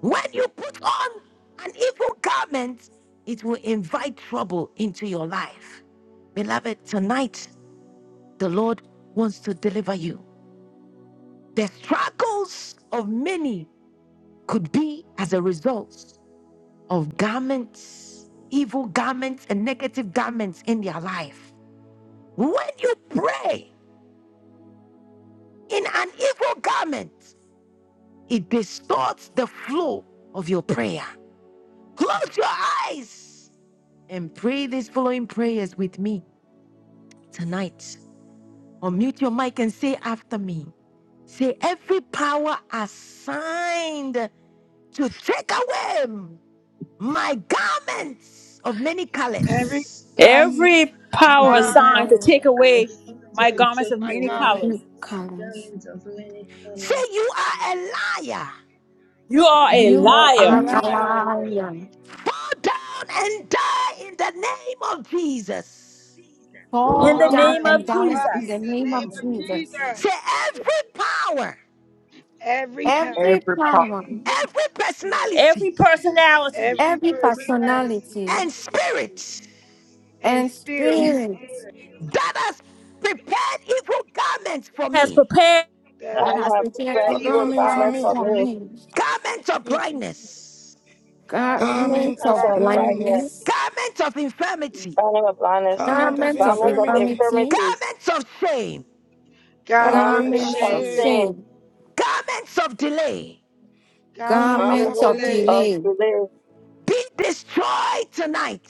A: When you put on an evil garment, it will invite trouble into your life. Beloved, tonight the Lord wants to deliver you. The struggles of many could be as a result of garments, evil garments, and negative garments in their life. When you pray in an evil garment, it distorts the flow of your prayer. Close your eyes and pray these following prayers with me tonight. Unmute your mic and say after me. Say, every power assigned to take away my garments of many
P: Every
A: colors.
P: time
N: Every power
K: Every
P: sign
N: assigned to
K: power
N: take
P: I
N: away
K: assigned
N: my
P: destroy
K: to
N: garments
K: take
N: of
P: my
N: many
K: away my
P: garment.
J: You
N: colors.
J: colors.
K: garment of many
A: Say
K: colors.
A: you are a liar.
N: You are a
P: You
J: You
P: are
K: You
P: a
K: are
J: are
N: liar.
P: lion.
J: a
K: a liar.
J: lion.
A: Fall down and die in the name of Jesus.
N: In
J: Fall
K: All
N: the
P: Fall down
J: down
N: name
J: and
N: of
P: and
J: die
P: die
J: in
P: in
J: the
N: Jesus,
P: the
J: name
P: name
J: of
P: of
J: Jesus.
P: Jesus.
A: Say every power,
P: Every power,
J: Every
Q: Every part.
J: power,
A: every
N: it
A: personality
P: every
J: every
P: personality
J: personality.
A: and spirit
P: and
J: and
P: spirit
J: spirits
A: that has prepared evil garments for
N: has
A: me,
P: that
F: I
J: that
P: has
J: has
F: don't have to
J: prepared
P: prepared
F: pray.
M: The
F: you were
P: evil
M: garment for
F: promised
J: garments
P: garments
F: of
M: me.
J: for
P: for
F: me.
J: me,
P: me.
A: garments of blindness,
P: Garments of
M: Garment
J: garments
F: I'm
M: of
J: of
P: pride,
F: so braggness.
M: blindness.
J: blindness,
A: garments of infirmity,
F: Bounding of blindness.
M: Garment of
P: garments
J: garments
P: of,
J: of
F: Promise of
M: infirmity.
J: infirmity,
F: infirmities.
A: garments of shame,
P: garments of
M: Garment
F: Promise
M: of
J: garments
F: of
J: of
P: shame,
M: shame.
F: sin.
J: shame,
A: garments of delay,
P: garments
M: Garment
P: of
J: garments
M: of
J: of
F: Promise
P: delay.
M: delay.
F: of
J: delay.
F: belief.
A: be destroyed tonight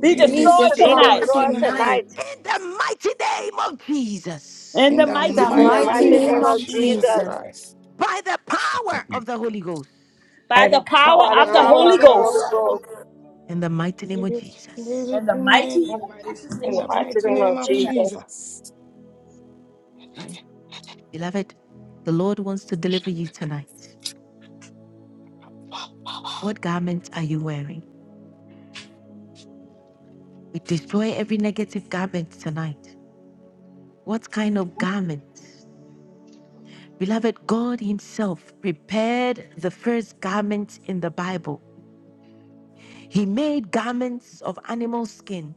N: be
M: Be
P: Be
J: Be
N: destroyed
F: Be
J: destroyed
N: tonight.
P: destroyed
M: destroyed
F: destroyed
P: tonight
M: tonight.
J: tonight
F: tonight
A: in the mighty name of Jesus,
N: In
M: In
N: the
M: the
J: in
P: in
N: mighty
J: the
P: the
F: in
N: name
F: the
N: of
M: mighty
P: mighty
J: mighty
F: mighty
P: name
M: name
J: name
F: name
M: of
F: of
N: Jesus,
J: of
P: of
M: Jesus
P: Jesus.
F: Jesus.
J: Jesus.
M: Christ.
A: by the power of the Holy Ghost,
M: By
N: by
M: the
N: the power
F: by
M: power
F: the
M: of
N: of the
P: By
M: the Holy
P: the
F: power
N: Holy
F: of the
N: Ghost,
P: power
F: Holy
M: Ghost.
P: of the Holy
F: Ghost
A: in the mighty name
M: Give
A: of
M: it, give
A: Jesus.
M: it
N: in the
M: in the,
P: In
N: mighty
F: in,
P: the mighty name
N: matchless name
P: of
F: in
M: in
F: the
M: the
N: of
F: mighty
N: Jesus,
P: Jesus.
M: mighty
F: name
M: name
F: of
M: of
N: amen.
F: Jesus.
M: Jesus.
A: Beloved, the Lord wants to deliver you tonight. What garment are you wearing? We destroy every negative garment tonight. What kind of garment? Beloved, God Himself prepared the first garment in the Bible. He made garments of animal skin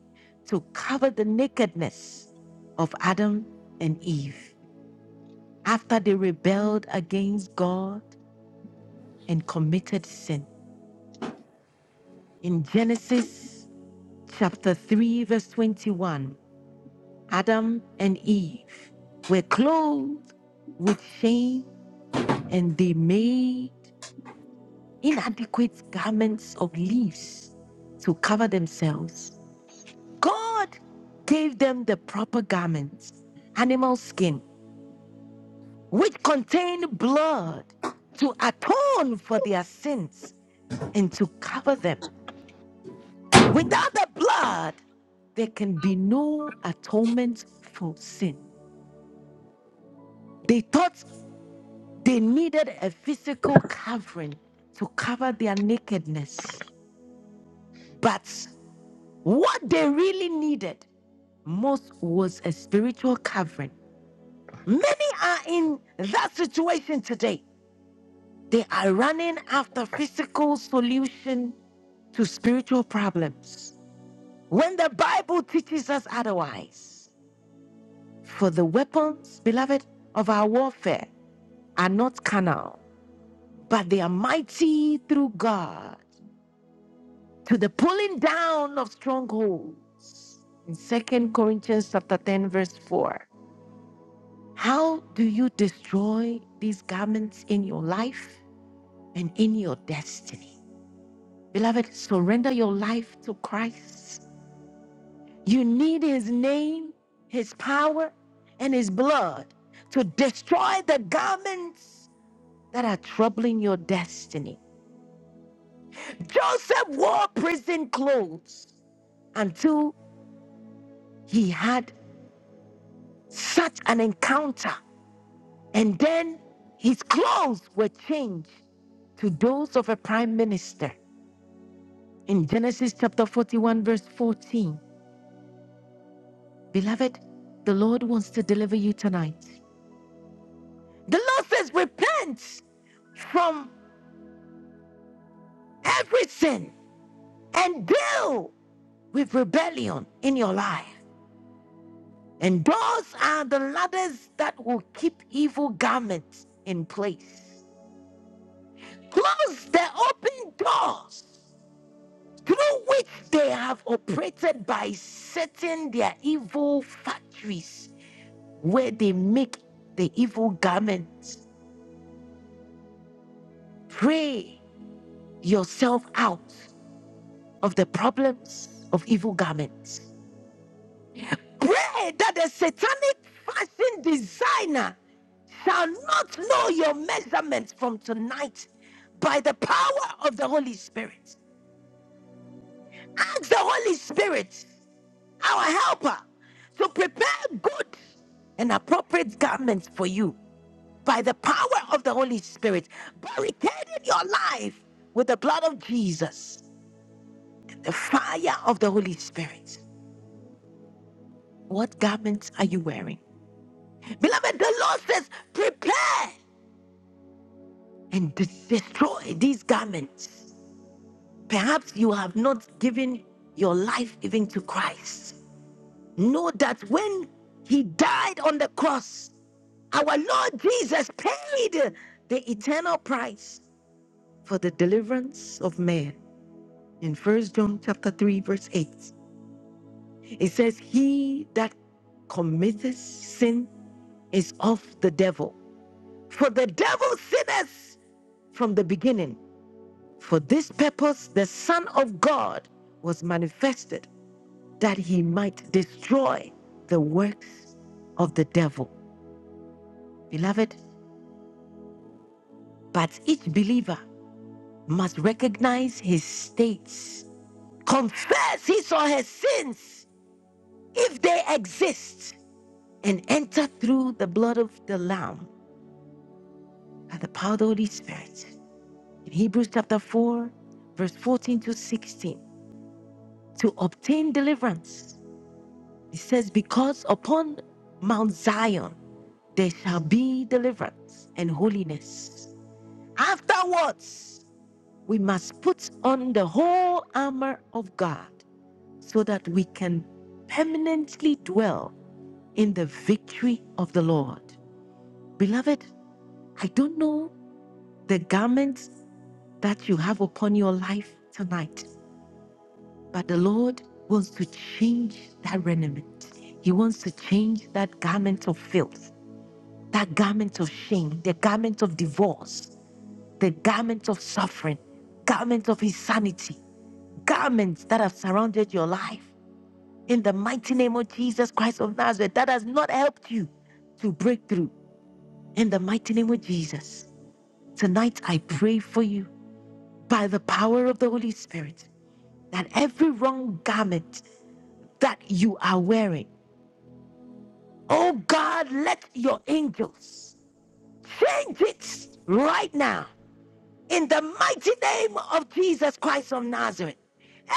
A: to cover the nakedness of Adam and Eve. after they rebelled against God and committed sin. In Genesis chapter 3, verse 21, Adam and Eve were clothed with shame and they made inadequate garments of leaves to cover themselves. God gave them the proper garments, animal skin, which contained blood to atone for their sins and to cover them. Without the blood, there can be no atonement for sin. They thought they needed a physical covering to cover their nakedness. But what they really needed most was a spiritual covering. Many are in that situation today. They are running after physical solution to spiritual problems when the Bible teaches us otherwise. For the weapons, beloved, of our warfare are not carnal, but they are mighty through God to the pulling down of strongholds. In Second Corinthians chapter 10, verse 4. How do you destroy these garments in your life and in your destiny? Beloved, surrender your life to Christ. You need his name, his power, and his blood to destroy the garments that are troubling your destiny. Joseph wore prison clothes until he had such an encounter, and then his clothes were changed to those of a prime minister. In Genesis chapter 41, verse 14, beloved, the Lord wants to deliver you tonight. The Lord says, Repent from every sin and deal with rebellion in your life. And those are the ladders that will keep evil garments in place. Close the open doors through which they have operated by setting their evil factories where they make the evil garments. Pray yourself out of the problems of evil garments Pray that the satanic fashion designer shall not know your measurements from tonight by the power of the Holy Spirit. Ask the Holy Spirit, our helper, to prepare good and appropriate garments for you by the power of the Holy Spirit, barricading your life with the blood of Jesus, the fire of the Holy Spirit. What garments are you wearing? Beloved, the Lord says, prepare. and de- destroy these garments. Perhaps you have not given your life even to Christ. Know that when he died on the cross, our Lord Jesus paid the eternal price for the deliverance of man. In First John chapter 3 verse 8, it says he that committeth sin is of the devil, for the devil sinneth from the beginning. For this purpose, the Son of God was manifested that he might destroy the works of the devil. Beloved, but each believer must recognize his states, confess his or her sins if they exist, and enter through the blood of the Lamb and the power of the Holy Spirit. In Hebrews chapter 4, verse 14 to 16, to obtain deliverance It says, Because upon Mount Zion there shall be deliverance and holiness. Afterwards, we must put on the whole armor of God so that we can permanently dwell in the victory of the Lord. Beloved, I don't know the garments that you have upon your life tonight, but the Lord wants to change that raiment. He wants to change that garment of filth. that garment of shame, the garment of divorce, the garment of suffering, garment of insanity, garments that have surrounded your life. In the mighty name of Jesus Christ of Nazareth, that has not helped you to break through. In the mighty name of Jesus, tonight I pray for you by the power of the Holy Spirit that every wrong garment that you are wearing, oh God, let your angels change it right now in the mighty name of Jesus Christ of Nazareth,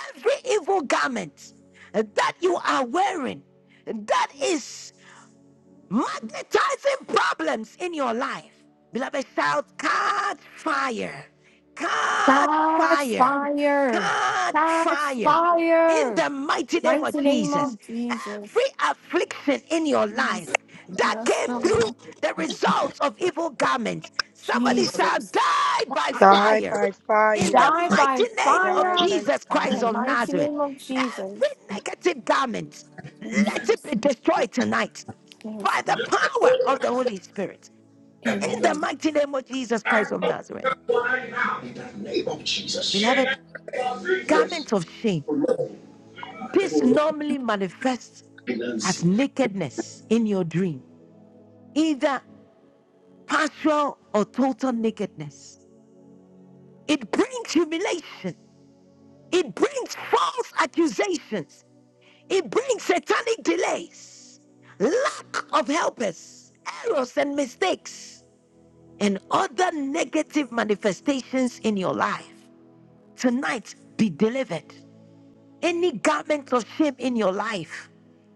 A: every evil garment that you are wearing that is magnetizing problems in your life. Beloved, shout, catch fire, catch
J: Touch
A: fire,
J: fire,
A: catch
J: touch
A: fire. In
J: fire,
A: the mighty name of
J: mighty name
A: Jesus,
J: of
A: every
J: Jesus.
A: affliction in your life
J: Yes,
A: that
J: yes,
A: came
J: Lord.
A: through the results of evil garments, somebody shall
J: Jesus.
A: die by
P: Die
A: fire.
P: by
A: In the
P: fire.
J: Die
A: mighty
J: by
A: name of
P: Die
J: fire,
P: by
A: Jesus Christ
J: the
P: fire.
A: of
J: mighty
A: Nazareth,
J: name of
A: every
J: Jesus.
A: negative garment, let it be
J: Jesus.
A: destroyed tonight
J: Yes,
A: by the
J: Lord.
A: power of the Holy Spirit. In
R: above
A: the
J: Amen.
R: it.
A: mighty name of Jesus Christ of Nazareth.
R: In the name of Jesus.
A: Beloved, garment
R: Remarkable
A: of shame. This
R: Lord,
A: normally manifests as
R: Nancy.
A: nakedness in your dream, either partial or total nakedness. It brings humiliation, it brings false accusations, it brings satanic delays, lack of helpers, errors and mistakes, and other negative manifestations in your life. tonight be delivered. Any garment of shame in your life,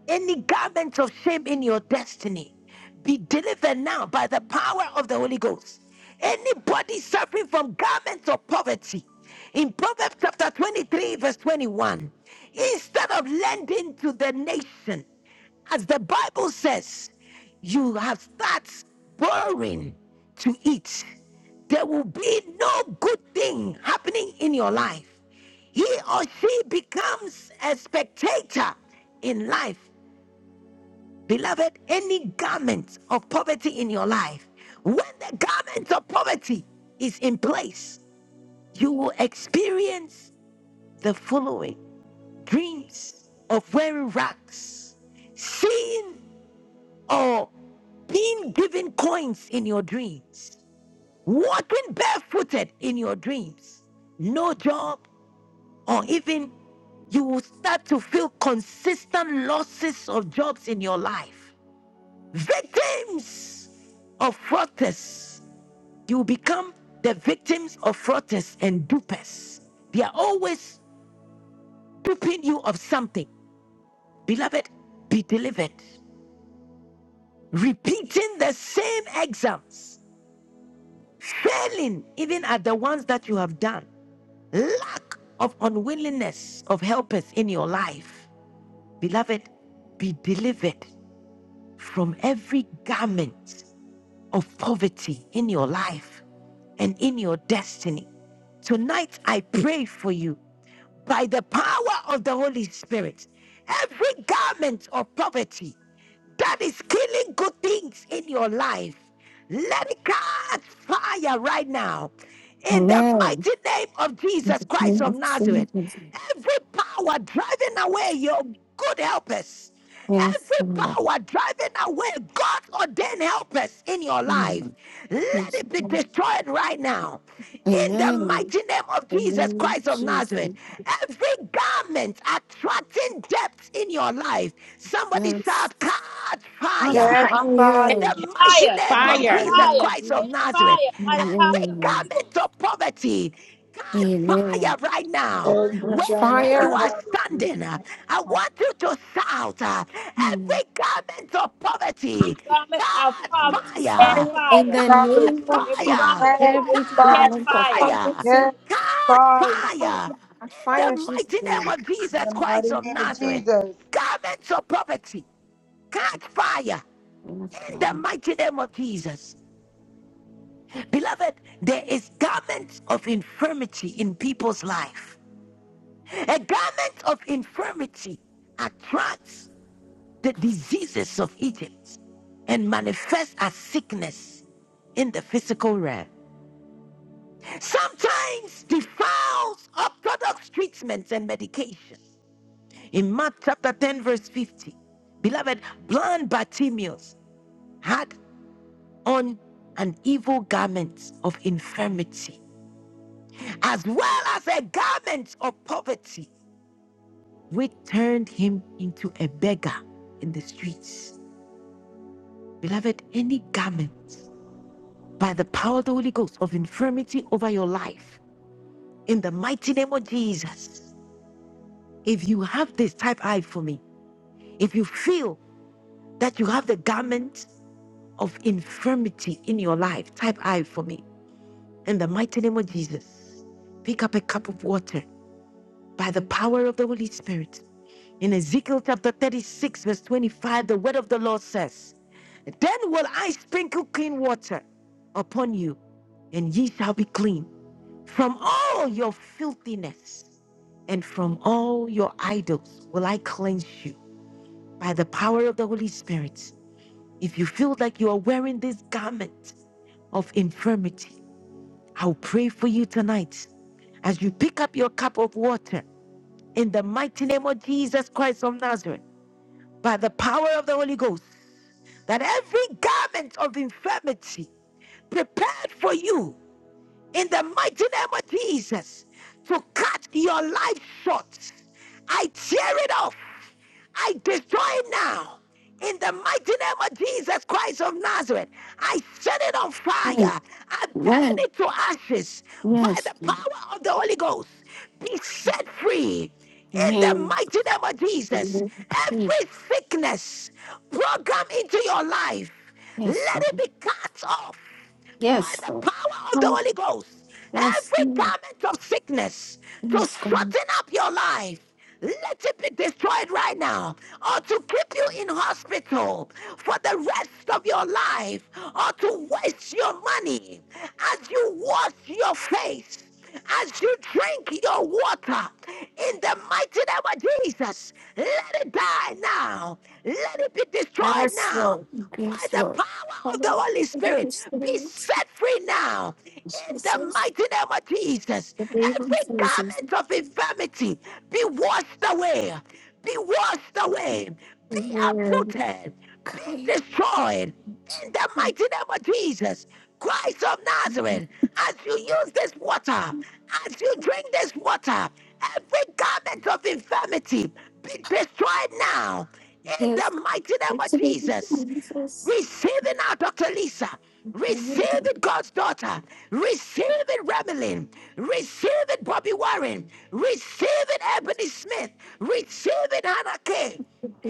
A: any garment of shame in your destiny, be delivered now by the power of the Holy Ghost. Anybody suffering from garments of poverty, in Proverbs chapter 23, verse 21, instead of lending to the nation, as the Bible says, you have start borrowing to eat. There will be no good thing happening in your life he or she becomes a spectator in life. Beloved, any garment of poverty in your life, when the garment of poverty is in place, you will experience the following dreams of wearing rags, seeing or being given coins in your dreams, walking barefooted in your dreams, no job, or even you will start to feel consistent losses of jobs in your life. Victims of fraudsters. You become the victims of fraudsters and dupers. They are always duping you of something. Beloved, be delivered. Repeating the same exams, failing even at the ones that you have done. Lack of unwillingness of helpers in your life. Beloved, be delivered from every garment of poverty in your life and in your destiny. Tonight, I pray for you by the power of the Holy Spirit. Every garment of poverty that is killing good things in your life, let it catch fire right now. In the
J: Amen.
A: mighty name of Jesus Christ
J: Name
A: of
J: of
A: Nazareth,
J: Jesus.
A: every power driving away your good helpers,
J: Yes,
A: every
J: Lord.
A: power driving away God ordained helpers in your life,
J: Amen.
A: let
J: Yes,
A: it be
J: Lord.
A: destroyed right now. In the
J: Amen.
A: mighty name of
J: The
A: Jesus
J: name
A: Christ
J: of
A: of Nazareth,
J: Jesus.
A: every garment attracting depth in your life, somebody
J: Yes.
A: shout, catch
J: Much
A: fire.
P: Catch
A: In
J: fire.
P: fire.
A: the mighty
I: Catch
N: fire,
A: name
P: In the
A: of
N: catch
I: Fire,
P: mighty
A: Jesus
P: name
N: fire,
P: of
A: Christ of
P: Jesus.
N: catch
A: Nazareth,
N: fire by the power
A: every
N: of the
J: Amen.
N: Holy
A: garment
N: Ghost.
A: of poverty, catch
J: Amen.
A: fire right now.
P: Every
A: Wherever
J: Much
P: gunner of
A: you
J: fire.
A: are
P: poverty.
A: standing, uh, I want you to shout, uh, every garment of poverty,
N: Garment of
A: catch
N: poverty, catch
A: fire,
J: Fire in
N: fire.
J: the
A: catch
J: name
P: Poverty.
J: of
N: Every
J: Jesus.
A: fire.
N: garment of
P: Catch
J: Every
N: poverty, catch
A: Catch
J: garment
P: fire.
J: of
N: fire.
A: fire!
J: prophecy
P: Catch
A: Catch
P: fire.
J: Oh,
A: fire!
J: yeah, That's
A: In the
J: fine, Jesus.
A: mighty
J: name.
A: name of
P: In
A: Jesus
P: the
A: Christ
P: mighty
A: of
P: name of
A: Nazareth,
P: Jesus.
A: garments of poverty, catch fire!
J: Yes,
A: In the
J: God.
A: mighty name of Jesus. Beloved, there is garments of infirmity in people's life. A garment of infirmity attracts the diseases of Egypt and manifests as sickness in the physical realm. sometimes defiles orthodox treatments and medication. In Mark chapter 10, verse 50, beloved, blind Bartimaeus had on an evil garment of infirmity, as well as a garment of poverty, which turned him into a beggar in the streets. Beloved, any garment by the power of the Holy Ghost of infirmity over your life, in the mighty name of Jesus, if you have this, type I for me. If you feel that you have the garment of infirmity in your life, type I for me. In the mighty name of Jesus, pick up a cup of water by the power of the Holy Spirit. In Ezekiel chapter 36, verse 25, the word of the Lord says, Then will I sprinkle clean water upon you, and ye shall be clean from all your filthiness and from all your idols will I cleanse you by the power of the Holy Spirit. If you feel like you are wearing this garment of infirmity, I'll pray for you tonight. As you pick up your cup of water in the mighty name of Jesus Christ of Nazareth, by the power of the Holy Ghost, that every garment of infirmity prepared for you in the mighty name of Jesus to cut your life short, I tear it off I destroy it now. In the mighty name of Jesus Christ of Nazareth, I set it on
J: Amen.
A: fire. I burn
J: Amen.
A: it to ashes by
J: Yes.
A: the
J: Lord.
A: power of the Holy Ghost. Be set free in the
J: Amen.
A: mighty name of Jesus.
J: Amen. Jesus.
A: Every sickness programmed into your life,
J: Yes,
A: let it
J: Lord.
A: be cut off by
J: Yes,
A: the
J: Lord.
A: power of the
J: Oh,
A: Holy Ghost
J: Yes,
A: every
J: Lord.
A: garment of sickness to
J: Yes, God.
A: shorten up your life. Let it be destroyed right now, or to keep you in hospital for the rest of your life, or to waste your money as you wash your face, as you drink your water. In the mighty name of Jesus, let it die now. Let it be destroyed
J: Yes,
A: now
J: Lord.
A: by
J: Yes,
A: the
J: Lord.
A: power of the
J: Oh,
A: Holy
J: I
A: Spirit, be
J: understand.
A: set free now in the
J: Jesus.
A: mighty name of Jesus.
J: The name of
A: Every
J: Jesus.
A: garment of infirmity be washed away, be washed away, be
J: Amen.
A: uprooted, be
J: Kind.
A: destroyed in the mighty name of Jesus. Christ of Nazareth, as you use this water, as you drink this water, every garment of infirmity be destroyed now in
J: Yes,
A: the
J: God.
A: mighty name of
J: It's the name
A: Jesus.
J: of Jesus.
A: Receive it now, Dr. Lisa. Receive
J: Amen.
A: it, God's daughter. Receive it, Remelin. Receive it, Bobby Warren. Receive it, Ebony Smith. Receive it, Hannah Kay.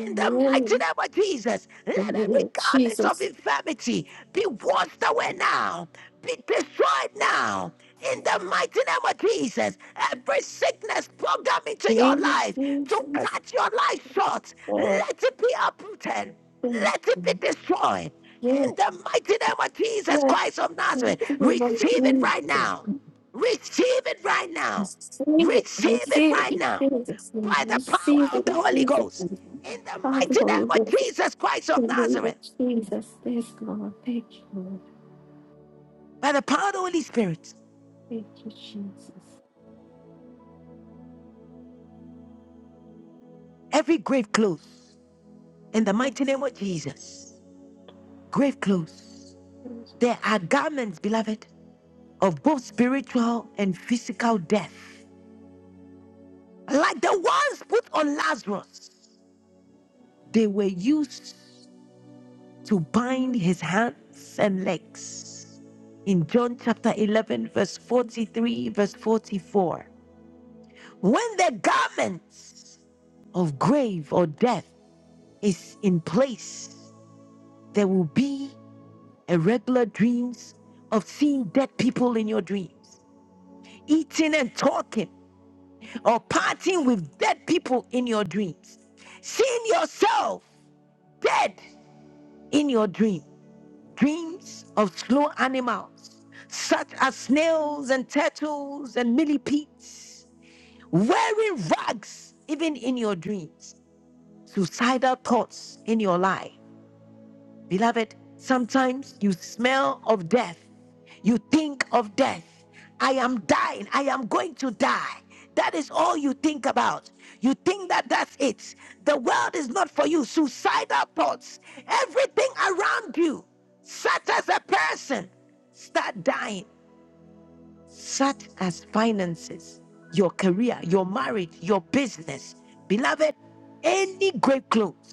A: In the mighty name of Jesus,
J: The
A: let every
J: name of
A: garment
J: Jesus.
A: of infirmity be washed away now, be destroyed now. In the mighty name of Jesus, every sickness programmed into your
J: Please,
A: life to
J: Jesus,
A: cut your life short,
J: Lord.
A: let it be uprooted,
J: thank
A: let it
J: you.
A: be destroyed.
J: Yes,
A: In the mighty name of Jesus
J: yes.
A: Christ of
J: thank
A: Nazareth,
J: you, Lord
A: receive it right
J: Jesus.
A: now. Receive it right now.
J: Receive it,
A: Receive it
J: receive it,
A: right now
J: in Jesus. name.
A: by the
J: Receive
A: power of
J: it,
A: the
J: in
A: Holy
J: Jesus.
A: Ghost. In
J: name.
A: the
J: Father,
A: mighty name
J: Lord,
A: of
J: yes.
A: Jesus Christ
J: In
A: of
J: the name of
A: Nazareth,
J: Jesus, yes, Lord. Thank you, Lord.
A: by the power of the Holy Spirit,
J: Thank you, Jesus.
A: every grave closed. In the
J: Lord,
A: mighty name of Jesus. grave clothes.
J: thank
A: There are garments, beloved, of both spiritual and physical death. Like the ones put on Lazarus, they were used to bind
J: you.
A: his hands and legs. In John chapter 11, verse 43, verse 44, when the garments of grave or death is in place, there will be irregular dreams of seeing dead people in your dreams, eating and talking or parting with dead people in your dreams, seeing yourself dead in your dream, dreams of slow animals such as snails and turtles and millipedes, wearing rags even in your dreams, suicidal thoughts in your life Beloved, sometimes you smell of death. You think of death. I am dying. I am going to die. That is all you think about. You think that that's it. The world is not for you. Suicidal thoughts, everything around you, such as a person, start dying, such as finances, your career, your marriage, your business. Beloved, any grave clothes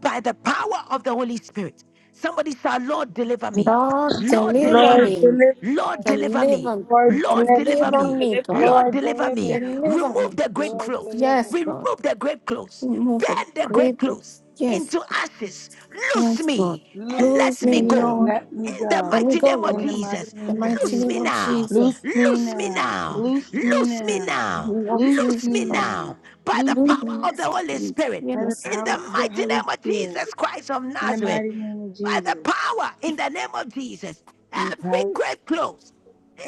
A: by the power of the Holy Spirit. Somebody say, Lord, deliver me.
J: Lord,
A: Lord,
J: deliver
A: deliver
P: Lord,
A: me.
J: me,
P: deliver
A: Lord, deliver me.
J: deliver me,
A: Lord, deliver
J: deliver
P: me.
A: me.
J: me, God,
A: Lord,
P: Lord,
A: deliver
P: deliver me. Lord, deliver
A: me.
P: me.
J: deliver
A: Remove
J: me,
A: the great
P: Lord,
J: Jesus.
A: clothes.
P: deliver
J: Yes,
P: me.
J: God,
A: Remove the great clothes.
J: remove the
A: Burn the great clothes
J: grievance. Yes,
A: into ashes. Loose
J: Yes, Lord.
A: me and
P: Loose
J: Lose
A: let
J: me,
A: me
P: me.
A: go.
J: Lord.
P: Let me
A: In the
P: go.
J: Let me
A: mighty
J: go,
A: name of
P: In
J: Lord.
P: the mighty
A: Jesus,
J: The
P: name of
J: mighty
P: Jesus.
A: loose
J: name
A: me
J: of
A: now.
P: Loose
J: Jesus.
P: me
A: Loose me
P: now.
A: now.
J: In
P: Loose me
A: Loose me
P: now.
A: now.
J: the name of
P: Loose
J: Jesus.
A: Loose
P: me
A: me
J: Lord.
P: now.
A: now. By the
P: Loose
A: power
P: me now.
A: of the
J: Lose me,
A: Holy
J: Jesus.
A: Spirit
P: By the
J: Yes,
A: in
J: Lord.
A: the
P: power of the
A: mighty
P: Holy
A: name of
P: Spirit,
A: Jesus Christ of
P: in the
A: Nazareth,
P: mighty name of
A: by the
P: Jesus,
A: power in the name of Jesus, every grave clothes,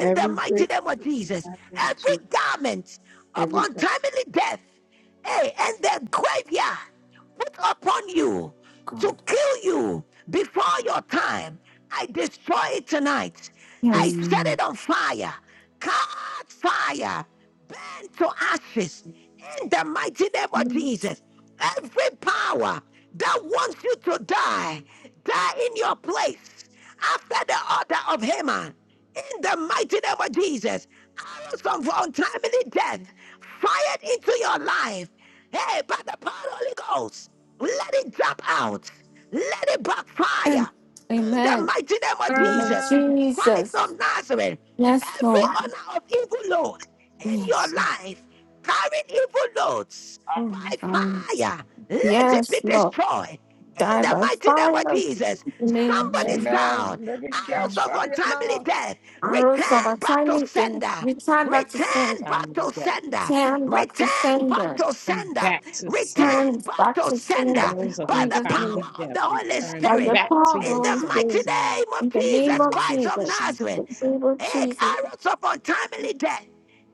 A: in the mighty name of Jesus, every garment of untimely death, hey, and the graveyard put upon you to
J: God.
A: kill you before your time. I destroy it tonight.
P: everything.
A: I
J: Yes.
A: set it on fire. Cast fire. Burn to ashes. In the mighty name of
J: Amen.
A: Jesus. Every power that wants you to die, die in your place after the altar of Haman, in the mighty name of Jesus, arrows from untimely death fired into your life. Hey, by the power of the Holy Ghost, let it jump out, let it backfire. In the
J: Amen.
A: mighty name of
J: In the name of
A: Jesus,
M: Ah,
A: Christ
J: Jesus.
A: of Nazareth,
J: Yes,
A: every
J: Lord.
A: honor of evil load in your
J: Yes.
A: life, carrying evil loads by
J: Oh, um,
A: fire, let it be
J: yes, Lord.
A: destroyed. In
J: Die
A: the
J: by
A: mighty name of
J: fire. In
A: Jesus,
J: the name of
A: somebody
J: Jesus.
M: Amen.
A: sound
M: Let it
A: arrows
J: Um,
M: catch
A: of
M: fire
A: untimely
M: now.
A: death,
J: arrows of a
A: return back to
J: tiny day.
A: sender.
J: Return back to
A: Return
J: sender.
A: back
I: untimely
A: to
I: death,
A: sender.
J: Return back to
A: Return back
J: sender.
A: to
I: return
A: sender.
I: back to sender.
J: turn
A: Return back
J: back
A: to
J: to sin
A: sender
J: in
I: Arrows of
A: by the
J: Jesus' name.
I: untimely
A: power of
I: death,
A: the Holy
I: return
J: By
A: Spirit.
J: the
I: back
J: power
I: to
J: of the
A: In
I: your
A: the
J: Holy
A: mighty
I: senders
J: Spirit.
I: now
A: name of
J: In the
I: in the
J: name
A: Jesus
J: of
I: name of
A: Christ of
J: Jesus.
I: Jesus.
A: Nazareth,
J: In the name of
A: eh,
J: Jesus.
A: arrows of untimely death.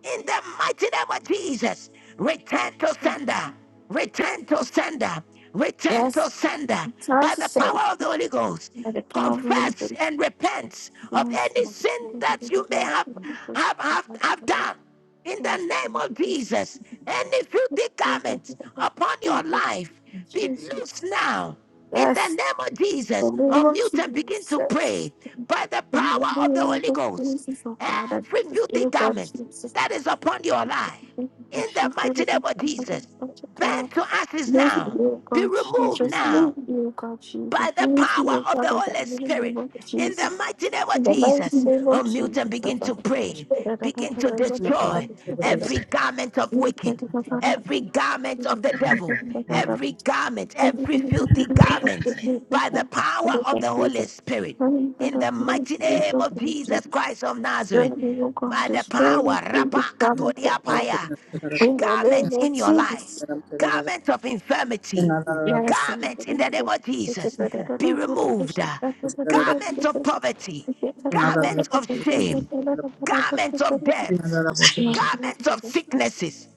A: In the mighty name of Jesus, return to sender, return to sender, return
J: Yes,
A: to sender
J: time
A: by
J: to
A: the
J: say.
A: power of the Holy Ghost.
J: By the power of the Holy
A: Confess
J: Spirit.
A: and repent of
J: Yes.
A: any sin that you may have have have, have done. In the
J: Jesus.
A: name of Jesus, any filthy garment upon your life be loosed
J: Jesus.
A: now. In the
J: Yes.
A: name of Jesus,
J: In the name of
A: unmute and begin to
J: Jesus.
A: pray by the
J: In the
A: power of the
J: name
A: Holy
J: of
A: Ghost.
J: Jesus, oh God, I
A: Every
J: bless you,
A: filthy
J: oh God,
A: garment
J: Jesus.
A: that is upon your life, in the mighty name of Jesus, bent to ashes
J: Bless me,
A: now,
J: O
A: be
J: God Jesus.
A: removed
J: Bless me,
A: now
J: O God Jesus.
A: by the
J: Bless me,
A: power
J: O
A: of the
J: God,
A: Holy Spirit. In the mighty name of
J: in the mighty name of Jesus. In the mighty
A: Jesus,
J: name of
A: unmute and
J: Jesus. O
A: begin to
J: Father, I bless
A: pray.
J: you. I thank you
A: Begin
J: for
A: to
J: my mother, my
A: destroy
J: mother, my father.
A: every garment of
J: Yes, thank
A: wicked,
J: you, Father.
A: every garment
J: Thank you,
A: of the
J: Father. Thank you,
A: devil, every garment, every
J: Father.
A: filthy
J: Thank you, Father. Thank you, Father. Thank
A: garment
J: you, Father. Thank you,
A: by the
J: Father.
A: power of
J: Thank
A: the
J: you,
A: Holy Spirit.
J: Father. Thank you,
A: In
J: Father,
A: the
J: for my
A: mighty
J: spirit
A: name
J: of
A: of Jesus
J: thanksgiving.
A: Christ of Nazareth,
J: Thank you, O God.
A: by the
J: Destroy the
A: power, Rabba
J: evil from my
A: Katodia
J: heart.
A: Paya,
J: In the name
A: garments
J: of
A: in your life
J: Jesus.
A: garment of infirmity,
J: Yes, and
A: garment
J: the
A: in the name
J: good
A: of
J: it's a
A: Jesus, be
J: good
A: removed.
J: position
A: uh,
J: that the
A: Garment
J: be
A: of
J: good.
A: poverty,
J: If it's a problem, it
A: garment of
J: would be
A: shame,
J: a lot of the push to
A: garment
J: put
A: of
J: it
A: debts,
J: on Jesus'
A: garment of
J: position.
A: sicknesses,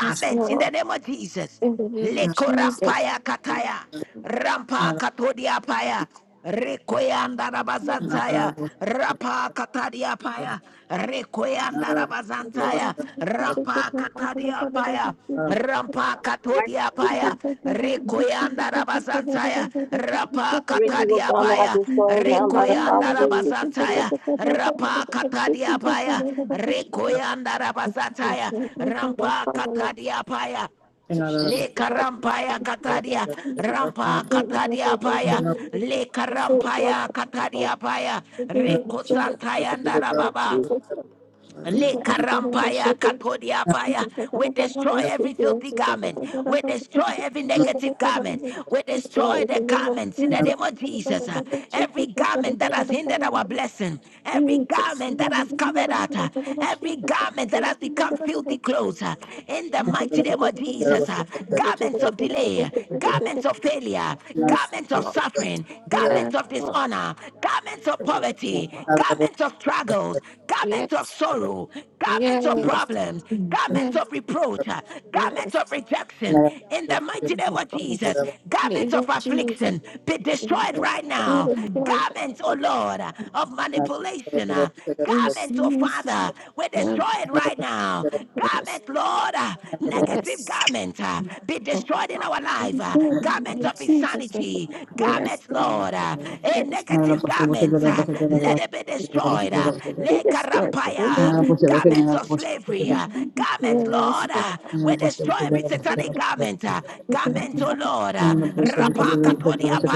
J: Yes,
A: in the
J: Lord,
A: name of Jesus.
J: in the name of Jesus.
A: Lekorampaya kataya. Rampa katodia paya. Rekoyanda rabazantaya. Rapa katadia paya.
P: that in our hands,
A: Rekoyanda
P: Father,
A: rabazantaya. Rampa
P: heal me,
A: katadia
P: Father, God.
A: paya.
P: Remove the garment of
A: Rampa
P: sickness,
A: katodia
P: Father.
A: paya.
P: In the mighty name of
A: Rekoyanda
P: Jesus, Father God.
A: rabazantaya.
P: Every garment,
A: Rapa
F: Written
P: Father
F: will
P: God, of
A: katadia
F: come
P: affliction,
F: out
A: paya.
P: Father God,
F: destroyed now by the
P: removed,
F: power
A: Rekoyanda
F: of
P: Father
F: the
P: God. In the
A: rabazantaya.
P: mighty name of Jesus,
A: Rapa
P: Father God.
A: katadia
P: Any
A: paya.
P: garment of
J: Thank you.
P: evilness,
A: Rekoyanda
P: Father God, in
J: Jesus,
P: my
A: rabazantaya.
P: life, Father God.
A: Rampa
P: Deliver me from
A: katadia
P: it,
A: paya.
P: Father God. In the mighty
A: Leka
P: name of Jesus,
A: rampaya
P: Father God.
A: kataria,
P: Any darkness
A: rampa
P: in my heart,
A: kataria
P: Father God,
A: paya,
P: deliver me from
A: leka
P: it, Father God.
A: rampaya
P: In the
A: kataria
P: mighty name of
A: paya,
P: Jesus, Father
A: reko
P: God. Humble
A: santaya
P: me, Father God.
A: ndarababa,
P: In the mighty name of Jesus. Any evil
A: Lekarampaya katodiapaya.
P: spirits,
A: We
P: Father God,
A: destroy
P: any
A: every filthy
P: witches,
A: garment.
P: Father God,
A: We
P: I
A: destroy
P: burn them,
A: every
P: Father
A: negative
P: God, and I
A: garment.
P: lay it at
A: We
P: your feet
A: destroy the garments
P: in
A: in
P: the
A: the name
P: mighty
A: of
P: name of
A: Jesus. Uh,
P: Jesus,
A: Every
P: Father God.
A: garment that has hindered
P: Deliver
A: our
P: me,
A: blessing.
P: God.
A: Every
P: Deliver me
A: garment that
P: from
A: has covered us. uh, Every garment that has
P: Father
A: become
P: God.
A: filthy clothes.
P: Every
A: uh, In the
J: Yes,
P: manipulation,
A: mighty name of
P: garment, Father
A: Jesus.
P: God,
A: uh,
J: Lord.
P: deliver
J: Yes,
P: me
J: Lord.
A: Garments
P: from
A: of
P: it, Father
A: delay
P: God.
A: garments of failure, garments of
P: Any
A: suffering,
P: garment of
J: Yes,
A: garments of
P: poverty,
A: dishonor,
P: Father God,
A: garments
P: deliver
A: of
P: me from it,
A: poverty,
J: Lord.
P: Father God. In
A: garments
P: the
A: of
P: mighty name of
A: struggles,
P: Jesus,
A: garments
P: Father
A: of
P: God.
J: yes,
N: Another
A: sorrow,
P: Father,
A: garments of
N: I'm
J: yes,
A: problems,
P: any
J: Mm. yes.
A: garments of
P: insanity,
A: reproach,
P: Father
A: uh,
P: God, deliver
A: garments of
P: my
J: yes.
P: mind,
A: rejection.
P: Father God,
A: In
P: in
A: the
P: the
A: mighty
P: mighty
J: In
A: name
P: name
A: of
P: of
J: the
P: Jesus,
A: Jesus,
P: Father God,
A: garments
J: name
A: of
J: of
P: comments of
J: Jesus,
A: affliction be
P: rejections,
J: in
P: abuse,
A: destroyed
J: the
A: right
P: Father
J: name
A: now.
P: God,
J: of
P: deliver
J: God,
P: me from
A: Garments,
P: it,
A: oh
P: Father
A: Lord,
P: God,
A: uh, of manipulation, uh,
J: Jesus,
A: garments, oh Father, we destroy
J: and
A: it
N: not
A: right now.
P: I
J: yes,
A: Garments,
P: destroy it, Father
A: Lord, uh,
P: God, in the mighty
A: negative
J: yes.
P: name of
A: garment
P: Jesus,
A: uh, be
P: Father
J: In
P: God,
A: destroyed in our
P: the
J: the
A: life.
P: garments
A: uh,
P: are
J: name
P: destroyed,
A: garment
J: of
A: of
P: Father God,
J: Jesus,
P: out of
A: insanity,
P: my life,
A: garment,
J: yes,
P: Father God,
A: Lord,
P: in the
A: uh,
P: mighty
A: a
P: name of
J: yes,
A: negative
P: Jesus, Father
A: garment,
P: God,
N: a
A: uh,
P: free
J: yes.
A: let
P: me
A: it be
P: from it,
J: Lord.
A: destroyed.
P: Father
A: Uh,
P: God,
N: person.
P: deliver
J: It
A: like
P: me
J: is
A: a
P: from
J: good.
P: it,
J: but It
P: Father
J: may
A: rampire,
N: Nada,
P: God,
J: be
P: in the mighty
J: so.
A: garment of
P: name of Jesus,
A: slavery,
P: Father
A: uh,
P: Any
A: garment,
J: fearless
A: Lord,
P: garment,
J: that
A: uh,
P: Father
A: we
P: God,
A: destroy
P: that is
A: every
P: trying to
A: satanic
P: break me and
A: garment, uh,
P: beat me
J: we can take it up. We can
P: down,
J: take
A: garment,
J: it
P: Father
A: oh
J: up.
P: God,
A: Lord, uh,
P: deliver me
J: We
P: from
J: can
P: it,
J: take it
P: Father
J: up.
P: God.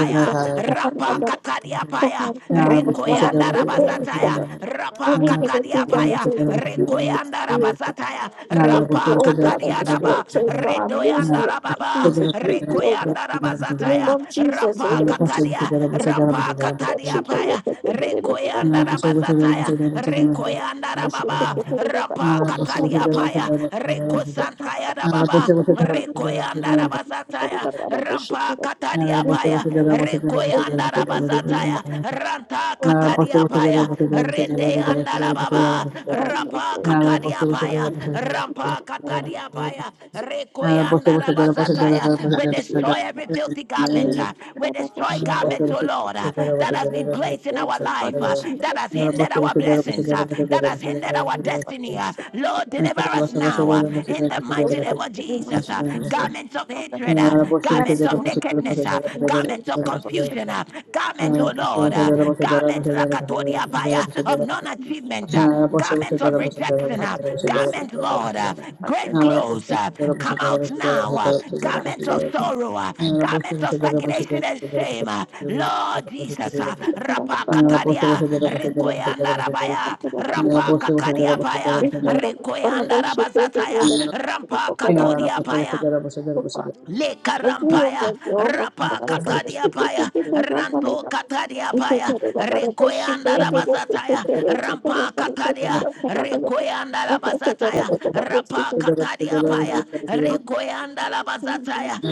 P: Any
J: We can
P: garment,
J: take it
P: Father God, that want to stop
A: rampakatadiapaya,
P: my destiny and kill me, Father God.
A: rekoyandarabazataya,
J: up.
P: I
J: I
P: burn it,
J: mean, they can
P: Father
J: do
P: God.
A: rapakatadiapaya.
J: them to
P: Deliver
A: Rabasataya,
J: them.
P: me
J: We
P: from it,
J: didn't put the
P: Father
A: Rekoyanda
P: God.
J: real God.
P: In the
A: Rabasataya,
P: mighty
J: And
P: name of
J: then,
A: Rampa
P: Jesus,
J: Oh
P: Father
J: God, I
P: God.
J: destroy.
A: Katadiadaba,
P: Anything
J: So
P: that the
J: God,
P: enemy has
J: lose
A: Redoyanda
J: me,
P: planned, Father
A: Rababa,
J: Jesus,
P: God, I
J: lose
P: cancel
J: me,
P: it
J: oh
P: in the
J: God.
A: Rekoyanda
P: mighty name of
J: You
P: Jesus,
A: Rabasataya,
J: love
P: Father God.
J: Jesus. eh?
P: That
A: Rampa
N: Nada,
P: God, you
A: Katadia,
P: said that I'm there
A: Rampa
P: and I'm
J: What
P: there,
A: Katadia
J: she said,
P: Father. I
J: eh, eh,
A: Paya,
J: eh, eh,
P: cover you, Father God.
A: Rekoyanda
P: In the mighty
A: Rabasataya,
P: name of Jesus, Father God.
A: Rekoyanda
P: Any
J: eh,
P: garments,
A: Rababa,
J: eh,
P: Father God
J: eh, eh,
A: Rampa
P: that is coming
A: Katadia
J: eh.
P: in to
A: Paya, Reko
P: reverse my
J: Thank
A: Santaya
P: mind for me,
A: Rababa,
P: Father God. Any
A: Rekoyanda
P: manipulation, Father
A: Rabasataya,
P: God. Any
A: Rampa
P: spirit
A: Katadia Paya,
P: confinement, Father God, to let
A: Rekoyanda
P: anyone live
A: Rabasataya,
P: life die,
A: Ranta
P: Father
A: rapa
P: God.
A: katadia
P: Destroy it
A: paya
P: in the mighty name
A: rende
P: of Jesus,
A: andala
P: Father God.
A: baba rapa
P: Free me from
A: katadia
P: it, Father
A: paya
P: God, in the mighty name
A: rampa
P: of Jesus,
A: katadia
P: Father God.
A: paya
P: Free me from the
A: rekoyanda
P: spirits, Father God, in
A: rabazataya
P: the
A: we
P: mighty name of
A: destroy
P: Jesus,
A: every
P: Father God.
A: filthy garment uh,
P: Poverty,
A: we destroy
P: poverty, Father
A: garments
N: Thank
A: oh lord
P: God.
A: uh, that has
P: Insanity,
A: been
P: Father
A: placed in
P: God.
A: our life uh,
P: Addiction,
A: that has
P: Father
A: hindered
N: you.
P: God.
A: our blessings uh, that
P: Manipulation,
A: has hindered
P: Father
A: our
P: God.
A: destiny
P: Control
A: uh,
P: it, Father
A: lord
J: you.
P: God.
A: deliver us
P: Trying to
A: now uh,
P: control
A: in
P: and
J: I
A: the
P: take my
J: hope
A: mighty
J: that
A: name
J: we
A: of
J: can
P: destiny,
J: do
P: Father
A: jesus
J: much
P: God,
A: uh,
J: in
P: in the
J: this and
P: mighty name
A: garments
P: of
A: of
J: that
P: Jesus,
J: kind
A: hatred
J: of-
P: Father
A: uh,
P: God.
A: garments
J: Yes,
P: Deliver
A: of
J: Lord,
P: me, Father God.
J: please,
A: nakedness uh,
J: you have
P: Deliver me
J: saved
A: garments
J: my
P: from
A: of
J: brother, but
P: garments
J: she-
P: of
A: confusion, uh,
P: anger,
N: Nada,
P: Father
A: garments,
J: Yes,
A: oh
P: God, in the
A: Lord,
J: Lord,
A: uh,
P: mighty name of
A: garments
P: Jesus, Father God.
A: lakatodia paya, of
P: Adonis
A: non
P: of the
A: achievement, uh,
J: my
P: gentleness, Father
A: garments
P: God,
A: of
P: in the mighty
A: rejection, uh,
P: name of Jesus,
A: garments,
P: Father
J: brother,
P: God,
A: Lord, uh,
J: my
P: Father God,
A: great
J: friend,
P: make
J: but
P: me
A: clothes,
P: more
A: uh,
P: like you,
A: come out
P: Jesus,
A: now,
P: Father
A: uh,
P: God, in the
J: I'm
P: mighty
A: garments
P: name
J: just-
A: of
P: of Jesus,
A: sorrow, uh,
P: Father God,
A: garments of
P: loose me,
A: stagnation
P: Father
A: and
P: God,
A: shame,
P: loose
A: uh,
P: me, Father God,
A: Lord Jesus, uh,
P: loose me,
J: It's not
P: Father
A: rapa
J: a-
P: God, garments of the
A: katadia,
P: loose me, Father
A: rekoyanda
P: God, in the mighty
A: rabaya,
P: name of Jesus, Father
A: rapa
P: God,
A: katadia
P: garments of
A: paya,
P: not knowing my
J: but I'm
A: rekoyanda
J: going to shoot you, but you're
A: rabazataya,
P: in
J: the-
P: the mighty name
A: rampa
J: Lord, and
P: of
A: katodia
P: Jesus, Father God.
A: paya.
P: Loose me, God.
J: the Lord,
P: Loose
A: Le
P: me,
J: Thank
P: God.
A: karampaya,
J: you.
P: Loose me, God. In
A: rapa
P: the mighty name of
A: katadia
P: Jesus,
A: paya,
P: Father God.
A: ranto
P: Deliver me,
A: katadia
P: Father God,
A: paya,
P: from the evil garments,
A: rekoyanda
P: Father God. In
A: rabazataya,
P: the mighty name of
A: rampa
P: Jesus, Father
A: katadia,
P: God. Any garments of
A: rekoyanda
P: spirit that's
N: In
A: rabazataya,
P: monitoring me,
A: rapa
P: Father God,
N: the
A: katadia
P: that's trying to
A: paya,
P: steal my, it
A: rekoyanda
P: kill, come
A: rabazataya,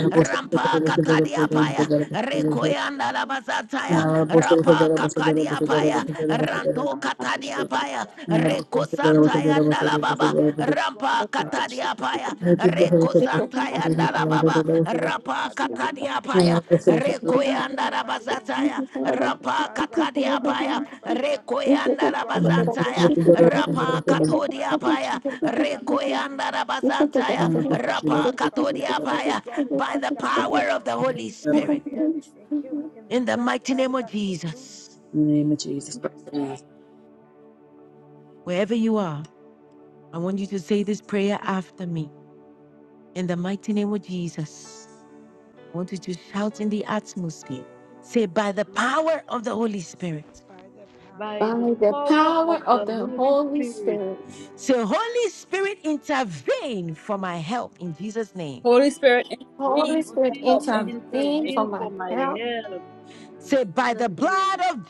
P: Lord
A: rampa
P: God, is still
A: katadia paya,
P: and destroyed, Father
A: rekoyanda
P: God. Loose me from
A: rabazataya,
P: it, Father God.
A: rapa
P: Loose me from it,
A: katadia
P: Father God.
A: paya,
P: I will
A: ranto
P: prosper you,
A: katadia
P: Father
A: paya,
P: God, in the mighty
A: Reko
P: name of Jesus, Father God.
A: Santayanda la
P: Any
A: Baba,
P: negative
A: Rampa
P: garments, Father God,
A: Katadia Paya,
P: remove it, Father
A: Reko
P: God. Kill it,
A: Santayanda la
P: Father God.
A: Baba,
P: Destroy it,
A: Rampa
P: Father God.
A: Katadia
P: Loose me
A: Paya,
P: from
J: By
P: it, Father
A: Reko
P: God. In
A: Yanda
P: the
A: la
P: mighty name of
A: Bazataya,
P: Jesus, Father God.
A: Rampa
P: Father God, free
A: Katadia
P: my
A: Paya,
P: mind, Father God,
A: Reko
P: from
A: Yanda
P: any
A: la
P: garments of
A: Bazantaya,
P: insanity, Father God.
A: Rampa
P: In the
A: Katodia
P: mighty name of
A: Paya,
P: Jesus, Father God.
A: Reko
P: Loose me
A: Yanda la
P: from it, Father God.
A: Bazantaya,
P: Loose me
A: Rampa
P: from it, Father God.
A: Katodia
P: Any
A: Paya,
P: garment,
A: by
P: Father
A: the
P: God, that is
A: power of
P: trying
A: the
P: to kill
A: Holy
P: me in my
A: Spirit,
P: spirit and kill me in the
A: in the
P: flesh,
A: mighty
P: Father
A: name of
P: God, loose.
A: Jesus.
N: name of
P: Amen.
N: Jesus Christ.
A: Wherever you are, I want you to say this prayer after me. In the mighty name of Jesus, I want you to shout in the atmosphere. Say, by the
H: Jesus.
A: power of the Holy Spirit.
P: By the power
H: By
P: of
H: the
P: the
J: the
P: Holy
H: power
J: power
H: of the
J: of
P: Spirit,
J: the
H: Holy
J: Holy
H: Spirit.
J: Spirit,
A: Say, Holy Spirit, intervene for my help in Jesus' name.
N: Holy Spirit,
J: Holy
N: intervene
H: Holy
N: to
P: Holy
N: my
J: Spirit
P: Spirit,
N: help
H: Spirit
N: in Jesus'
J: intervene
N: name.
J: for
H: intervene
J: my
H: for my
J: help
P: intervene
H: help in
A: Say, by the
H: Jesus'
A: blood
H: name.
A: of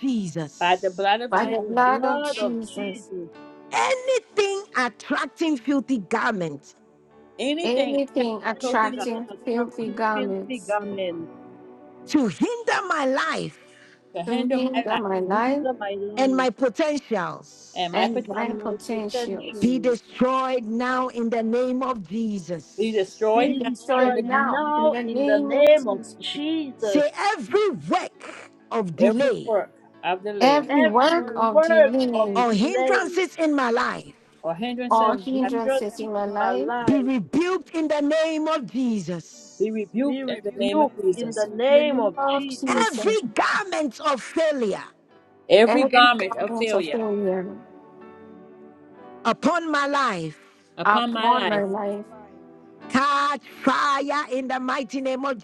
N: By the
A: Jesus,
N: blood of
J: by
H: By
N: Jesus,
J: the
P: by
H: the
P: the
J: blood
P: blood of
J: of
H: blood of
P: Jesus.
J: Jesus.
H: Jesus.
A: anything attracting filthy garments
N: anything attached
J: Anything
N: to
P: Anything
H: Any
N: filthy God
J: attracting
H: fa-
P: attracting
J: filthy
H: attractive,
P: filthy
H: filthy
P: garments
J: garments
H: garment
A: to hinder my life
N: to
J: to
N: hinder
P: to
N: my
J: hinder
N: life
H: to
J: my
P: hinder my
J: life.
H: hinder my
P: life
A: and
H: life
A: my potentials
N: and my
J: and
N: potential
P: and
H: and
J: blind
P: my
H: my
P: potential
J: potentials.
A: be
H: potential
A: destroyed now in the name of
N: be
A: Jesus.
P: be
N: destroyed
J: Be
H: be
N: now in
P: destroyed
N: the
J: destroyed
N: name
H: destroyed
P: now
J: now
P: in the
J: in
N: of
H: now
J: the
N: Jesus.
H: in
P: name of
H: the
J: name of
H: name of
P: Jesus.
J: Jesus.
H: Jesus.
A: Say, every work of
N: Every
A: delay
P: E-
N: work of delay
J: Every
P: Every
H: Every
J: work
P: work
J: of
H: word
P: of
H: of
J: delay
A: or
P: delays
H: delay,
A: hindrances in my life
N: or
P: or
N: hindrances
J: or
H: of
P: hindrances
H: hindrances
J: hindrances
P: in
J: in
P: my
J: my
H: in my
P: life
J: life,
A: be
H: life
A: rebuked in the name of Jesus.
N: be
P: be
H: be
N: rebuked in the
P: rebuked
N: name of
H: rebuked
P: in the
H: in
P: name
H: the
N: Jesus.
P: of
J: in the
H: name
J: name
H: of
P: Jesus.
J: of
H: Jesus.
J: Jesus.
A: Every garment of failure
N: Every
J: Every
P: Every
N: garment of
J: garment
P: garment
J: of
P: of
N: failure
J: failure
P: failure
A: upon my life
N: upon my
J: upon my
N: life
P: upon my
J: life,
P: life,
A: catch fire in the mighty name of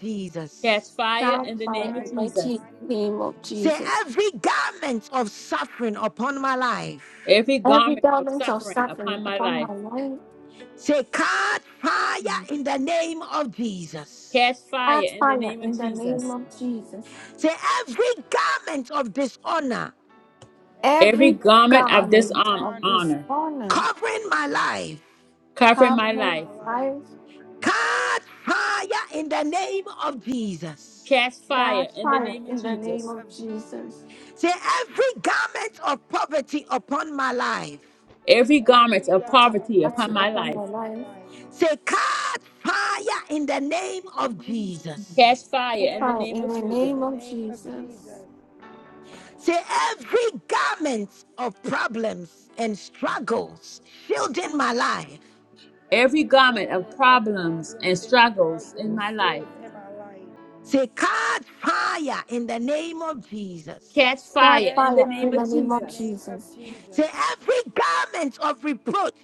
N: catch
A: Jesus.
N: fire
J: found
P: catch
N: in the
J: by
N: name of
J: the
P: fire in the
N: Jesus.
J: mighty
P: mighty name of
J: name of
A: Say,
P: Jesus.
J: Jesus.
A: every garment of suffering upon my life,
N: Every
J: Every
N: garment
P: Every
N: of
J: garment
P: garment
J: of
P: of
N: suffering
J: suffering
N: upon my
P: failure
J: upon my
N: life
P: upon my
J: life,
P: life,
A: say, catch fire in the name of Jesus.
N: catch fire
J: catch
P: catch
N: in the
J: fire
N: name
P: fire
N: of
J: in
P: in
J: the
P: the
J: name
N: Jesus.
P: name
J: of
P: of
J: Jesus.
P: Jesus.
A: Say, every garment of dishonor
P: Every
N: Every
J: Every
P: garment
N: garment
P: of
N: of
J: garment of
P: dishonor
N: dishonor
J: dishonor
A: covering my life,
N: covering my
P: covering
J: covering
P: my
N: life.
J: my
P: life,
J: life
A: catch fire in the name of Jesus.
N: Catch
P: catch
J: Fire,
N: fire in the
J: fire
P: fire
N: name of
P: in
J: in
P: the
J: the name
P: name
N: Jesus.
J: of
P: of Jesus.
J: Jesus.
A: Say, every garment of poverty upon my life.
N: Every garment
P: Every
N: of
J: That's
P: garment of
N: poverty upon
J: authority
N: my
P: poverty
J: upon
N: life.
J: your
P: upon my
J: life.
P: life,
A: Say, cast fire in the name of
N: Catch
A: Jesus.
N: fire
J: Catch
N: in the
P: catch
J: fire
N: name
J: in
N: of
J: the
P: fire in
N: Jesus.
J: name
P: the
J: of
P: name of
J: Jesus.
P: Jesus
A: Say, every garment of problems and struggles shielding my life.
N: Every
P: every
N: garment of
P: garment of
N: problems
P: problems
N: and
P: and
N: struggles in
P: struggles
N: my life.
P: filled in my life.
A: Say, cast fire in the name of Jesus.
N: Catch
J: Catch
N: fire
P: Catch
N: in the
J: fire
N: name
J: in the
P: fire
N: of
J: name
P: in the
J: of
N: Jesus.
P: name of
J: Jesus.
A: Say,
P: Jesus.
A: every garment of reproach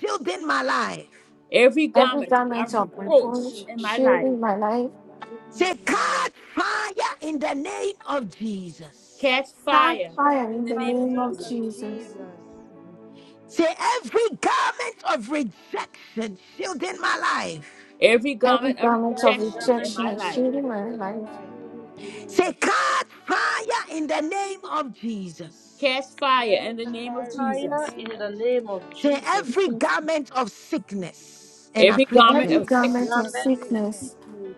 A: shielding my life.
N: Every
J: Every
N: garment
P: Every
J: garment
N: of
P: garment
H: Every
J: of
P: of
H: garment
N: reproach
J: reproach
H: of
P: rebuke
N: in my life.
J: shielding
H: reproach
J: my
P: in
J: life.
P: my
H: in
P: life.
A: Say,
H: my life,
A: cast fire in the name of Jesus.
N: Catch
J: Catch
P: Catch
N: fire
J: fire
H: catch
P: fire
N: in
J: in
N: the
J: the
P: in the
N: name of
J: name
H: fire
P: name
J: of
N: Jesus.
H: in
P: of
H: the name
J: Jesus.
H: of
P: Jesus.
H: Jesus.
A: Say, every garment of rejection shielding my life.
N: Every
J: Every
N: garment of
P: Every
J: garment of
P: garment
H: Every
P: of
N: rejection in
H: garment
N: my
H: of
J: rejection
N: life.
P: rejection
J: shielding
P: filled
J: my
P: in my
J: life.
H: rejection
P: life.
H: in my life.
A: Say, cut fire in the name of Jesus.
N: Catch fire in
P: Catch
N: the
H: Fire
N: name of
P: fire in the
N: Jesus.
P: name
H: in the
P: of
H: name of
P: Jesus.
A: Say,
H: Jesus.
A: every garment of sickness and
N: Every garment
J: Every
N: of
P: Every
H: Every
N: sickness
J: garment
P: garment
J: of
A: afflictions
P: of
H: garment of
J: sickness
P: sickness
H: sickness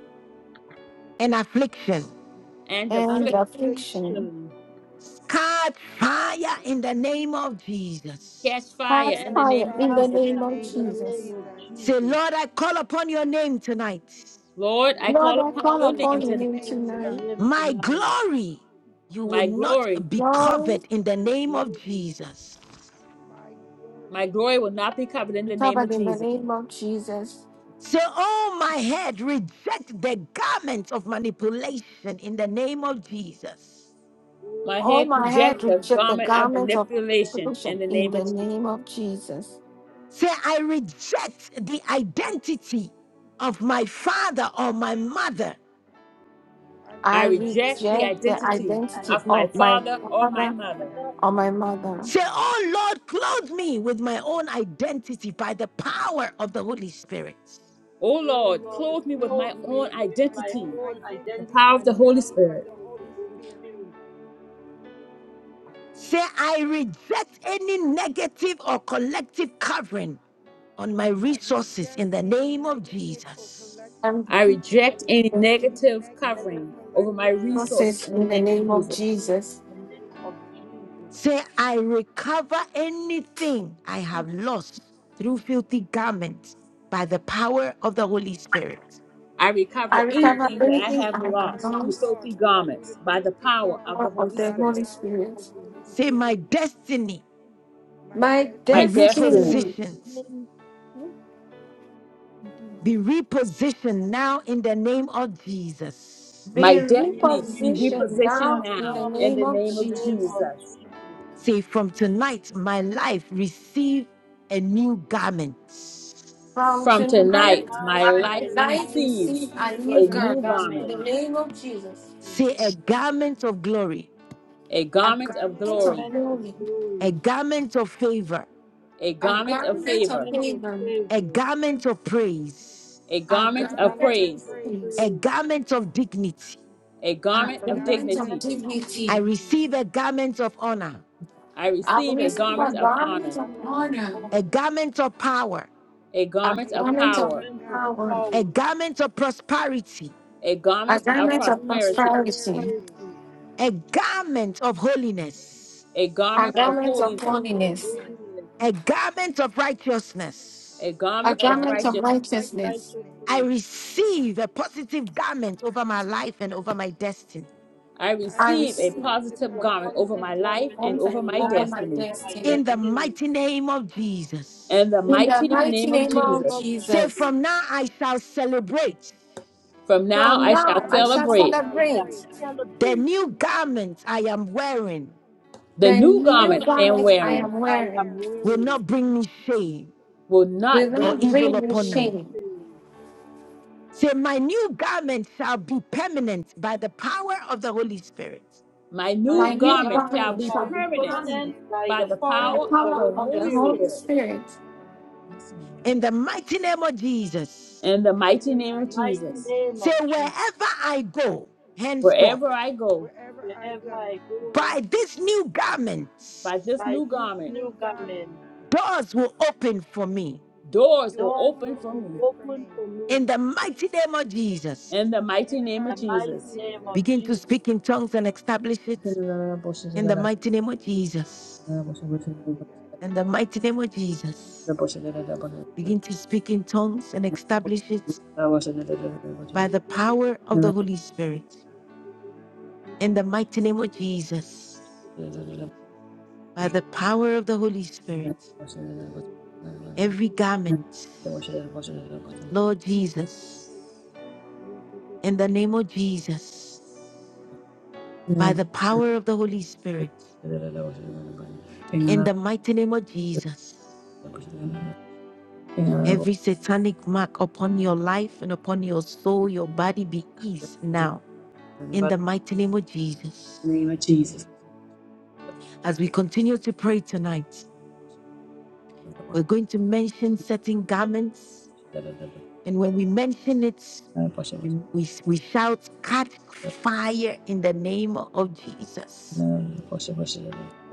A: and affliction.
N: and
H: and
N: affliction
J: and
P: and affliction.
J: affliction.
H: affliction.
A: Cut fire in the name of Jesus.
N: catch
J: Catch
N: fire in
P: Catch
N: the
H: Catch
J: fire
N: name of
J: in
P: fire
J: the
H: fire
N: Jesus.
P: in the
J: name of
H: in
P: name
H: the
P: of
H: name
J: Jesus
H: of
P: Jesus.
A: Say,
H: Jesus.
A: Lord, I call upon your name tonight.
N: Lord, I
P: Lord,
J: Lord,
P: I
N: call
J: I
N: upon
P: call
J: call
H: Lord,
N: your
H: I
J: upon
N: name
P: upon
H: call
J: your
P: your
J: name
N: tonight.
P: name
H: upon your
J: tonight.
P: tonight.
H: name
A: My
H: tonight.
A: glory, you will
N: My
A: not
N: glory,
A: be
J: Lord,
A: covered in the
H: My
A: name of
H: glory,
A: Jesus.
P: My
N: my
P: glory
N: glory will not be covered in
J: we
N: the
J: cover
N: name of
J: in the
N: Jesus.
J: name
P: will
J: of
P: not
J: Jesus.
A: So, oh my head, reject the garment of manipulation in the name of Jesus.
H: oh
N: My
J: All
N: head
H: my
J: my head
P: over
N: rejects the
H: word,
P: my
J: reject the
N: garment
P: head
H: reject
N: of
H: the
J: garment
P: of
J: of
H: garment.
N: manipulation
J: pollution
N: in the
J: in
N: name
J: the
N: of Jesus.
J: name
P: manipulation
J: of
P: in the name of
J: Jesus.
P: Jesus.
A: Say, I reject the identity of my father or my mother.
P: I
J: I
N: I
P: reject
H: I
N: reject
P: the
N: the
J: reject the
H: reject
N: identity
H: the
P: identity of
J: identity
N: of
P: my
N: my
J: of my
H: identity
N: father
P: father
H: of
N: or
P: and
H: my
P: my
N: my
J: father
N: mother.
H: father
P: mother.
J: or my
H: and my
J: mother.
A: Say,
H: mother.
A: oh Lord, clothe me with my own identity by the power of the Holy Spirit.
N: O
H: Oh
P: Oh
N: Lord,
H: Lord,
P: Lord,
N: clothe me with
H: clothe
N: my
P: clothe
N: own
P: me
H: me
P: with
H: with
P: my
H: my
P: own
N: identity,
H: own
N: the
H: identity
P: identity
N: power of
P: by
N: the
P: the
H: with
N: Holy
P: power
H: the
P: of
N: Spirit.
P: the
H: power of the
P: Holy
H: Holy
P: Spirit.
H: Spirit.
A: Say, I reject any negative or collective covering on my
P: I
A: resources
P: reject
A: in the
P: any
A: name of
P: negative or
A: Jesus.
P: collect
J: I reject
N: I
H: I
N: reject any
P: reject
H: reject
J: the
P: any
N: negative
P: negative or
N: covering
H: negative
N: over my
P: collective
H: tolerance
P: cover
N: resources
J: process
N: in the
J: in the
H: and
N: name
P: in the
H: I
N: of
J: name of
P: mighty
N: Jesus.
P: name of
H: reciprocate in
J: Jesus.
P: Jesus.
H: the name of Jesus.
A: Say, I recover anything I have lost through filthy garments by the power of the Holy Spirit.
N: I
J: I
P: I
N: recover
H: I
J: recover
N: anything
P: recover
N: that
H: recover
N: I
J: anything
N: have
J: I
P: anything
J: have
P: I
H: anything
N: lost
P: have
N: through
J: lost
H: I
N: filthy
P: lost
H: love
P: through
N: garments
P: the
N: by the
H: to
P: filthy
N: power
H: filthy
N: of the
P: garment
J: or of
N: Holy
J: the
H: garment
P: by the
H: by
J: Holy
N: Spirit.
H: the
P: power of
H: power of
P: the
J: Spirit.
H: the
P: Holy
H: Holy
A: Say, my
P: Spirit.
H: Spirit.
A: destiny
P: My
J: My
A: be
N: My
P: destiny
H: My
N: destiny,
J: destiny.
A: repositioned,
H: destiny
A: be repositioned now in the name of Jesus.
J: Be
N: my
P: be
H: be
N: destiny be
P: repositioned
J: repositioned
P: now
N: repositioned
J: now
P: in
H: repositioned
P: the
J: in the
N: now
H: now
P: name of
N: in
J: name
N: the
H: in
J: of
H: the
N: name
P: Jesus.
N: of
H: name
J: Jesus.
H: of
N: Jesus.
H: Jesus.
A: Say, from tonight, my life receive a new garment.
J: From
N: From
P: From
H: From
J: tonight,
N: tonight,
P: tonight, my
N: my
H: tonight,
J: my
P: life
H: my
N: life
J: life
H: life
P: receives
N: receives
J: receive
P: a
J: a
H: receive
P: new
H: a
J: new
N: a
H: new
N: new
P: garment,
J: garment in
N: garment,
J: the
H: garment
J: name of Jesus.
H: in the
A: Say,
H: name
A: a
H: of Jesus.
A: garment of glory,
N: a
J: A
P: a
N: garment
H: The
N: of
P: garment
J: garment
P: of
J: of
N: glory,
H: garment of
J: glory,
P: glory,
A: a
H: glory,
A: garment of favor,
N: a
J: a
P: a
N: garment
H: the
N: of
P: garment
J: garment
P: of
J: of
N: favor,
H: garment of
P: favor,
J: favor,
A: a
H: favor,
A: garment of praise,
N: a
J: a
P: a
H: the
N: garment
J: garment
N: of
P: garment of
H: garment
N: praise,
H: of
J: of
P: praise,
J: praise,
A: a
H: praise,
A: garment of dignity
N: a
J: a
N: garment
P: a
H: the
N: of
P: garment
J: garment
P: of
J: of
N: dignity.
H: garment of
P: dignity.
A: I
J: dignity.
H: dignity,
A: receive a garment of honor,
N: I
P: I
J: I
N: receive
H: I
N: a
P: receive
J: receive a
N: garment
P: a
N: of
H: receive the
P: garment
N: honor,
J: garment
P: of
J: of
H: garment of
P: honor,
J: honor,
A: a
H: honor,
A: garment of power,
N: a
J: a
N: garment
P: a
N: of
H: the
J: garment
P: garment
J: of
N: power,
P: of
H: garment of
P: power,
J: power,
A: a
H: power,
A: garment of prosperity,
N: a
J: a
P: a
N: garment
H: the
N: of
J: garment
P: garment
J: of
P: of
H: garment of
N: prosperity.
J: prosperity,
P: prosperity,
H: prosperity,
A: a garment of holiness,
N: a
P: a
J: a
N: garment
H: the
N: of
J: garment
P: garment
J: of
N: holiness,
P: of
H: garment of
J: holiness,
P: holiness,
H: holiness,
A: a garment of righteousness.
N: a
J: a
P: a
N: garment
H: the
N: of
J: garment of
P: garment
N: righteousness.
H: garment
P: of
H: of
J: righteousness
P: righteousness.
A: I
H: righteousness.
A: receive a positive garment over my life and over my destiny.
N: I
P: I
J: I
H: I
N: receive a
J: receive
P: receive the
H: receive
N: positive
H: a
N: garment
P: positive
N: over
H: positive
N: my
P: garment
N: life
P: over
H: garment
P: my
N: and
J: one
H: over
N: over
J: time
P: life
H: my
P: and
N: my
J: over
P: over
H: life
J: my
P: my
H: and
N: destiny.
H: over my
J: destiny.
A: In
P: destiny.
A: the
H: destiny.
A: mighty name of Jesus.
N: In the
H: In
J: In
P: In
H: the
P: the
J: the
N: mighty
P: mighty
J: mighty
N: name
H: mighty
N: of
P: name
J: name
P: of
J: of
H: name
N: Jesus,
H: of
P: Jesus,
A: Say,
J: Jesus,
H: Jesus,
A: from now I shall celebrate.
N: from now
J: from
N: I
P: from
N: shall
J: now
H: from
P: now
J: I
P: I
J: shall
H: now
P: should
N: celebrate.
H: I shall
P: celebrate.
J: celebrate
A: The
H: celebrate
A: new garment I am wearing
N: The
J: the
N: new
P: The
H: the
J: new
N: garment
P: new
N: I
H: new
N: am
J: garment
P: garment
J: I
P: that
N: wearing
J: am
H: garment
P: I am
H: I am
J: wearing
P: wearing
A: will
H: wearing.
A: not bring me shame
N: will
J: will
N: not
P: will
N: bring
A: or
H: the
P: not
N: me
J: not
H: Lord
N: shame.
A: evil
J: bring
P: bring
J: me
P: me
A: upon
H: bring me
A: me.
P: shame.
J: shame.
A: Say, My new garment shall be permanent by the power of the Holy Spirit.
N: My
P: My
H: My
J: My
N: new
H: new
P: new
J: new
N: garment
H: garment
N: shall
P: garment
J: garment
N: be
H: shall
J: shall
P: should
J: be
H: be
P: be
N: permanent
J: me
H: permanent
P: permanent by
H: by
N: by
P: the
H: the
N: the
J: by
H: power
J: the
N: power
P: power
H: of
P: of
H: the
N: of
P: the
N: the
J: power
H: Holy
J: of
P: Holy
J: the
N: Holy
H: Spirit
J: Holy
N: Spirit.
P: Spirit.
J: Spirit.
N: Yes, Lord.
A: In the mighty name of Jesus.
N: In the
P: In
N: mighty
P: the
H: in
N: name
H: the
N: of
P: mighty
H: mighty
P: name of
N: Jesus,
H: name
A: Say,
H: of
P: Jesus,
H: Jesus.
A: Wherever I go, henceforth,
P: Where,
N: wherever I go,
P: wherever I
H: Wherever
P: go,
H: I go and
A: by
H: so,
A: this new garment,
N: by this
H: by
P: by
N: new
H: this
P: this
N: garment,
P: new
H: new
P: garment,
H: garment,
A: doors will open for me.
N: doors will
P: doors
H: doors
N: open
P: will
N: for
H: will
N: me.
P: open for
H: open
P: me.
H: for
A: In
H: me in
A: the mighty name of Jesus.
N: In the
P: In
N: mighty
P: the
N: name of
H: the
P: mighty name of
H: mighty
N: Jesus.
H: name of
P: Jesus.
A: Begin to
P: Begin
H: Jesus.
A: speak
P: to
A: in
P: speak
A: tongues
P: in
A: and
P: tongues and
A: establish it.
N: In
P: establish it
A: In the
N: the
A: mighty
P: in the
A: name of
P: mighty name of
A: Jesus.
P: Jesus. Father God, in
A: In
P: the
A: the
P: mighty
A: mighty
P: name
A: name
P: of
A: of
P: Jesus, Father
A: Jesus.
P: God, I receive it,
A: Begin
P: Father
A: to
P: God, in
A: speak
P: the
A: in
P: mighty name
A: tongues and
P: of
A: establish it
P: Jesus. Father God,
A: by the
P: establish new
A: power of the
P: garment.
A: Holy Spirit. In the mighty name of Jesus,
P: Jesus. Jesus.
A: by the
P: By the
A: power of the
P: power
A: Holy
P: of the Holy
A: Spirit,
N: name
P: Spirit.
A: every garment, Lord
P: God,
A: Jesus,
P: Father God, thank you, Father God,
A: in the name
P: in the
A: of
P: name of Jesus,
A: Jesus,
P: Father God, thank you, Father,
A: by the power of the Holy
P: God, in the mighty name of
A: Spirit,
P: Jesus, Father God,
A: in
P: Father
A: the
P: God,
A: mighty name of
P: deliver
A: Jesus,
P: me, Father God, in the mighty name of Jesus, Father God, Father
A: every satanic mark upon your life and upon your
P: of
A: soul, your body
P: Jesus,
A: be eased
P: Father God,
A: now, in
P: thank
A: the
P: you,
A: mighty name of Jesus.
N: of Jesus.
P: thank you for
A: As
P: the
A: we continue to pray tonight, we're going to mention certain garments And when we mention it, we, we, we shout, catch fire in the name of Jesus.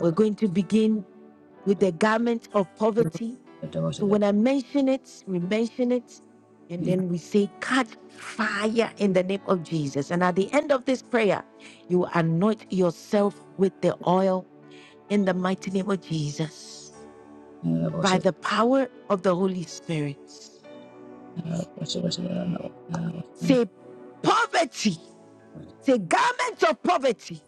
A: We're going to begin with the garment of poverty. So when I mention it, we mention it, and then we say, catch fire in the name of Jesus. And at the end of this prayer, you anoint yourself with the oil in the mighty name of Jesus by
N: Garment
A: the power of the Holy Spirit. Say, poverty, say, garment of poverty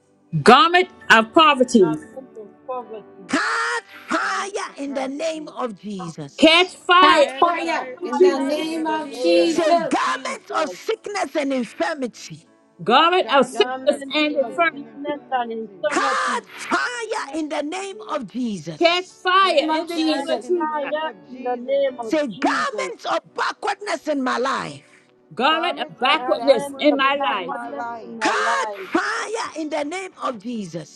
N: of poverty,
H: Garment of poverty,
A: Cut
P: Garment
A: fire
P: of
A: in the name
P: poverty,
A: of Jesus.
N: catch
J: That
N: fire
P: catch
N: in the
H: catch
J: fire
P: fire
N: name of
P: in
J: in
P: the
J: the
P: name
H: fire
N: Jesus.
J: name
H: in
P: of
H: the
J: of
H: name
P: Jesus.
A: Say,
H: of
J: Jesus,
A: garments of
H: Jesus.
A: sickness and infirmity,
N: Garment of
P: Garments of
N: sickness
H: Garment
N: and
H: of
P: sickness
N: infirmity,
P: and
H: sickness and
P: infirmity,
H: infirmity,
A: cut fire in
H: catch
A: the name
H: fire,
A: of
N: catch
A: Jesus.
N: fire
J: name
P: catch
J: of
N: in the
P: fire
N: name
H: catch
N: of
J: Jesus,
P: in the
N: Jesus.
P: name
H: fire
P: of
H: in the
P: Jesus.
H: name of
A: Say,
H: Jesus.
A: garments of backwardness in my life,
N: Garment
P: Garments
N: of
P: of
N: backwardness
H: Garment
N: in
H: of
N: my
P: backwardness in
N: life,
P: my
H: backwardness in
P: life.
H: my
A: cut
H: life.
A: fire in the name of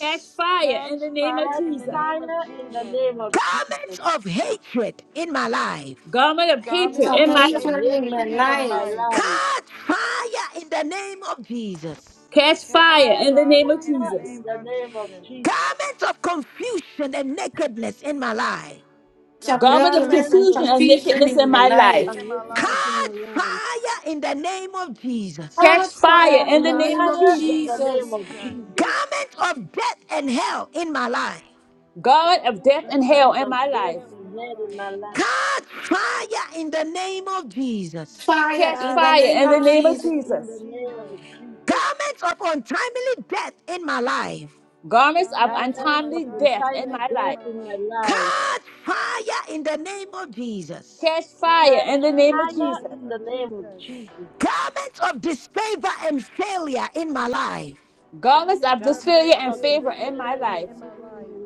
N: catch fire
P: Catch
N: in the name of
P: fire
H: Catch
P: in the
N: Jesus.
P: name of
H: fire in the
P: Jesus.
H: name of
A: Garments
H: Jesus.
A: of hatred in my life,
N: Garment of hatred
P: Garments
J: shall
N: in
J: be
N: my
P: of
H: Garment of
N: life,
J: hatred in
P: hatred
J: my
H: hatred
P: in my
H: in my
J: life,
P: life.
H: life.
A: cut fire in the name of Jesus.
N: catch
P: Catch
N: fire in
H: Catch
N: the name
P: fire
N: of
P: in
H: fire
P: the
N: Jesus.
H: in
P: name
H: the
P: of
H: name of
P: Jesus.
H: Jesus.
A: Garments of confusion and nakedness in my life.
J: shall be
P: Garments
N: Garment of
P: of
J: nakedness
H: Garment
J: and
H: of
N: confusion and
P: confusion
J: confusion
N: nakedness
P: and
J: in
N: in
J: my
N: my
P: nakedness
N: life,
J: life.
P: in my
H: unwickedness
P: life.
H: in
A: Cut
H: my life.
A: fire in the name of Jesus.
N: catch
J: Ah,
N: fire
J: fire
P: Catch
N: in
H: Catch
J: in
N: the
J: the
N: name
P: fire
J: name
N: of
P: in
J: of
H: fire
P: the
H: in
P: name
H: the
P: of
N: Jesus.
H: name
J: Jesus.
H: of
P: Jesus.
H: Jesus.
A: Garments of death and hell in my life.
N: Garment of
P: Garments
N: death
P: of
N: and hell
H: Garment
N: in
P: debt
H: of
N: my
P: and
H: death
N: life.
P: hell
H: and
P: in my
H: hate in
P: life.
H: my life.
A: Cut fire in the name of Jesus.
J: Fire
N: Catch
J: in
P: Catch
J: the
H: Catch
N: fire
J: name
N: in the
J: of
P: fire
N: name
P: in the
N: of
H: fire
J: Jesus.
P: name
H: in
N: Jesus.
P: of
H: the name of
P: Jesus.
H: Jesus.
A: Garments of untimely death in my life.
N: Garments of
P: Garments of
H: Garment of
N: untimely
P: untimely
N: death in
H: untimely
P: death
N: my
P: in
H: death
N: life.
P: my
H: in my
P: life.
H: life
A: Cut fire in the name of Jesus.
N: Catch fire
P: Catch
N: in
H: Catch
N: the
P: fire
N: name of
P: in the
H: fire
N: Jesus.
P: name
H: in
P: of
H: the name of
P: Jesus.
H: Jesus.
A: Garments of disfavor and failure in my life.
N: Garments
P: garments
N: of
P: of
N: disfavor
H: Garment
N: and
H: of
P: disfavor
N: favor
P: and
N: in my
H: discernment
P: failure
H: and
N: life.
P: in my
H: feeling
P: life.
H: in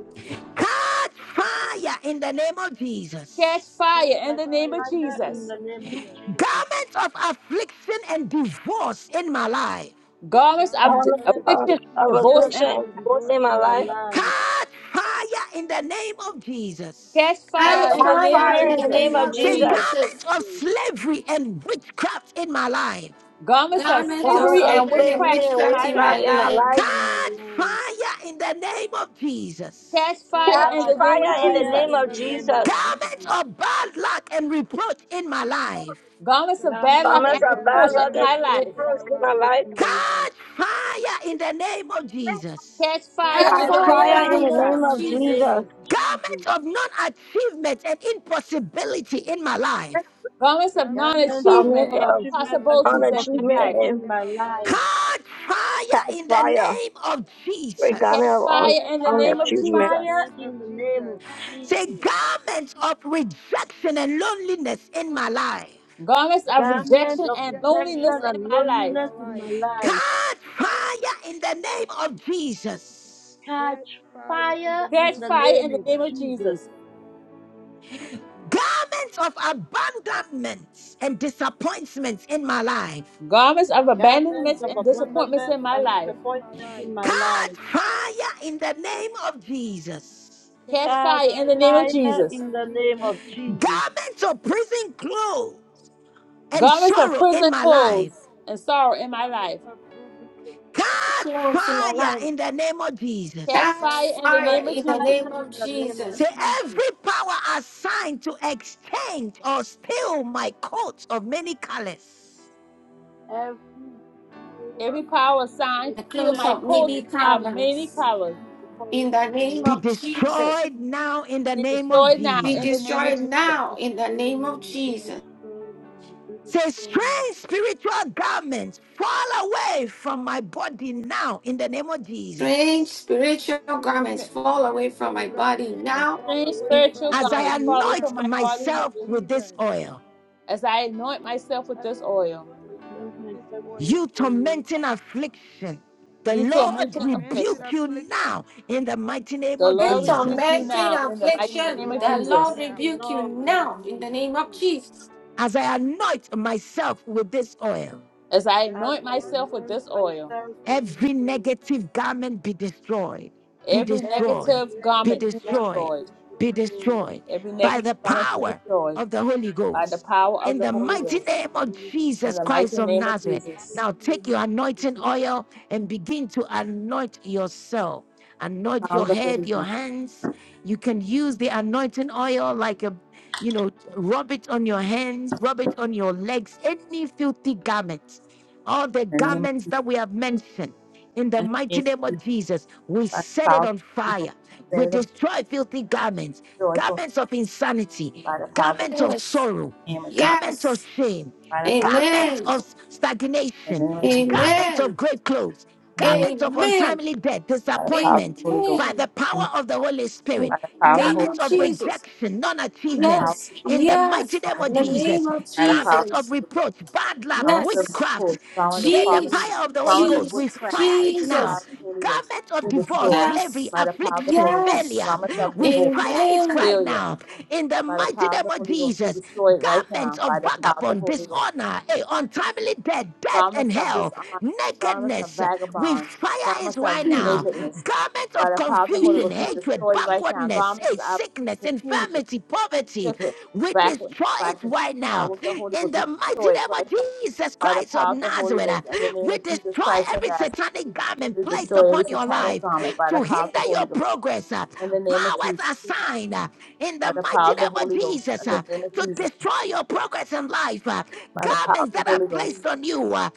A: Cut fire in the name of Jesus.
N: Catch fire
P: Catch
H: my
N: in
H: life. Catch
N: the name
P: fire
N: of
P: in the
H: fire in
P: name
N: Jesus.
H: the
P: of
H: name of
P: Jesus.
H: Jesus.
A: Garments of affliction and divorce in my life.
N: Garments of
P: Garments
N: d-
P: of
F: elements
H: Garment of
F: of,
N: affliction and
P: afflictions
F: of
P: and
H: affliction
N: divorce and
F: affliction
H: and
P: divorce in
F: both
P: my
H: divorce
F: in my
H: in my
P: life.
F: life.
H: life.
A: Cut fire in the name of Jesus.
N: catch fire
J: Ah,
P: Catch
N: in
H: Catch
N: the
F: Have
N: name
P: fire
N: of
J: fire
P: in
F: fire
J: in
F: in
H: fire
P: the
J: the
F: the
P: name
H: in
F: name
N: Jesus.
J: name
H: the
P: of
F: of
J: of
A: Say,
H: name of
F: Jesus.
P: Jesus.
J: Jesus.
A: garments of
H: Jesus.
A: slavery and witchcraft in my life.
N: Garments of
P: Garments
J: Garment
P: of
J: of
F: Element
N: slavery
F: of
H: Garment
N: and
P: slavery
J: slavery
H: of
J: and
P: and
F: slavery
N: witchcraft
F: and
N: in
J: witchcraft
N: my
P: witchcraft
H: witchcraft
J: in
H: and
P: in
J: my
F: witchcraft
N: life.
P: my
F: in my
J: life.
P: life.
H: slavery
F: life.
H: in my
A: Cut
H: life.
A: fire in the name of Jesus.
N: Catch fire
P: Catch
N: in
F: Catch
N: the
H: Catch
N: name
P: fire
N: of
F: fire in
P: in
F: the
P: the
H: fire
N: Jesus.
F: name
P: name
H: in
F: of
H: the
P: of
H: name of
F: Jesus.
P: Jesus.
A: Garments
H: Jesus.
A: of bad luck and reproach in my life.
N: Garments of
P: Garments
N: bad
H: Garment
N: luck
P: of
F: Promise
N: and
H: of
F: of
H: bad
P: bad
F: bad
P: luck
N: reproach in
F: luck
P: and
H: luck,
F: and
N: my
P: reports
H: bad
N: life.
P: in
H: luck
F: reverse
P: my
F: in
H: and
F: my
P: life.
H: reproach
F: life.
H: in my life
A: Cut fire in the name of Jesus.
N: Catch fire
J: Ah,
P: Catch
N: in
F: Catch
H: Catch
N: the name
P: fire
J: fire
F: fire
N: of
J: in
P: in
F: in
J: the
P: the
F: the
H: fire
J: name of
F: name
P: name
N: Jesus.
H: in
F: of
P: of
H: the name
J: Jesus.
F: Jesus.
H: of
P: Jesus.
H: Jesus.
A: Garments of non-achievement and impossibility in my life.
N: garments of
P: Garments
N: non
P: of
H: Garments of
P: non
F: Promise
N: achievement and
F: of
P: achievement
H: non-achievement
P: and
H: and
N: impossibilities in my
F: unachievement
N: life.
H: impossibility
P: impossibilities
F: and
H: in
P: in
H: my
P: my life
H: life.
A: Cut fire
F: That
A: in the
F: fire.
A: name of
F: we got
N: Catch
F: there
A: Jesus.
F: on,
N: fire
P: Catch
N: in the
F: on their
H: Catch
N: name of
P: fire
F: huge
P: in
F: man.
P: the
H: fire
N: Jesus.
P: name of
H: in the name of
P: Jesus.
A: Say,
H: Jesus.
A: garments of rejection and loneliness in my life.
N: Garments of
P: Garments of
H: Garment
N: rejection
H: of
N: and
P: rejection
N: loneliness
P: and
H: rejection
N: in
H: and
N: my
P: loneliness in
N: life.
P: my
H: loneliness in my
P: life.
H: life.
A: God, fire in the name of Jesus.
H: Catch
P: Catch fire in
H: fire
P: the
H: in
N: Catch
P: name
H: the
P: of
N: fire in
H: name
N: the
H: of
N: name
P: Jesus.
N: of
H: Jesus.
N: Jesus.
A: Garments of abandonment and disappointments in my life.
N: Garments of
P: Garments of
H: Garments
N: abandonments
H: of
N: and
P: abandonment and
N: disappointments
H: abandonment
N: in my
H: and
N: life.
P: disappointment in my
H: disappointment in
P: life.
H: my
A: God,
H: life.
A: fire in the name of Jesus.
N: Catch
P: Catch
N: fire
H: Catch
N: in the
P: fire
N: name
P: in
N: of
P: the
H: fire
P: name
N: Jesus.
H: in
P: of
H: the name of
P: Jesus.
H: Jesus.
A: Garments of prison clothes and
N: Garments of
A: sorrow in
N: prison
A: my life.
N: clothes and sorrow in my
P: Garments
N: life.
P: of proven
A: God,
J: Clothes in my
A: fire
J: life.
A: in the name of
N: Catch
A: Jesus.
J: Catch
N: fire
P: catch
N: in the
J: fire
H: Catch
N: name
P: fire
N: of
J: in the
P: in
N: Jesus.
P: the
H: fire
J: name of
P: name
H: in
P: of
H: the name of
P: Jesus.
A: Say
J: Jesus.
H: Jesus.
A: every power assigned to exchange or steal my coats of many colors
H: Every power.
N: Every power
H: to
N: assigned to
J: The
N: steal
J: clothes
N: my
J: of
H: extend my
J: many
N: coats of
H: food and
N: many
H: to
J: talents.
H: see
N: colors
H: my power
J: In the
H: in the
J: name
H: name
A: be
J: of
H: of Jesus.
J: Jesus.
A: destroyed now in the
N: be
A: name of
N: destroyed now
P: Be
J: Be
N: in the name
A: Jesus.
N: of
J: destroyed
P: destroyed
N: Jesus.
J: now
P: now
J: in
P: in
J: the
P: the
H: Destroy
J: name
P: name of
J: of
H: now, be
J: Jesus.
P: Jesus.
H: destroyed now, be
A: Say
H: destroyed now.
A: strange spiritual garments fall away from my body now in the name of
J: strange
A: Jesus.
J: spiritual garments
P: Strange
H: Strange
J: fall away from
P: spiritual
J: my
H: spiritual
J: body
P: garment
H: garment,
J: now.
H: fall
P: fall
N: Strange
H: away
P: away
H: from my
P: from
N: spiritual
P: my
A: As I
H: body
N: garments
P: body
N: far away
H: right
N: from
P: now
A: anoint
N: my
P: in
H: now
P: the
H: in
N: body
P: name
H: the
N: now,
P: of
A: myself
H: name
A: with
H: of
A: this
P: Jesus.
H: Jesus.
A: oil,
N: as I anoint myself with
P: As
N: this
P: I
N: oil.
P: anoint
H: I anoint
P: myself with this
H: myself with
A: you
H: this
P: oil,
H: oil
A: tormenting affliction, the
N: You
P: you
A: Lord
N: tormenting
P: tormented
N: affliction,
A: rebuke you
P: affliction.
A: now in the mighty name
N: the
A: of
H: for
J: You
N: Lord rebuke
A: Jesus.
N: you
H: mounting
J: tormenting
N: now in the mighty
H: affliction.
P: The
H: The
N: name
J: affliction,
N: of
P: Lord is
J: the
H: Lord
P: with you
J: Lord
N: Jesus,
H: rebuke
P: now
H: you
J: rebuke you
P: in
H: now
P: the
H: in
P: mighty
H: the
J: now
P: name
J: in
P: of
H: name
J: the
H: of
J: name
P: Jesus.
J: of
H: Jesus.
J: Jesus.
A: as I anoint myself with this oil.
N: as I
P: As
H: As
P: I
N: anoint
H: I
P: mark
N: myself with
H: anoint
N: this
P: myself with
N: oil.
P: this
H: myself with this
P: oil,
A: Every
H: oil,
A: negative garment be destroyed, be
N: Every
H: every
A: destroyed,
P: every
N: negative
A: be
N: garment
P: negative
H: negative
N: be
P: garment
A: destroyed,
P: be
H: garment
N: destroyed.
H: be
A: be
P: destroyed.
H: destroyed.
A: destroyed
N: Every
A: by
N: negative
A: the
N: garment be
H: Jesus
A: power
N: destroyed
H: Christ,
A: of the Holy
N: by
P: Be
N: the
A: Ghost.
N: power
P: destroyed
H: by
N: of
P: by
A: In
N: the
A: the
P: the
H: the
N: Holy
P: power
A: mighty
H: power of
P: of
N: Ghost
P: the
A: name
H: the
P: Holy
A: of
H: Holy
P: Ghost.
H: Ghost,
N: in
A: Jesus
N: the
A: Christ
N: mighty
A: of
N: name of
H: the
A: Nazareth.
N: Jesus.
H: mighty
A: Now take
H: name of
A: your
H: Jesus
A: anointing oil and begin to anoint yourself. Anoint
N: Power of
A: your
N: the
A: head,
N: Holy
A: your
N: Ghost
A: hands. You can use the anointing oil like a, you know, rub it on your hands, rub it on your legs, any filthy garment all the
N: in the name of,
A: garments that we have mentioned. In the
N: in the name
A: mighty
N: of
A: name
N: Jesus
A: of Jesus, we
N: by the
A: set it
N: power of
A: on
N: the Holy Ghost.
A: fire.
N: Set
A: We
N: it
A: destroy filthy garments,
N: joyful
A: garments of insanity,
N: by the power of the
A: garments of
J: Yes,
A: sorrow,
N: name of Jesus.
A: garments of
J: yes,
A: shame,
N: by the power of the
A: garments
J: amen,
A: of
N: Holy Ghost, in
A: stagnation,
N: the name of Jesus,
A: garments
J: amen,
A: of great clothes,
N: in the name of Jesus,
A: garments of
J: amen,
A: untimely death,
N: by the power of the
A: disappointment
N: Holy Ghost,
A: by the
J: amen.
N: in the name
A: power
N: of
A: of
N: Jesus,
A: the Holy Spirit,
J: In
N: by the
J: the
N: power of the
J: name
N: Holy
A: garments
J: of
A: of
N: Spirit,
J: Jesus,
A: rejection, non
N: power
A: achievement,
N: of the
J: yes,
A: in the
N: Spirit,
A: mighty
J: yes,
N: on
A: name of
J: in the
N: achievement,
A: Jesus,
J: name of
N: by the power of
A: garments
N: the
A: of
J: Jesus,
N: Holy Ghost,
A: reproach, bad luck,
N: promise of the
J: yes,
A: witchcraft,
N: repose, promise of
A: let the
N: poverty,
J: Jesus,
H: Christ, Jesus Christ,
A: fire of the Holy
N: promise of
A: Ghost, we
J: Jesus,
N: witchcraft,
A: fire it now.
N: power
J: Jesus.
N: of the Holy Ghost,
A: Garments of
N: be
A: divorce,
N: destroyed
A: slavery,
J: Yes.
N: by the power of the
A: affliction,
N: Holy Ghost,
J: Yes.
A: failure,
N: promise of
A: we
N: divorce,
A: fire it
J: Amen.
A: right
N: failure,
A: now. In the
N: by the
A: mighty
N: power of
A: name
N: the
A: of
N: Holy Ghost, be
A: Jesus,
N: destroyed right
A: garments
N: now
A: of
N: by the power of the
A: vagabond,
N: Holy Ghost.
A: dishonor, eh, untimely death, death and
N: garments of
A: hell,
N: dishonor, garments of
A: nakedness, we
N: vagabond,
A: fire it
N: garments
H: Jesus
N: of
A: right
J: In
A: now.
N: nakedness.
A: Garments
N: By
A: of
N: the power of the Holy
J: the
A: confusion,
N: Ghost, be
A: hatred,
N: destroyed right now.
A: backwardness, eh,
N: Garments of
A: sickness,
N: confusion,
A: infirmity, poverty,
N: sickness,
A: we
N: backwardness,
A: destroy
N: by
A: it
N: the
A: right now now.
N: power of the Holy
A: In
N: Ghost, be
A: the mighty
N: destroyed
A: name of
N: right now.
A: Jesus
N: By the
A: Christ of
N: power of the
H: Christ,
N: Holy
A: Nazareth,
H: Jesus
A: uh,
N: Ghost, in the name
A: we
H: Christ,
N: of Jesus
A: destroy
N: Christ of
A: every
H: Jesus Christ, Jesus Christ, Jesus Christ,
N: Nazareth,
A: satanic garment
N: we
H: Jesus Christ,
A: placed
N: destroy every
A: upon your
N: satanic
A: life
N: garment by the
A: to
N: power of the
A: hinder your
N: Holy Ghost,
A: progress. uh,
N: in the name of
A: Powers
N: Jesus.
H: Jesus Christ,
A: assigned uh, in the
N: By the
H: Jesus, Jesus, Jesus,
A: mighty
N: power
H: Jesus, Jesus, Christ, Jesus, Christ, Jesus, Christ, Jesus, Christ,
N: of the
H: Jesus,
A: name of
N: Holy Ghost, in
A: Jesus
N: the
A: uh,
N: name of
A: to
N: Jesus.
A: destroy your progress in life. uh,
H: Christ,
N: By the power of
A: Garments
N: the
A: that are
N: Holy Ghost,
A: placed on you, uh,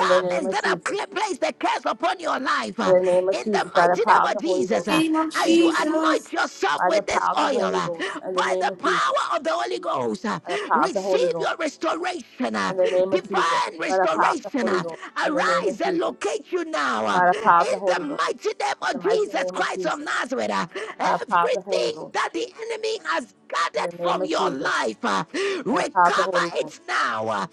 N: in the name of
A: that have
N: Jesus.
A: cl- placed the
H: Jesus,
A: curse upon your life.
N: In
A: uh,
N: the name of
A: In the
N: Jesus, by the
A: mighty name
N: power of
A: of
N: the Holy
A: Jesus,
N: Ghost, in
A: uh,
J: name of
N: the
A: as
N: name of
A: you
N: Jesus.
A: anoint
J: Jesus.
A: yourself
N: by the
A: with this
N: power of the
H: Christ,
A: oil
N: Holy
A: uh,
N: Ghost, in the
A: by
N: name
A: the
N: of
A: power
N: Jesus,
A: of the Holy
H: Jesus, Christ,
A: Ghost, uh,
N: by the power
A: receive
N: of the Holy
A: receive
N: Ghost,
A: your restoration, uh,
N: in the name of Jesus,
A: divine
N: by the power of the
A: restoration.
N: Holy
A: uh,
N: Ghost, in the name of
A: Arise and
N: Jesus,
A: locate you now uh,
N: by the power of
A: in
N: the
A: the
N: Holy Ghost,
P: God
A: mighty name
N: in
A: of
N: the mighty
A: Jesus
N: name
P: now,
N: of
A: Christ of
P: Father
N: Jesus,
P: God,
A: Nazareth.
P: in the
A: uh,
P: mighty
N: by
P: name
N: the
P: of
N: power of the
P: Jesus,
N: Holy
P: Father
A: Everything
N: Ghost,
A: that
P: God.
A: the enemy has
N: in
A: gathered
N: the name
A: from
N: of
A: your
N: Jesus,
A: life, uh,
N: by the power of the
A: recover
N: Holy Ghost,
A: it now. uh,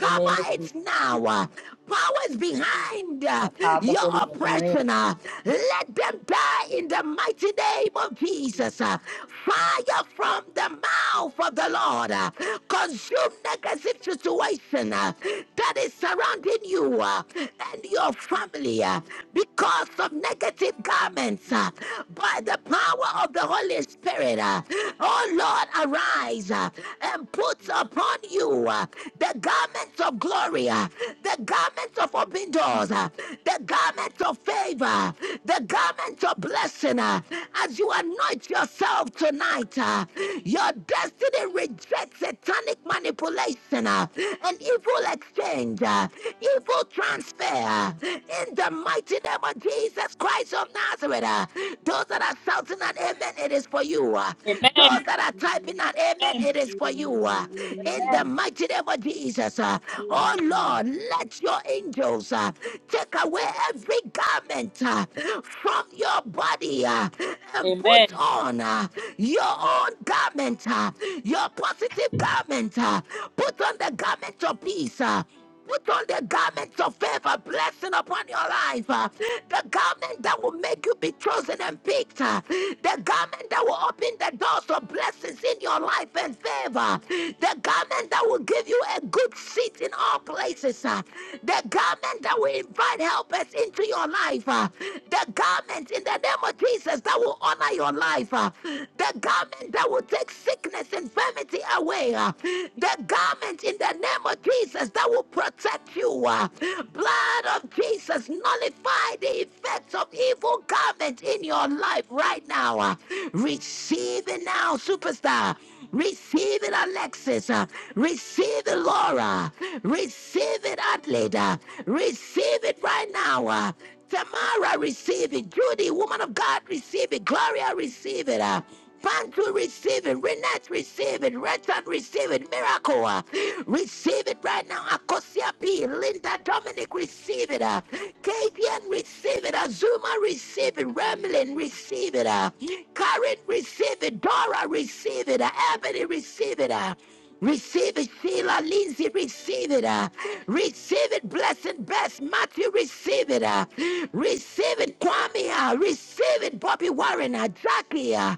N: in the name of Jesus,
A: it now. uh, powers
H: Amen.
A: behind
N: by
A: uh,
N: the power of the
A: your
N: Holy Ghost, in the name of
A: oppression, uh, let them die in the mighty name of Jesus. uh. Fire from the mouth of the Lord. uh, Consume negative situation uh, that is surrounding you uh, and your family uh, because of negative garments uh, by the power of the Holy Spirit. uh. Oh Lord, arise uh, and put upon you uh, the garments of glory, uh, the garments of open doors, uh, the garments of favor, the garments of blessing. uh, As you anoint yourself tonight, uh, your destiny rejects satanic manipulation uh, and evil exchange, uh, evil transfer. uh, In the mighty name of Jesus Christ of Nazareth, uh, those that are shouting an amen, it is for you. uh, those that are typing an amen, it is for you. uh,
H: Amen.
A: In the mighty name of Jesus. uh, Oh
H: Amen.
A: Lord, let your angels uh, take away every garment uh, from your body uh, and
N: Amen.
A: put on uh, your own garment, uh, your positive garment. uh, Put on the garment of peace. uh, Put on the garment of favor, blessing upon your life. uh, The garment that will make you be chosen and picked. uh, The garment that will open the doors of blessings in your life and favor. The garment that will give you a good seat in all places. uh, The garment that will invite helpers into your life. uh, The garment in the name of Jesus that will honor your life. uh, The garment that will take sickness, and infirmity away. uh, The garment in the the name of Jesus that will protect you. uh, Blood of Jesus, nullify the effects of evil garment in your life right now. uh, Receive it now, superstar. Receive it, Alexis. uh, Receive it, Laura. Receive it, Adelaide. Receive it right now. uh, Tamara, receive it. Judy, woman of God, receive it. Gloria, receive it. uh, Bantu, receive it. Renat, receive it. Renton, receive it. Miracle, uh, receive it right now. Akosia P. Linda, Dominic, receive it. Uh, Katian, receive it. Azuma,
H: Give
A: receive it.
H: you praise,
A: Remlin,
H: give
A: receive it. Uh, Karen, receive it. Dora, receive it. Uh, Ebony, receive it. Uh, Receive it, Sheila Lindsay, receive it. Uh, receive it, blessed best. Matthew, receive it. Uh, receive it, Kwame. Uh, receive it, Bobby Warren. Uh, Jackie, uh,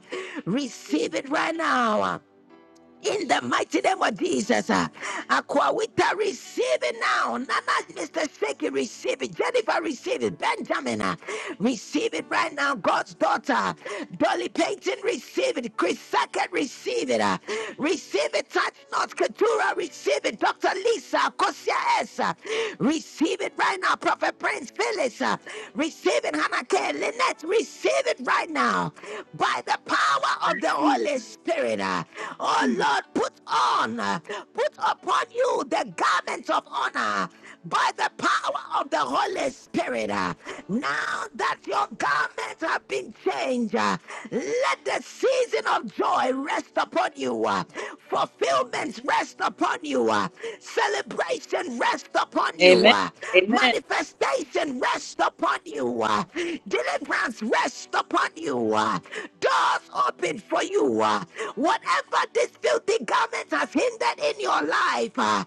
H: you
A: receive
H: praise,
A: it
H: and
A: right now. Uh, in the mighty name of Jesus, uh, Aquawita, receive it now. Nana, Mr. Shaky, receive it. Jennifer, receive it. Benjamin, uh, receive it right now. God's daughter, Dolly Payton, receive it. Chris Sackett, receive it. uh, receive it. Touch not. Keturah, receive it. Dr. Lisa, Kosia S, uh, receive it right now. Prophet Prince Phyllis, uh, receive it. Hannah K. Lynette, receive it right now. By the power of the Holy Spirit. uh, oh, Lord. Lord, put on, put upon you the garments of honor by the power of the Holy Spirit. Now that your garments have been changed, let the season of joy rest upon you, fulfillments rest upon you, celebration rest upon you, manifestation rest upon you, deliverance rest upon you, doors open for you. Whatever this feels filthy garments has hindered in your life, uh,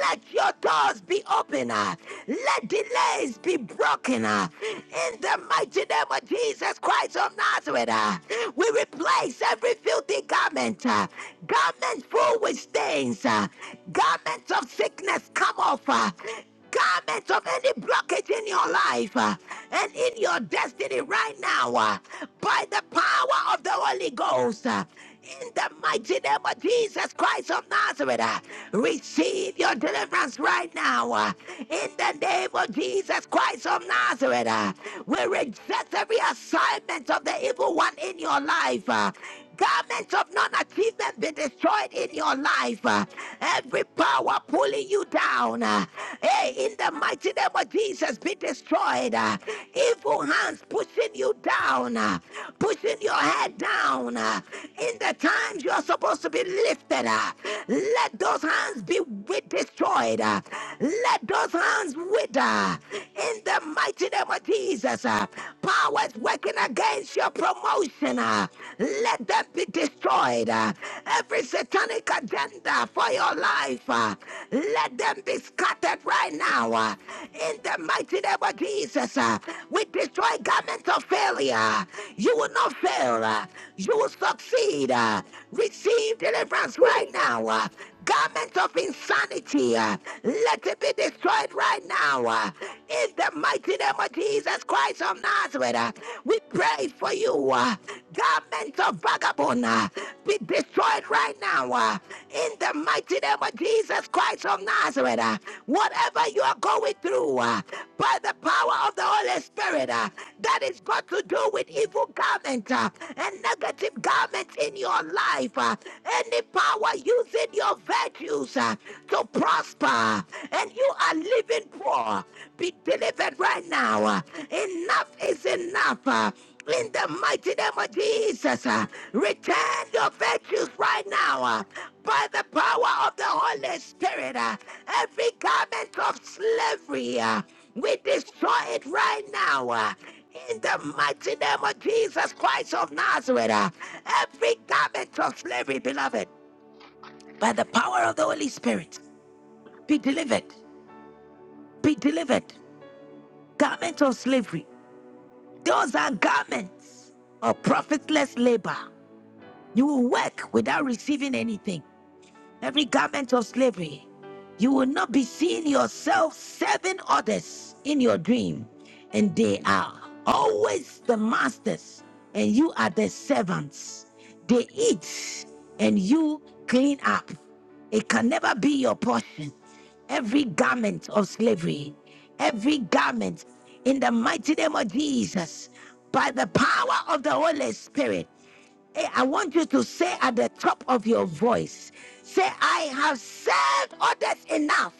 A: let your doors be open. uh, let delays be broken. uh, in the mighty name of Jesus Christ of Nazareth, uh, we replace every filthy garment, uh, garments full with stains, uh, garments of sickness come off. uh, garments of any blockage in your life uh, and in your destiny right now uh, by the power of the Holy Ghost. uh, in the mighty name of Jesus Christ of Nazareth, uh, receive your deliverance right now. uh, in the name of Jesus Christ of Nazareth, uh, we reject every assignment of the evil one in your life. uh, Garments of non achievement be destroyed in your life. Uh, Every power pulling you down, uh, hey, in the mighty name of Jesus, be destroyed. Uh, Evil hands pushing you down, uh, pushing your head down. uh, In the times you're supposed to be lifted, uh, let those hands be destroyed. uh, Let those hands wither. In the mighty name of Jesus, uh, powers that's working against your promotion, uh, let them be destroyed. uh. Every satanic agenda for your life, uh, let them be scattered right now. uh. In the mighty name of Jesus, uh, we destroy garments of failure. You will not fail. uh, You will succeed. uh. Receive deliverance right now. uh. Garments of insanity, uh, let it be destroyed right now. uh. In the mighty name of Jesus Christ of Nazareth, uh, we pray for you. Uh, garments of vagabond uh, be destroyed right now. uh, in the mighty name of Jesus Christ of Nazareth, uh, whatever you are going through, uh, by the power of the Holy Spirit, uh, that is got to do with evil garment uh, and negative garments in your life. uh, any power using your virtues uh, to prosper prosper and you are living poor, be delivered right now. Enough is enough. uh, In the mighty name of Jesus, uh, return your virtues right now uh, by the power of the Holy Spirit. uh, Every garment of slavery, uh, we destroy it right now. uh, in the mighty name of Jesus Christ of Nazareth, uh, every garment of slavery, beloved, by the power of the Holy Spirit, be delivered be delivered. Garment of slavery. Those are garments of profitless labor. You will work without receiving anything every garment of slavery. You will not be seeing yourself serving others in your dream, and they are always the masters, and you are the servants. They eat, and you clean up. It can never be your portion. Every garment of slavery, every garment in the mighty name of Jesus, by the power of the Holy Spirit. Hey, I want you to say at the top of your voice, say, I have served others enough.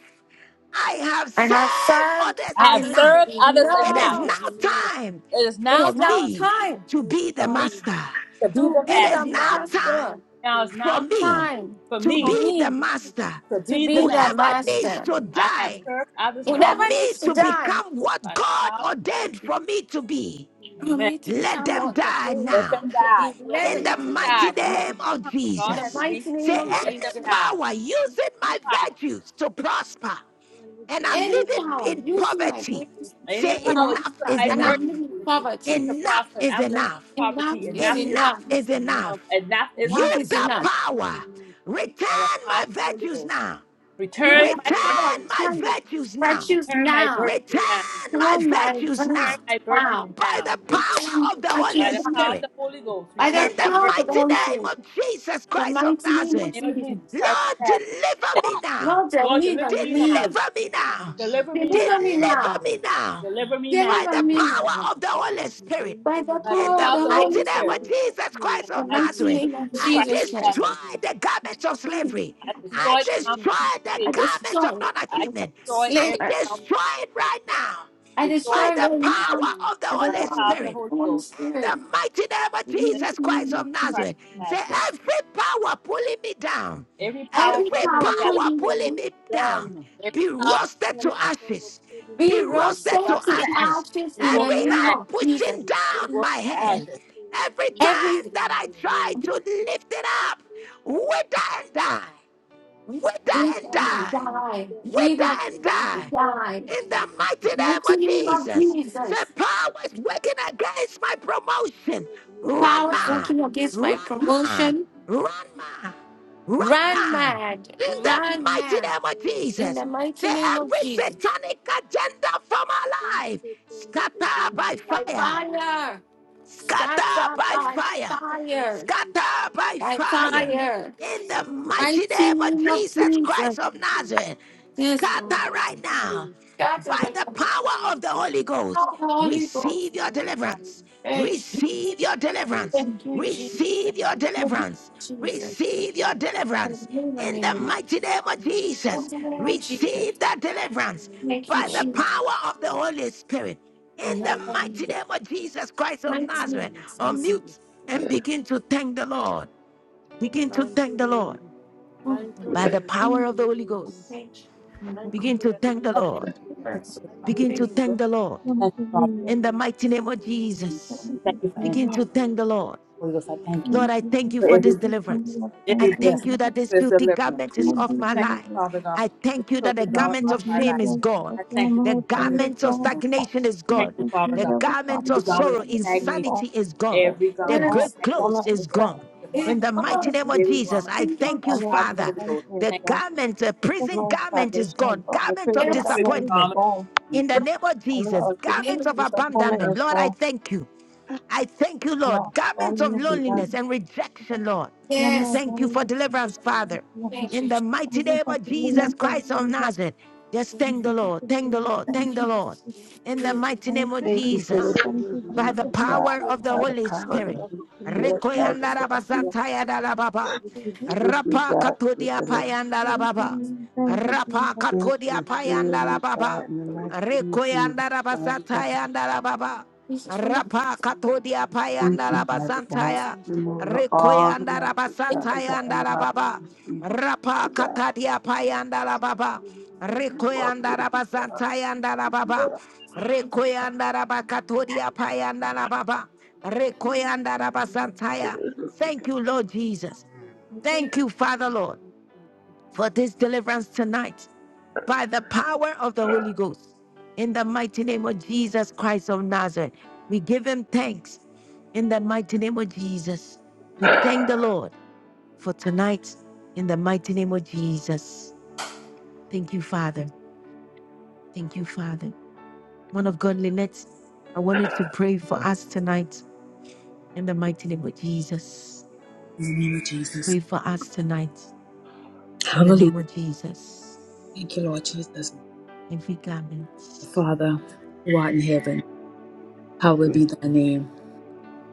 A: I have
J: And I've
A: served
J: served
A: others
N: I have
J: others.
A: enough.
H: praise,
N: served others
H: praise,
A: It
H: oh,
A: is
N: enough.
H: there
J: No.
H: is
A: now
H: no
A: time
N: It is now
A: for
J: It's now
N: time
A: me
J: time
A: to
H: no
A: be the
N: for me
H: time
A: master.
N: to be
J: to
N: the
H: to
A: It
J: be
A: is
J: the
N: master.
H: be
A: now
H: the
A: time
J: master.
N: Now it's
H: master,
A: for
N: now time
A: me
J: Time
N: for
A: to
J: for
N: me
A: be
H: no
A: the
J: me
H: time
A: master.
N: to
J: to
N: be the
J: be
H: for
J: the
H: me
A: Whoever
H: to
N: master.
H: be the
A: needs
J: master.
A: to
N: I have
A: die
H: master.
N: served others
J: You
A: for
N: long enough.
J: never need
A: me
J: to
A: to
J: die
A: become what
N: by the
A: God
N: power-
A: ordained for me to
H: It's
A: be,
H: time
J: for
N: Amen.
J: me to
A: let
J: become
A: them
J: what the
A: die
N: Let
A: now
J: day
N: them
J: to be
N: die.
H: to
N: Whoever
J: led
A: in
J: in
A: the
N: needs to
H: enjoy
J: the
A: mighty
N: die
H: learn,
J: time.
N: needs
A: name
N: to
A: of
N: become
H: learn,
N: what
J: In
N: God
J: the
N: has
A: Jesus.
N: ordained
H: learn,
J: mighty
N: you
J: name
N: to
A: Say,
J: of
N: be.
H: Jesus.
N: Let them
A: any
J: Jesus.
N: die.
A: power using
N: Any
A: my
N: power,
A: virtues to prosper,
H: Thank you
A: and
P: It
A: I'm
P: is
H: for
A: living
H: you, my
J: anyhow
A: in
J: using
H: greatest
J: my
A: poverty.
H: supporter,
J: breakfast
N: any
A: Say,
N: power you
A: enough
N: could
J: prosper.
A: is
N: like
J: And
H: in
J: I'm
H: my
A: enough.
J: living in
N: virtues
H: poverty.
J: poverty.
N: to
A: Enough
N: prosper.
A: is
N: I'm living
A: enough.
N: in
J: Enough
N: poverty.
J: is
H: Enough
N: Enough is
J: enough.
A: Enough is
H: is
A: enough.
H: enough,
N: enough is
A: You,
J: Enough
N: enough.
J: is
A: the
J: enough.
H: enough is
A: power,
H: enough.
N: By the
A: return
N: power
A: my
N: of the Holy
A: virtues
N: Ghost,
A: now.
J: You
N: return
J: the
N: my
H: Return
N: virtues
J: power
A: Return
J: of
H: my
N: now.
A: my
J: China.
H: greatest
A: virtues now.
H: love,
J: Virtues
N: Return my
J: now.
N: virtues
A: Return
H: return
N: now.
H: my
A: my
J: Turn
H: greatest
J: my
H: love,
A: virtues
N: Return
J: virtues
A: now.
N: my virtues
J: now.
A: By
N: now.
A: the
H: return my greatest
J: Return
A: power of the
J: my
H: love.
J: virtues
N: By
A: Holy
N: the
J: now.
N: power of
A: Spirit.
N: the Holy
H: by the
N: Ghost,
J: By the
N: return
A: In
H: power of
N: my
A: the
H: the
J: power
N: virtues
J: of the
A: mighty
H: Holy
J: Holy
H: Ghost,
N: now.
A: name
J: Spirit,
A: of Jesus
J: the
A: Christ of
J: mighty name
A: Nazareth.
J: of
N: In the name of Jesus
J: Jesus.
N: Christ, of
A: Lord,
N: Nazareth.
A: deliver me now.
J: Lord,
N: Lord,
J: deliver
N: deliver me now.
J: me.
A: Deliver me
H: believe on
A: now.
H: me, Lord.
N: Deliver me now.
J: Deliver
H: Believe
J: me
H: on me,
A: Deliver
J: now.
A: me
H: Lord.
A: now.
N: Deliver me now.
A: By
J: Deliver
A: the
H: Believe
J: me
H: on me,
J: now.
A: power of the
H: Lord.
A: Holy Spirit.
H: Believe
J: By
H: on me
J: the
N: By
H: by
N: the
A: In
H: the
J: power
A: the
J: of
N: power
J: the
N: of the
H: power of
A: mighty
N: Holy
J: Holy
H: the
A: name
N: Spirit.
A: of
H: Holy
J: Spirit,
A: Jesus
H: Spirit
N: In
A: Christ
N: the
A: of
J: the
H: in the
N: mighty
J: mighty
H: mighty
N: name
A: Nazareth,
N: of
J: name
H: name of
J: of
N: Jesus
H: Jesus
A: I
N: Christ
J: Jesus
H: Christ
N: of
H: of
J: Christ.
A: destroy
N: Nazareth,
H: Nazareth.
A: the garments of slavery.
N: I
A: I
N: destroy the
H: We
N: common
H: destroy
A: destroy the
J: I
N: fever.
A: garments of
J: destroy
A: non
J: it.
N: I
A: achievement.
H: we
N: destroy
A: I
H: destroy
N: every
J: Sliver.
H: the
N: power.
A: destroy
H: garment of
A: it
H: spirit.
A: right now
J: I
N: Destroy
A: by
N: it
J: destroy
H: We
A: the
J: your
N: right now.
H: destroy
J: mom.
A: power
H: it.
A: of the
J: I
N: By the
A: Holy
J: destroy the
A: Spirit.
J: Holy
A: In
J: Spirit.
A: the mighty name of
N: name
A: Jesus
N: of
A: Christ
N: Jesus
A: of
N: Christ
A: Nazareth,
N: of Nazareth.
A: say every power pulling me down,
J: Every
H: every
A: every
J: power
H: power
N: Yeah,
J: put
H: of
A: power
J: in the
H: pulling
A: pulling
J: name
H: me
A: me down,
H: down.
N: Every
A: be
N: power
A: roasted to
H: Every power of
A: ashes,
H: pulling
J: be
H: me
A: be
H: down.
A: roasted
N: brought
A: to
J: roasted to
A: ashes.
J: ashes
N: you
J: in
H: We
J: the
N: will
A: Every
H: roast
J: name
A: hand
H: it
J: of
H: to
A: pushing
J: Jesus.
H: ashes.
N: be
A: down my
N: to
A: head,
N: ashes.
H: Every power of
A: every
H: pulling
J: Every
H: me
A: time
H: down
A: that I
H: my
A: try
H: head.
A: to lift it up,
H: every power
A: wither and die, wither
H: Breathe
A: and
H: and
J: weapon
A: die.
H: die, breathe
J: die.
A: We
H: and
J: We that
A: die
H: die,
A: and die.
H: breathe
J: die.
H: and
A: In the
H: die.
A: mighty name
J: Mighty
A: of
J: name of
H: Thank
A: Jesus.
H: you, Lord.
A: The
J: Jesus.
A: power is working against my promotion.
H: Follow the meeting
A: Run
J: Powers
H: again with
A: mad.
J: working
H: the
J: against my
A: Run
H: meeting.
A: mad.
J: promotion.
A: Run mad. Run
J: Run
A: mad.
J: mad.
A: In the
J: Run
A: mighty
J: mad.
A: name of
H: Oh,
J: In
A: Jesus.
J: the
H: Lord,
A: Say,
J: mighty
H: the
J: name of
A: every
H: mighty name of
J: Jesus.
A: satanic
H: Jesus.
A: agenda from
H: Please
A: our life,
H: take on this
A: scatter by
H: agenda
J: By
H: in
A: fire.
H: my life.
J: fire.
H: Set by
A: Scatter
J: Scatter
A: by
H: fire,
J: by
A: fire.
H: set
J: fire.
H: by
A: Scatter by
H: fire,
J: By
A: fire.
J: fire.
H: set
A: In
H: by
A: the
H: fire,
A: mighty
J: Mighty
A: name of
J: name of
A: Jesus
H: Lord
J: Jesus.
A: Christ of
H: Jesus.
A: Nazareth,
P: in the mighty
J: Yes,
H: Set
P: name
J: Lord.
A: scatter
P: of
H: by
A: right now
H: fire,
J: Scatter
A: by
P: scatter
J: them.
A: the
P: right
H: set
P: now.
A: power of the
H: right
A: Holy
H: now.
A: Ghost.
J: Oh, Holy
H: Set
P: Power
J: Ghost.
A: Receive
P: of
A: your
H: by
P: the Holy
H: fire.
A: deliverance.
P: Ghost.
J: Thank you. Jesus.
A: Receive your
H: I
A: deliverance.
J: Thank
H: receive,
J: you,
H: I
J: Jesus.
A: Receive your
H: receive,
J: Thank you,
A: deliverance.
H: I
J: Jesus.
A: Receive
H: receive
A: your deliverance.
J: Hallelujah,
A: In
H: I
A: the
J: amen.
H: receive,
A: mighty name
H: I
A: of
H: receive,
A: Jesus,
J: Thank you, Lord Jesus.
A: receive that
H: I receive, I
A: deliverance
J: Thank you,
A: by the
H: receive,
J: Jesus.
A: power of the Holy Spirit. In
H: I receive, I
A: the mighty
J: Amen.
A: name of Jesus Christ of
J: Mighty
H: receive,
J: name
A: Nazareth,
J: of Jesus.
H: receive,
A: unmute and
H: receive.
A: begin to thank the Lord. Begin to
H: Thank
A: thank
H: you,
A: the Lord
H: Lord.
J: Oh,
H: Thank
J: thank
H: you,
A: by the
H: Lord, for
A: power
J: you.
A: of the Holy
H: deliverance.
A: Ghost.
J: Thank
P: Thank you,
H: Thank you
A: Begin
P: Father
J: you.
H: for
A: to
H: your
P: God.
A: thank the
N: I thank
P: Thank
A: Lord.
H: deliverance.
P: you,
H: Lord.
N: you
P: God,
N: for
P: in
N: this.
P: the
H: Thank
N: Thank
H: you,
N: you.
A: Begin
P: mighty
J: Thank
A: to
J: you.
P: name
F: Jesus.
H: Lord.
P: of
A: thank the
P: Jesus.
A: Lord
F: Thank
N: Thank
F: you,
N: you,
H: Thank
N: Father.
H: you,
F: Jesus.
A: in the
H: Lord.
A: mighty name
H: Thank
A: of
H: you,
P: Thank
H: Lord.
P: you,
N: We
A: Jesus.
F: Thank
P: Father
N: Thank
F: you,
N: you for
P: God,
N: answering.
H: Thank
A: Begin
P: for
F: Jesus.
A: to
H: you,
A: thank
H: Lord,
A: the
H: for
P: deliverance,
A: Lord.
H: what you
N: Holy
H: have
N: Ghost, I
P: Father
H: done,
N: thank
P: God,
H: Lord.
N: you
A: Lord,
F: Thank
P: in
A: I
P: the
F: you,
A: thank
F: Jesus.
A: you
P: mighty
N: for
A: for
N: every
P: name
A: this
P: of
H: Thank you,
P: Jesus,
F: Thank
A: deliverance.
F: you,
H: Lord.
F: Jesus.
P: Father
A: I
N: every
F: Thank
J: Thank
P: God.
A: thank
N: blessing.
A: you
N: I
H: Thank
P: Thank you,
A: that
N: thank you
H: you, Lord. Thank you,
A: this
H: Lord.
N: for this
A: filthy
N: deliverance.
A: garment is
J: you.
F: you,
A: off
N: I
A: my
N: thank
A: life.
N: you,
F: Jesus.
N: Father God, for
A: I
N: this
A: thank you that the
N: total
F: Thank
N: garment
A: garment
F: you,
N: off
A: of
N: my
P: thank
A: shame
N: life.
P: you,
A: is
F: Jesus.
P: God.
A: gone.
F: The
N: I thank you
A: The
F: former
N: for the
H: Thank you, Lord. Thank you, Lord. Thank you, Lord.
F: thing
N: garment.
F: is
A: garment of
N: of
F: gone.
N: shame.
A: stagnation is
N: I
F: The
N: Thank
A: gone.
N: you,
F: thank
N: Father
F: you,
A: The
N: God,
F: Lord. The
J: Yes, in
N: for
A: garment
F: promise
N: the
A: of
H: Thank
F: of
N: garment of
A: sorrow,
F: God is
N: stagnation.
F: gone.
A: insanity is gone.
N: Every
F: The
J: the
A: The
N: garment
J: name
A: great
N: is blackened,
F: former
A: clothes
F: is
A: is
N: every
F: gone.
A: gone. In the mighty
F: Thank
A: name
F: you,
A: of
F: Jesus.
A: Jesus, I
J: of
A: thank
F: The
A: you,
J: Jesus.
F: former is
A: Father.
F: thank you, is
A: The
N: thing.
A: garment, the
F: The
A: prison
F: former
A: garment is
F: salvation is
A: gone.
F: gone. The
A: Garment of
F: prison down
J: Yes,
F: there is
A: disappointment.
F: gone.
N: In
A: In the name of
F: I
A: Jesus, garment of
J: Name.
F: The former
A: abandonment.
F: is
A: Lord, I
F: gone.
A: thank you. I thank you, Lord.
F: Thank
A: Garments of loneliness and rejection, Lord.
J: Yes,
A: Thank you for deliverance, Father.
J: thank
A: In
J: you.
A: the mighty name of Jesus Christ of Nazareth, just thank the Lord, thank the Lord, thank the Lord. In the mighty name of Jesus,
H: you,
A: by the
H: Lord. Thank
A: power
H: you, Lord.
A: of the
P: By the
A: Holy
P: power of the
A: Spirit.
P: Holy Spirit, by the blood
A: Rekoyandarabazatayadalababa.
H: We will
P: you,
H: thank
P: God, for are going to
A: Rapakatodiapayandalababa.
F: you, Jesus.
A: Rapa
H: you,
P: think
H: Lord.
A: katodia
P: and free
H: Hallelujah.
A: payanda la
P: me,
A: baba.
P: God, in the mighty name of Jesus,
A: Rekoyanda la
P: Father
A: basata
P: God.
A: yanda la baba.
J: Jesus from the
H: God,
A: Rapa
H: we give you
A: katodia
H: thank you,
P: Thank
A: payanda
P: you,
H: Lord.
A: la
P: Father
A: basanta
P: God.
A: ya.
H: Thank you,
P: Remove
H: Lord. Thank
P: all
H: you,
P: the
A: Rekoyanda la
H: Lord.
P: magic,
A: basanta
P: Father God, in
A: yanda
P: the
A: la
H: Thank
P: mighty
H: you,
A: baba.
H: Lord.
P: name of
H: Thank you.
P: Jesus,
H: That
A: Rapa
H: is
P: Father
H: what
P: God.
H: we
A: katadia payanda la baba.
H: Hallelujah. We are like
P: You
H: the
P: are
A: Rekoyanda
H: Lord.
A: la
P: worthy.
H: Hallelujah.
A: basanta yanda la baba. Rekoyanda la
H: The
A: bakatodia
H: righteousness, my
A: payanda la
H: Lord, to
A: baba.
H: the Lord, the Lord.
A: Rekoyanda la
H: Thank you, my
A: basanta
H: life, my
A: Thank you,
H: mind,
A: Lord
H: my body, my
A: Jesus.
H: soul.
J: Thank
A: Thank
J: you.
H: I
A: you,
H: put
A: Father
H: my
A: Lord
H: life and trust in
A: for
H: your
A: this
H: hands and
A: deliverance tonight by
H: your hands,
A: the power of the Holy Ghost. In
H: my
A: the
H: Lord.
A: mighty name of Jesus Christ of Nazareth, we give him thanks. In the mighty name of Jesus, we thank the Lord for tonight. In the mighty name of Jesus. Thank you, Father. Thank you, Father. One of God, Lynette, I wanted to pray for us tonight. In the mighty name of Jesus.
N: the name of Jesus.
A: Pray for us tonight. In the
N: Hallelujah.
A: name of Jesus.
N: Thank you, Lord Jesus.
A: Every garment.
N: Father, who art in heaven, hallowed
S: Good,
N: be thy name.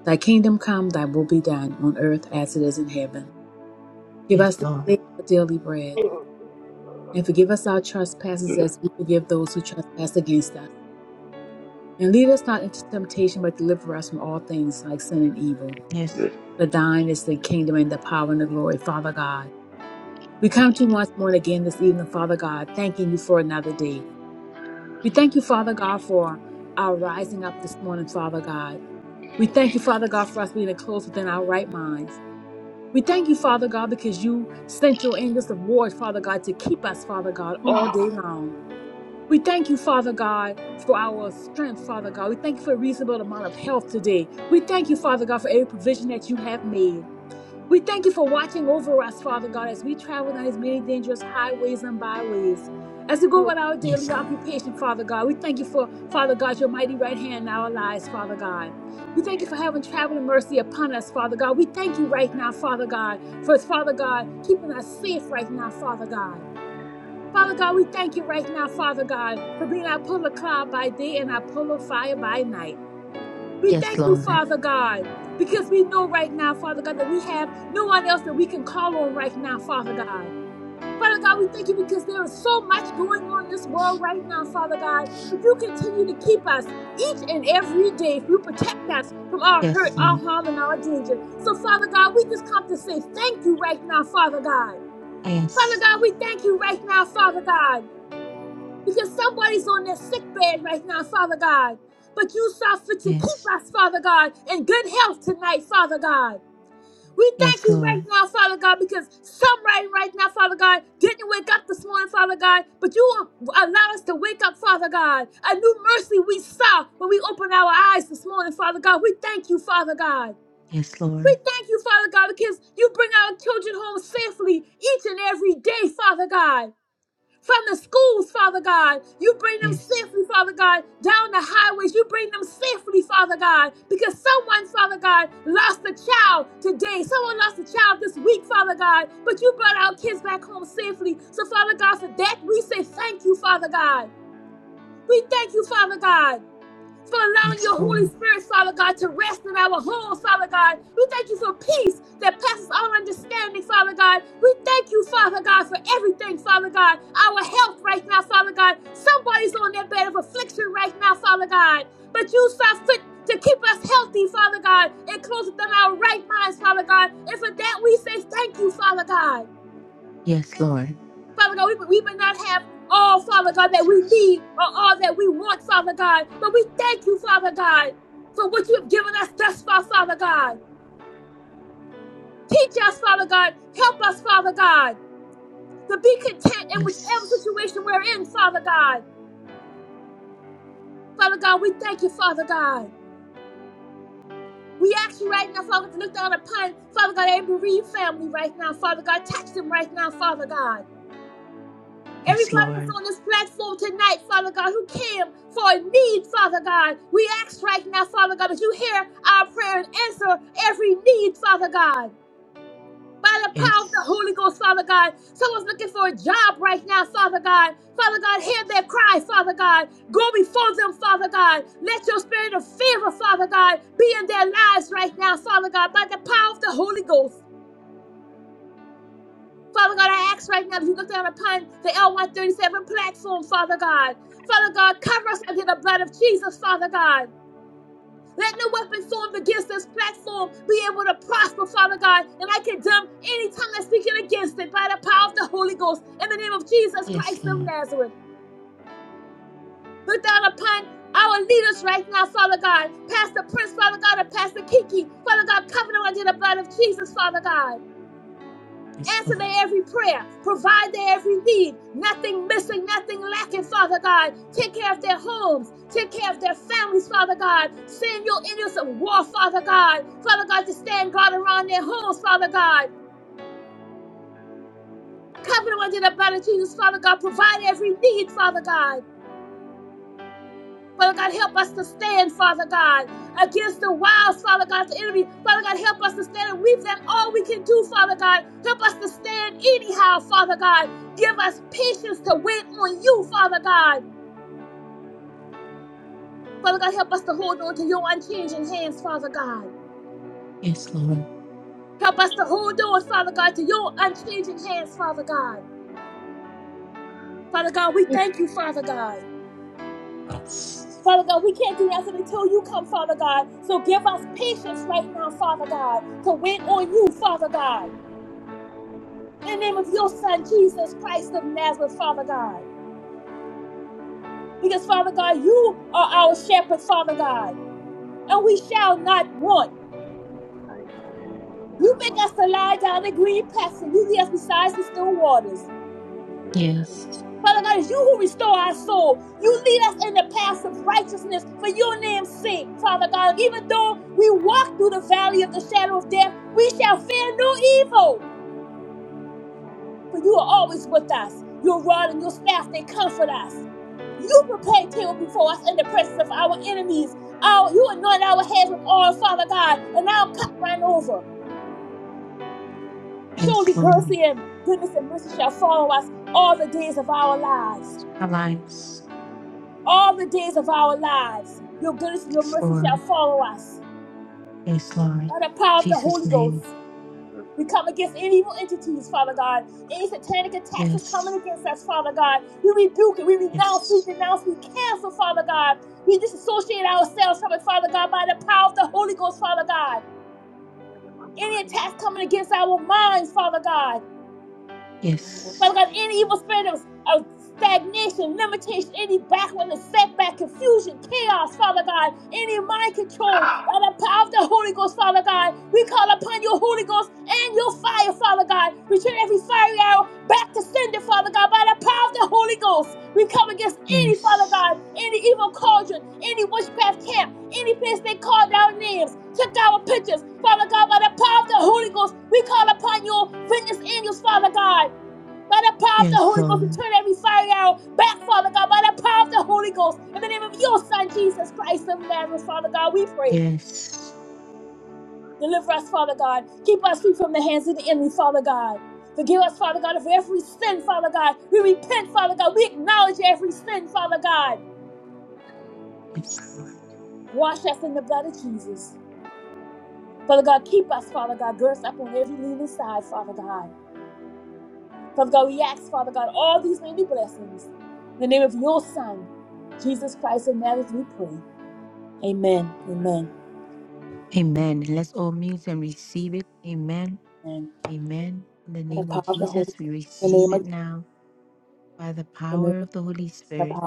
N: Thy kingdom come, thy will be done, on earth as it is in heaven. Give us
A: Yes,
N: this
A: Lord.
N: day our daily bread, and forgive us our trespasses
S: good,
N: as we forgive those who trespass against us. And lead us not into temptation, but deliver us from all things like sin and evil.
A: Yes,
S: good.
N: For thine is the kingdom and the power and the glory, Father God. We come to you once more and again this evening, Father God, thanking you for another day. We thank you, Father God, for our rising up this morning, Father God. We thank you, Father God, for us being close within our right minds. We thank you, Father God, because you sent your angels of war, Father God, to keep us, Father God, all
S: Which
N: day long. We thank you, Father God, for our strength, Father God. We thank you for a reasonable amount of health today. We thank you, Father God, for every provision that you have made. We thank you for watching over us, Father God, as we travel down these many dangerous highways and byways. As we go about our daily
A: Yes,
N: occupation, Father God, we thank you for, Father God, your mighty right hand in our lives, Father God. We thank you for having traveling mercy upon us, Father God. We thank you right now, Father God, for, Father God, keeping us safe right now, Father God. Father God, we thank you right now, Father God, for being our pillar of cloud by day and our pillar of fire by night. We
A: yes,
N: thank you,
A: Lord.
N: Father God, because we know right now, Father God, that we have no one else that we can call on right now, Father God. Father God, we thank you because there is so much going on in this world right now, Father God, but you continue to keep us each and every day. You protect us from all hurt,
A: Yes,
N: all
A: Lord.
N: harm, and all danger. So, Father God, we just come to say thank you right now, Father God. Father
A: Yes,
N: God, we thank you right now, Father God because somebody's on their sick bed right now, Father God. But you saw fit to keep
A: yes,
N: us, Father God, in good health tonight, Father God. We thank
A: yes,
N: you right
A: Lord.
N: now, Father God, because somebody right right now, Father God, didn't wake up this morning, Father God, but you allowed us to wake up, Father God. A new mercy we saw when we opened our eyes this morning, Father God. We thank you, Father God.
A: Yes, Lord.
N: We thank you, Father God, because you bring our children home safely each and every day, Father God from the schools, Father God. You bring them
A: Yes,
N: safely, Father God, down the highways. You bring them safely, Father God, because someone, Father God, lost a child today. Someone lost a child this week, Father God, but you brought our kids back home safely. So, Father God, for that, we say thank you, Father God. We thank you, Father God for allowing
A: yes,
N: your Holy
A: Lord.
N: Spirit, Father God, to rest in our home, Father God. We thank you for peace that passes all understanding, Father God. We thank you, Father God, for everything, Father God. Our health right now, Father God. Somebody's on their bed of affliction right now, Father God. But you saw fit to keep us healthy, Father God, and close within our right minds, Father God. And for that, we say thank you, Father God.
A: Yes, Lord.
N: Father God, we, we may not have all, Father God, that we need or all that we want, Father God, but we thank you, Father God, for what you have given us thus far, Father God. Teach us, Father God. Help us, Father God, to be content in whichever
A: Yes,
N: situation we're in, Father God. Father God, we thank you, Father God. We ask you right now, Father, to look down upon, Father God, every Reed family right now, Father God. Touch them right now, Father God.
A: yes,
N: Everybody that's
A: Lord.
N: on this platform tonight, Father God, who came for a need, Father God, we ask right now, Father God, that you hear our prayer and answer every need, Father God. By the power of the
A: Yes,
N: Holy Ghost, Father God. Someone's looking for a job right now, Father God. Father God, hear their cry, Father God. Go before them, Father God. Let your spirit of favor, Father God, be in their lives right now, Father God, by the power of the Holy Ghost. Father God, I ask right now that you look down upon the L137 platform, Father God. Father God, cover us under the blood of Jesus, Father God. Let no weapon formed against this platform be able to prosper, Father God. And I condemn any tongue that's speaking against it by the power of the Holy Ghost in the name of Jesus
A: yes,
N: Christ of
A: Lord.
N: Nazareth. Look down upon our leaders right now, Father God. Pastor Prince, Father God, and Pastor Kiki. Father God, cover them under the blood of Jesus, Father God.
A: Yes,
N: Answer
A: Lord.
N: their every prayer. Provide their every need. Nothing missing, nothing lacking, Father God. Take care of their homes. Take care of their families, Father God. Send your angels of war, Father God. Father God, to stand guard around their homes, Father God. Cover them under the blood of Jesus, Father God. Provide every need, Father God. Father God, help us to stand, Father God, against the wiles, Father God, of the enemy. Father God, help us to stand and we've done all we can do, Father God. Help us to stand anyhow, Father God. Give us patience to wait on you, Father God. Father God, help us to hold on to your unchanging hands, Father God.
A: Yes, Lord.
N: Help us to hold on, Father God, to your unchanging hands, Father God. Father God, we thank you, Father God. Father God, we can't do nothing until you come, Father God. So give us patience right now, Father God, to wait on you, Father God. in the name of your son, Jesus Christ of Nazareth, Father God. Because, Father God, you are our shepherd, Father God, and we shall not want. You make us to lie down in green pastures. You lead us beside the still waters.
S: is that is
A: Yes,
S: mind
N: Father God,
S: control.
N: it's you who restore our soul. You lead us in the paths of righteousness for your name's sake, Father God. Even though we walk through the valley of the shadow of death, we shall fear no evil.
S: Oh,
N: For you are always with us. Your rod and your staff, they comfort us. You prepare a table before us in the presence of our enemies. Our, you anoint our heads with oil, Father God, and our cup ran over. Surely
A: yes, Lord.
N: mercy and goodness and mercy shall follow us all the days of our lives.
A: Our lives.
N: All the days of our lives. Your goodness and your
A: Yes,
N: mercy
A: Lord.
N: shall follow us.
A: Yes, Lord.
N: By the power of the
A: Jesus'
N: Holy
A: name.
N: Ghost. We come against any evil entities, Father God. Any satanic attacks is coming
A: Yes,
N: against us, Father God. We rebuke it. We renounce. We
A: yes,
N: denounce. We cancel, Father God. We disassociate ourselves from it, Father God, by the power of the Holy Ghost, Father God.
S: and in my
N: Any
S: mind,
N: attacks coming against our minds, Father God.
S: in my head,
A: yes,
N: Father
S: in
N: God,
S: my
N: any evil spirit of, of stagnation, limitation, any backwardness, setback, confusion, chaos, Father God, any mind control, by the power of the Holy Ghost, Father God, we call upon your Holy Ghost and your fire, Father God. Return every fiery arrow back to sender, Father God, by the power of the Holy Ghost. We come against any, Father
A: yes,
N: God, any evil cauldron, any witchcraft camp, any place they called our names, took our pictures, Father God, by the power of the Holy Ghost. We call upon your vengeance angels, Father God by the power of the
A: yes,
N: Holy Ghost, we
A: Lord.
N: turn every fiery arrow back, Father God, by the power of the Holy Ghost. In the name of your Son, Jesus Christ of Nazareth, Father God, we pray.
A: Yes,
N: Deliver us, Father God. Keep us free from the hands of the enemy, Father God. Forgive us, Father God, of every sin, Father God. We repent, Father God. We acknowledge every sin, Father God.
A: yes,
N: Wash us in the blood of Jesus. Father God, keep us, Father God. Gird us up on every leaning side, Father God. Father God, we ask, Father God, all these many blessings. In the name of your Son, Jesus Christ of Nazareth, we pray. Amen. Amen.
A: Amen. Let's all mute and receive it. Amen.
N: Amen.
A: Amen. In the name of Jesus, we receive it now by the power of the Holy Spirit.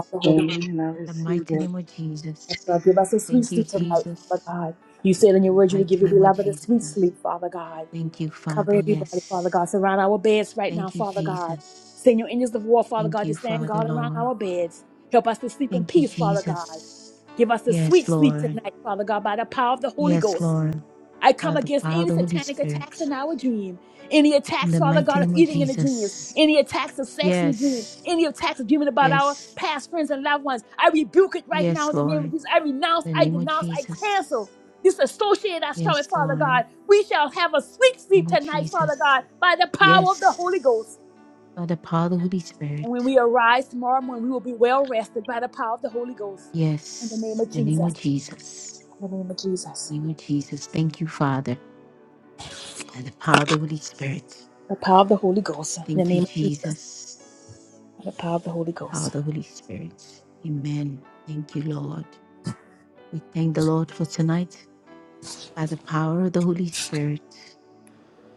A: In the mighty name of Jesus.
N: God, give us a sweet
A: Thank you,
N: sleep tonight, Father
A: Jesus.
N: God. You said in your
A: In
N: word
A: the
N: you would give
A: mighty
N: your
A: name of
N: beloved a sweet
A: Jesus.
N: sleep, Father God.
A: Thank you,
N: Cover
A: Father.
N: everybody, Father
A: Yes.
N: God. Surround our beds right now,
A: Thank you,
N: Father God.
A: Jesus.
N: Send your angels of war, Father
A: Thank
N: God,
A: you,
N: to stand
A: Father,
N: guard around
A: Lord.
N: our beds. Help us to sleep in
A: Thank you,
N: peace, Father God.
A: Jesus.
N: Give us a
A: Yes,
N: sweet sleep
A: Lord.
N: tonight, Father God, by the power of the Holy
A: Yes,
N: Ghost.
A: Lord.
N: I
A: By
N: come
A: the
N: against
A: power of
N: any
A: the Holy
N: satanic attacks
A: Spirit.
N: in our dream, any
A: In
N: attacks,
A: the
N: Father
A: mighty
N: God, of
A: name of
N: eating in the dreams,
A: Jesus.
N: any attacks of sex in the dream,
A: Yes.
N: any attacks of dreaming about our
A: Yes.
N: past friends and loved ones. I rebuke it right now
A: Yes,
N: in the name of
A: Lord.
N: Jesus. I renounce,
A: The
N: I
A: name of
N: denounce, I
A: Jesus.
N: cancel. Disassociate us from it,
A: Yes,
N: Father
A: Lord.
N: God. We shall have a sweet
A: Name
N: sleep
A: of
N: tonight, Father
A: Jesus.
N: God, by the power of the Holy
A: Yes.
N: Ghost.
A: By the power of the Holy
N: And when
A: Spirit.
N: we arise tomorrow morning, we will be well rested by the power of the Holy Ghost. In the name
A: Yes.
N: of
A: The name of
N: Jesus.
A: Jesus. Name of Jesus. Thank you, Father. By the power of the Holy Spirit. Thank you, Jesus. Power of the Holy Spirit. Amen. Thank you, Lord. We thank the Lord for tonight. By the power of the Holy Spirit.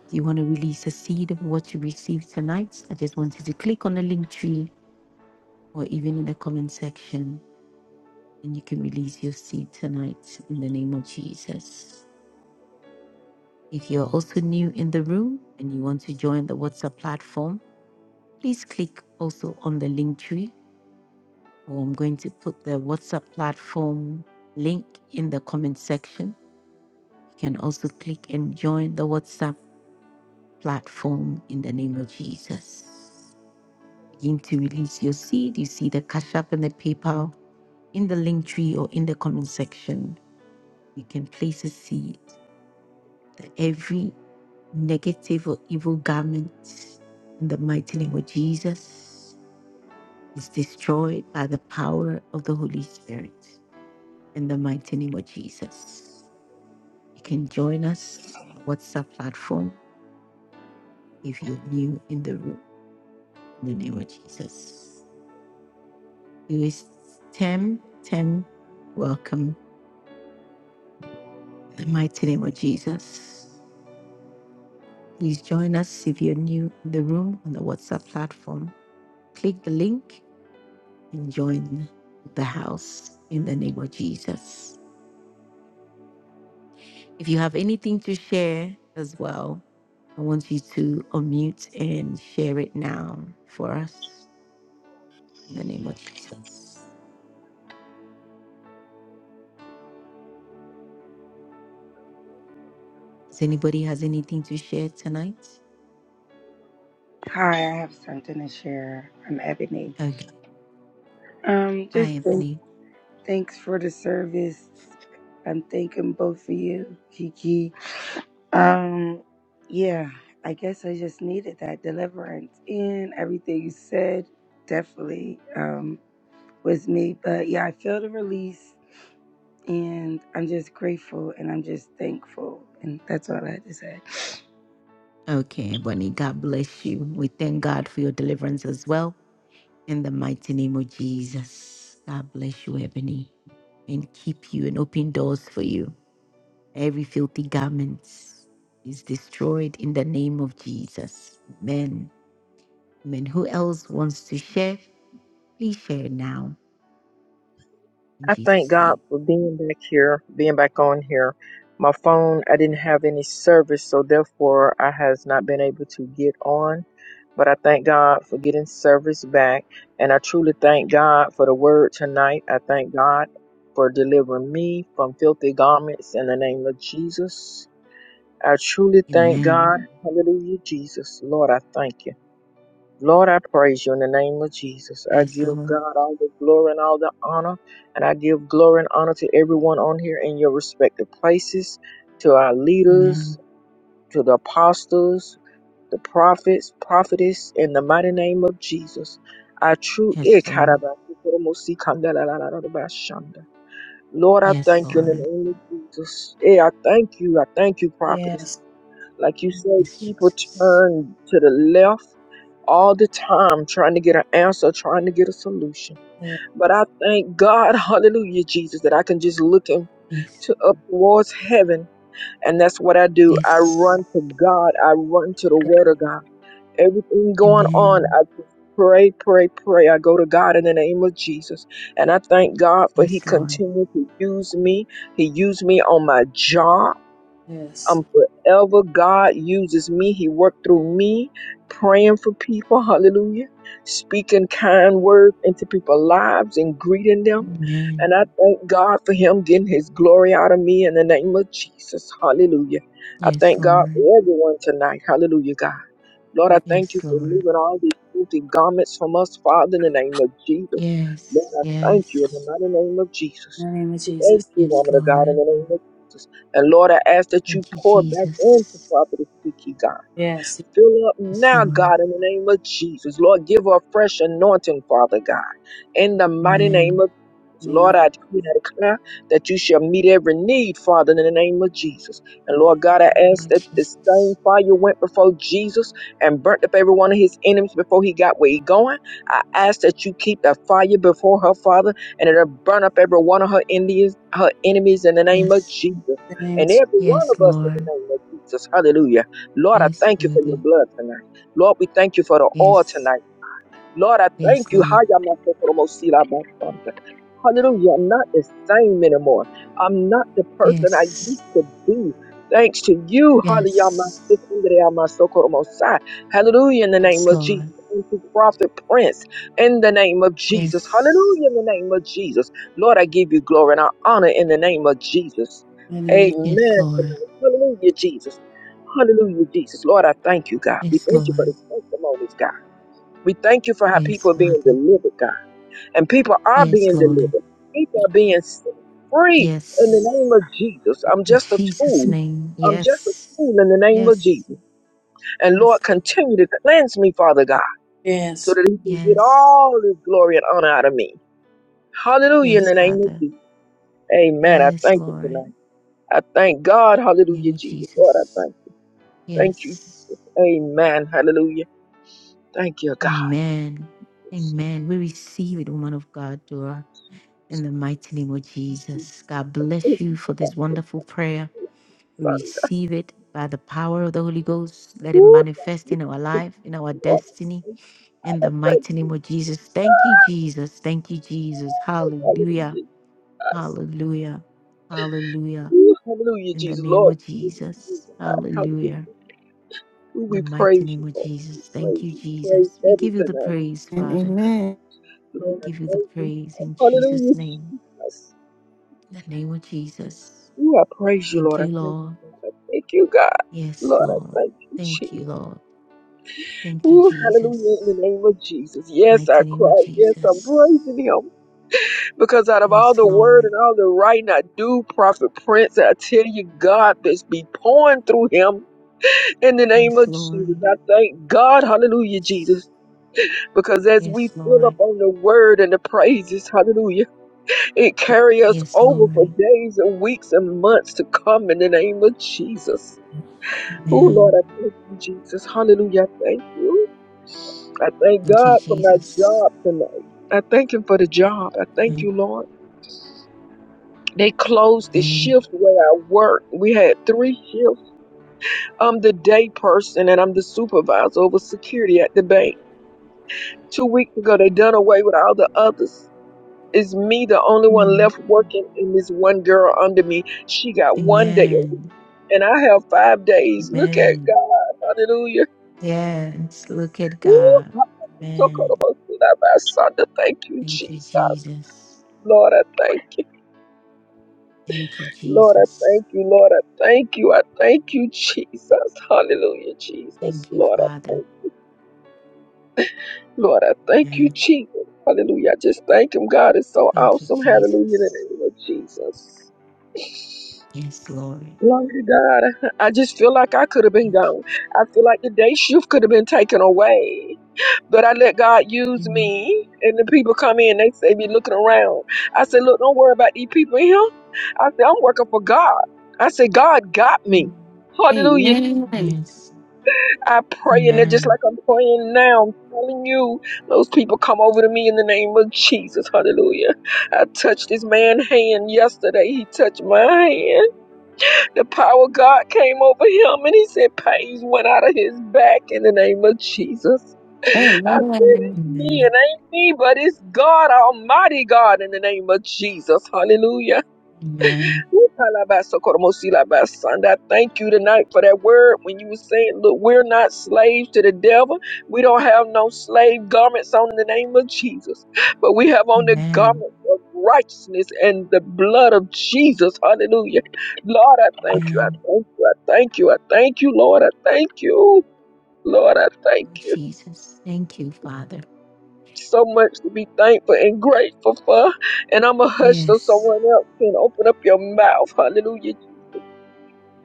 A: If you want to release a seed of what you received tonight, I just want you to click on the link tree or even in the comment section, and you can release your seed tonight in the name of Jesus. If you're also new in the room and you want to join the WhatsApp platform, please click also on the link tree. Or I'm going to put the WhatsApp platform link in the comment section. You can also click and join the WhatsApp platform in the name of Jesus. Begin to release your seed. You see the Cash App and the PayPal in the link tree or in the comment section you can place a seed that every negative or evil garment in the mighty name of Jesus is destroyed by the power of the Holy Spirit in the mighty name of Jesus. You can join us on the WhatsApp platform if you're new in the room in the name of Jesus. You is Tem, Tem, welcome in the mighty name of Jesus. Please join us if you're new in the room on the WhatsApp platform. Click the link and join the house in the name of Jesus. If you have anything to share as well, I want you to unmute and share it now for us in the name of Jesus. Does anybody has anything to share tonight?
P: Hi, I have something to share. I'm Ebony.
A: Okay.
P: Um,
A: Hi,
P: just
A: Ebony.
P: thanks for the service. I'm thanking both of you, Kiki. Um, yeah, I guess I just needed that deliverance and everything you said definitely um was me. But yeah, I feel the release and I'm just grateful and I'm just thankful. And that's all I had to say.
A: Okay, Ebony, God bless you. We thank God for your deliverance as well. In the mighty name of Jesus. God bless you, Ebony, and keep you and open doors for you. Every filthy garment is destroyed in the name of Jesus. Amen. Amen. Who else wants to share? Please share now in
T: I thank
A: Jesus'
T: God
A: name.
T: for being back here, being back on here. My phone, I didn't have any service, so therefore I has not been able to get on. But I thank God for getting service back, and I truly thank God for the word tonight. I thank God for delivering me from filthy garments in the name of Jesus. I truly thank
A: Amen.
T: God. Hallelujah, Jesus. Lord, I thank you. Lord, I praise you in the name of Jesus. I
A: Yes,
T: give
A: Lord.
T: God all the glory and all the honor, and I give glory and honor to everyone on here in your respective places, to our leaders,
A: Amen.
T: to the apostles, the prophets, prophetess, in the mighty name of Jesus. I true
A: Yes, Lord.
T: Lord, I
A: Yes,
T: thank you in the
A: Lord.
T: name of Jesus. Eh, I thank you. I thank you, prophetess. Like you said,
A: Yes,
T: people
A: Jesus.
T: turn to the left all the time trying to get an answer, trying to get a solution. But I thank God, hallelujah, Jesus, that I can just look him
A: Yes.
T: to up towards heaven. And that's what I do. I
A: Yes.
T: run to God. I run to the word of God. Everything going on,
A: Amen.
T: I just pray, pray, pray. I go to God in the name of Jesus. And I thank God for he
A: Yes, Lord.
T: continued to use me. He used me on my job.
N: Yes.
T: I'm forever. God uses me. He worked through me, praying for people. Hallelujah. Speaking kind words into people's lives and greeting them.
A: Amen.
T: And I thank God for him getting his glory out of me in the name of Jesus. Hallelujah. I
A: Yes,
T: thank God
A: Lord.
T: for everyone tonight. Hallelujah, God. Lord, I
N: In
T: thank you
A: Yes,
T: for
A: Lord.
T: moving all these filthy garments from us, Father, in the name of Jesus. Lord,
A: Yes.
T: I thank you in the
A: Yes.
T: mighty name of Jesus.
N: the name of
T: Thank
N: Jesus.
T: you,
A: Yes,
T: woman of God, in
A: Lord.
T: the name of Jesus. And Lord, I ask that you
A: Thank you,
T: pour back into
A: Jesus.
T: Prophet Kiki, God.
N: Yes. In
T: Fill up
A: Yes,
T: now,
A: Lord.
T: God, in the name of Jesus. Lord, give her a fresh anointing, Father God. In the mighty name
A: Amen.
T: of Jesus.
N: the name
T: Lord, I decree and declare that you shall meet every need, Father, in the name of Jesus. And
N: of
T: Lord God, I
A: Name
T: ask
A: of
T: that this same
A: Jesus.
T: fire went before Jesus and burnt up every one of his enemies before he got where he going. I ask that you keep that fire before her, Father, and it'll burn up every one of her enemies, her enemies in the name of
A: Yes.
T: Jesus.
N: Jesus.
T: And every one of
A: Yes,
T: us in
A: Lord.
T: the name of Jesus. Hallelujah. Lord, I
A: Yes,
T: thank you for your
A: Father.
T: blood tonight. Lord, we thank you for the oil
A: Yes.
T: tonight. Lord, I thank
A: Yes,
T: you.
A: Lord.
T: Hayamasotoromosilabasanta. Hallelujah. I'm not the same anymore. I'm not the person I used
A: Yes.
T: to be. Thanks to you. Hallelujah.
A: Yes.
T: Hallelujah in the name
A: Yes,
T: of
A: Lord.
T: Jesus. Thank you, Prophet Prince, in the name of Jesus.
A: Yes.
T: Hallelujah in the name of Jesus. Lord, I give you glory and I honor in the name of Jesus.
A: Yes,
T: Amen.
A: Lord.
T: Hallelujah, Jesus. Hallelujah, Jesus. Lord, I thank you, God. We
A: Yes,
T: thank you for
A: Lord.
T: the testimonies, God. We thank you for how
A: Yes,
T: people are being
A: Father.
T: delivered, God. And people are
A: Yes,
T: being
A: Lord.
T: delivered. People are being set free in the
A: Yes.
T: name of Jesus. I'm
A: In
T: just a
A: Jesus'
T: tool.
A: name.
T: I'm just a
A: Yes.
T: tool in the name of
A: Yes.
T: Jesus. And
A: Yes.
T: Lord, continue to cleanse me, Father God, so that He can get
A: Yes.
T: all His glory and honor out of me. Hallelujah in
A: Yes,
T: the name of
A: Father.
T: Jesus. Amen. I
A: Yes,
T: thank you
A: Lord. In
T: tonight. I thank God.
A: the name
T: Hallelujah,
A: of
T: Jesus. Lord, I
A: Jesus.
T: thank you. Thank you.
A: Yes.
T: Amen. Hallelujah. Thank you, God.
A: Amen. Amen. We receive it, woman of God, Dora, in the mighty name of Jesus. God bless you for this wonderful prayer. We
T: Son,
A: receive it by the power of the Holy Ghost. Let it
T: Ooh,
A: manifest in our life, in our
T: Lord,
A: destiny, in
T: I
A: the
T: thank
A: mighty name of Jesus. Thank you, Jesus. Thank you, Jesus.
T: you.
A: Hallelujah.
T: Hallelujah, Jesus.
A: Hallelujah. Hallelujah.
T: Ooh, hallelujah,
A: In the
T: Jesus.
A: name
T: Lord,
A: of
T: we give you
A: Jesus.
T: glory.
A: Hallelujah.
T: hallelujah. Ooh,
A: In the
T: we
A: mighty
T: praise
A: name
T: you,
A: of
T: Lord.
A: Jesus.
T: We
A: Thank
T: praise
A: you,
T: you. We praise
A: Jesus. We
T: every
A: give you the
T: tonight.
A: praise,
J: And
A: Father.
J: amen.
T: Lord, I
A: Give you the
T: thank you.
A: praise in Jesus'
T: Hallelujah,
A: name,
T: Jesus.
A: in the name of Jesus.
T: Ooh, I praise you,
A: Thank
T: Lord. I
A: you,
T: thank you.
A: Lord.
T: God. I thank you, God.
A: Yes,
T: Lord, I
A: Lord.
T: thank you,
A: Thank
T: Jesus.
A: you, Lord. Thank you,
T: Ooh, hallelujah, in the
A: Jesus.
T: name of Jesus. Yes, I
A: Mighty name of
T: cry. Yes, I'm
A: Jesus.
T: praising him. Because out of all
A: Yes,
T: the word
A: Lord.
T: and all the writing I do, Prophet Prince, I tell you, God just be pouring through him in the name
A: Yes,
T: of Jesus.
A: Lord.
T: I thank God, hallelujah, Jesus. Because as we
A: Yes,
T: fill
A: Lord.
T: up on the word and the praises, hallelujah, it carry us
A: Yes,
T: over for
A: Lord.
T: days and weeks and months to come in the name of Jesus. Oh, Lord,
A: Amen.
T: I thank you, Jesus. Hallelujah, I thank you. I thank
A: Thank you,
T: God for my
A: Jesus.
T: job tonight. I thank him for the job. I thank you, Lord. They closed the
A: Amen.
T: shift where I worked. We had three shifts. I'm the day person and I'm the supervisor over security at the bank. Two weeks ago, they done away with all the others. It's me, the only one
A: Mm.
T: left working, and this one girl under me. She got one day a week,
A: Amen.
T: and I have five days. Look at
A: Amen.
T: God. Hallelujah.
A: Yes, look at
T: Woo!
A: God. Amen.
T: Thank you,
A: Thank you,
T: Jesus.
A: Jesus.
T: Lord, I thank you.
A: Thank you,
T: Lord, I
A: Jesus.
T: thank you. Lord, I thank you. I thank you, Jesus. Hallelujah, Jesus.
A: Thank you,
T: Lord, I
A: Father.
T: thank you. Lord, I thank you,
A: Amen.
T: Jesus. Hallelujah. I just thank him. God is so
A: Thank you,
T: awesome. Hallelujah. In the
A: Jesus.
T: name of Jesus.
A: Yes, Lord.
T: Glory to God. I just feel like I could have been
A: Thank
T: gone. I feel like the day shift could have been taken away. But I let God
A: you.
T: use
A: Mm,
T: me. And the people come in, they say, be looking around. I said, look, don't worry about these people here. I said, I'm working for God. I said, God got me.
A: mm.
T: Hallelujah.
J: Amen.
A: Yes.
T: I pray, and they're just
A: Amen.
T: like I'm praying now. I'm telling you, those people come over to me in the name of Jesus. Hallelujah. I touched this man's hand yesterday. He touched my hand. The power of God came over him and he said, Pains went out of his back in the name of Jesus. I said,
J: Amen.
T: It's me, it
A: Amen.
T: ain't me, but it's God, Almighty God, in the name of Jesus. Hallelujah
A: Amen.
T: ooh ka I thank you tonight for that word when you were saying, Look, we're not slaves to the devil. We don't have no slave garments on in the name of Jesus, but we have on the
A: Amen.
T: garment of righteousness and the blood of Jesus. Hallelujah. Lord, I thank you. I
A: Amen.
T: thank you. I thank you. I thank you, Lord. I thank you. Lord, I thank
A: Oh,
T: you.
A: Jesus. Thank you, Father.
T: So much to be thankful and grateful for. And I'm a hush so
A: Yes.
T: someone else can open up your mouth. Hallelujah.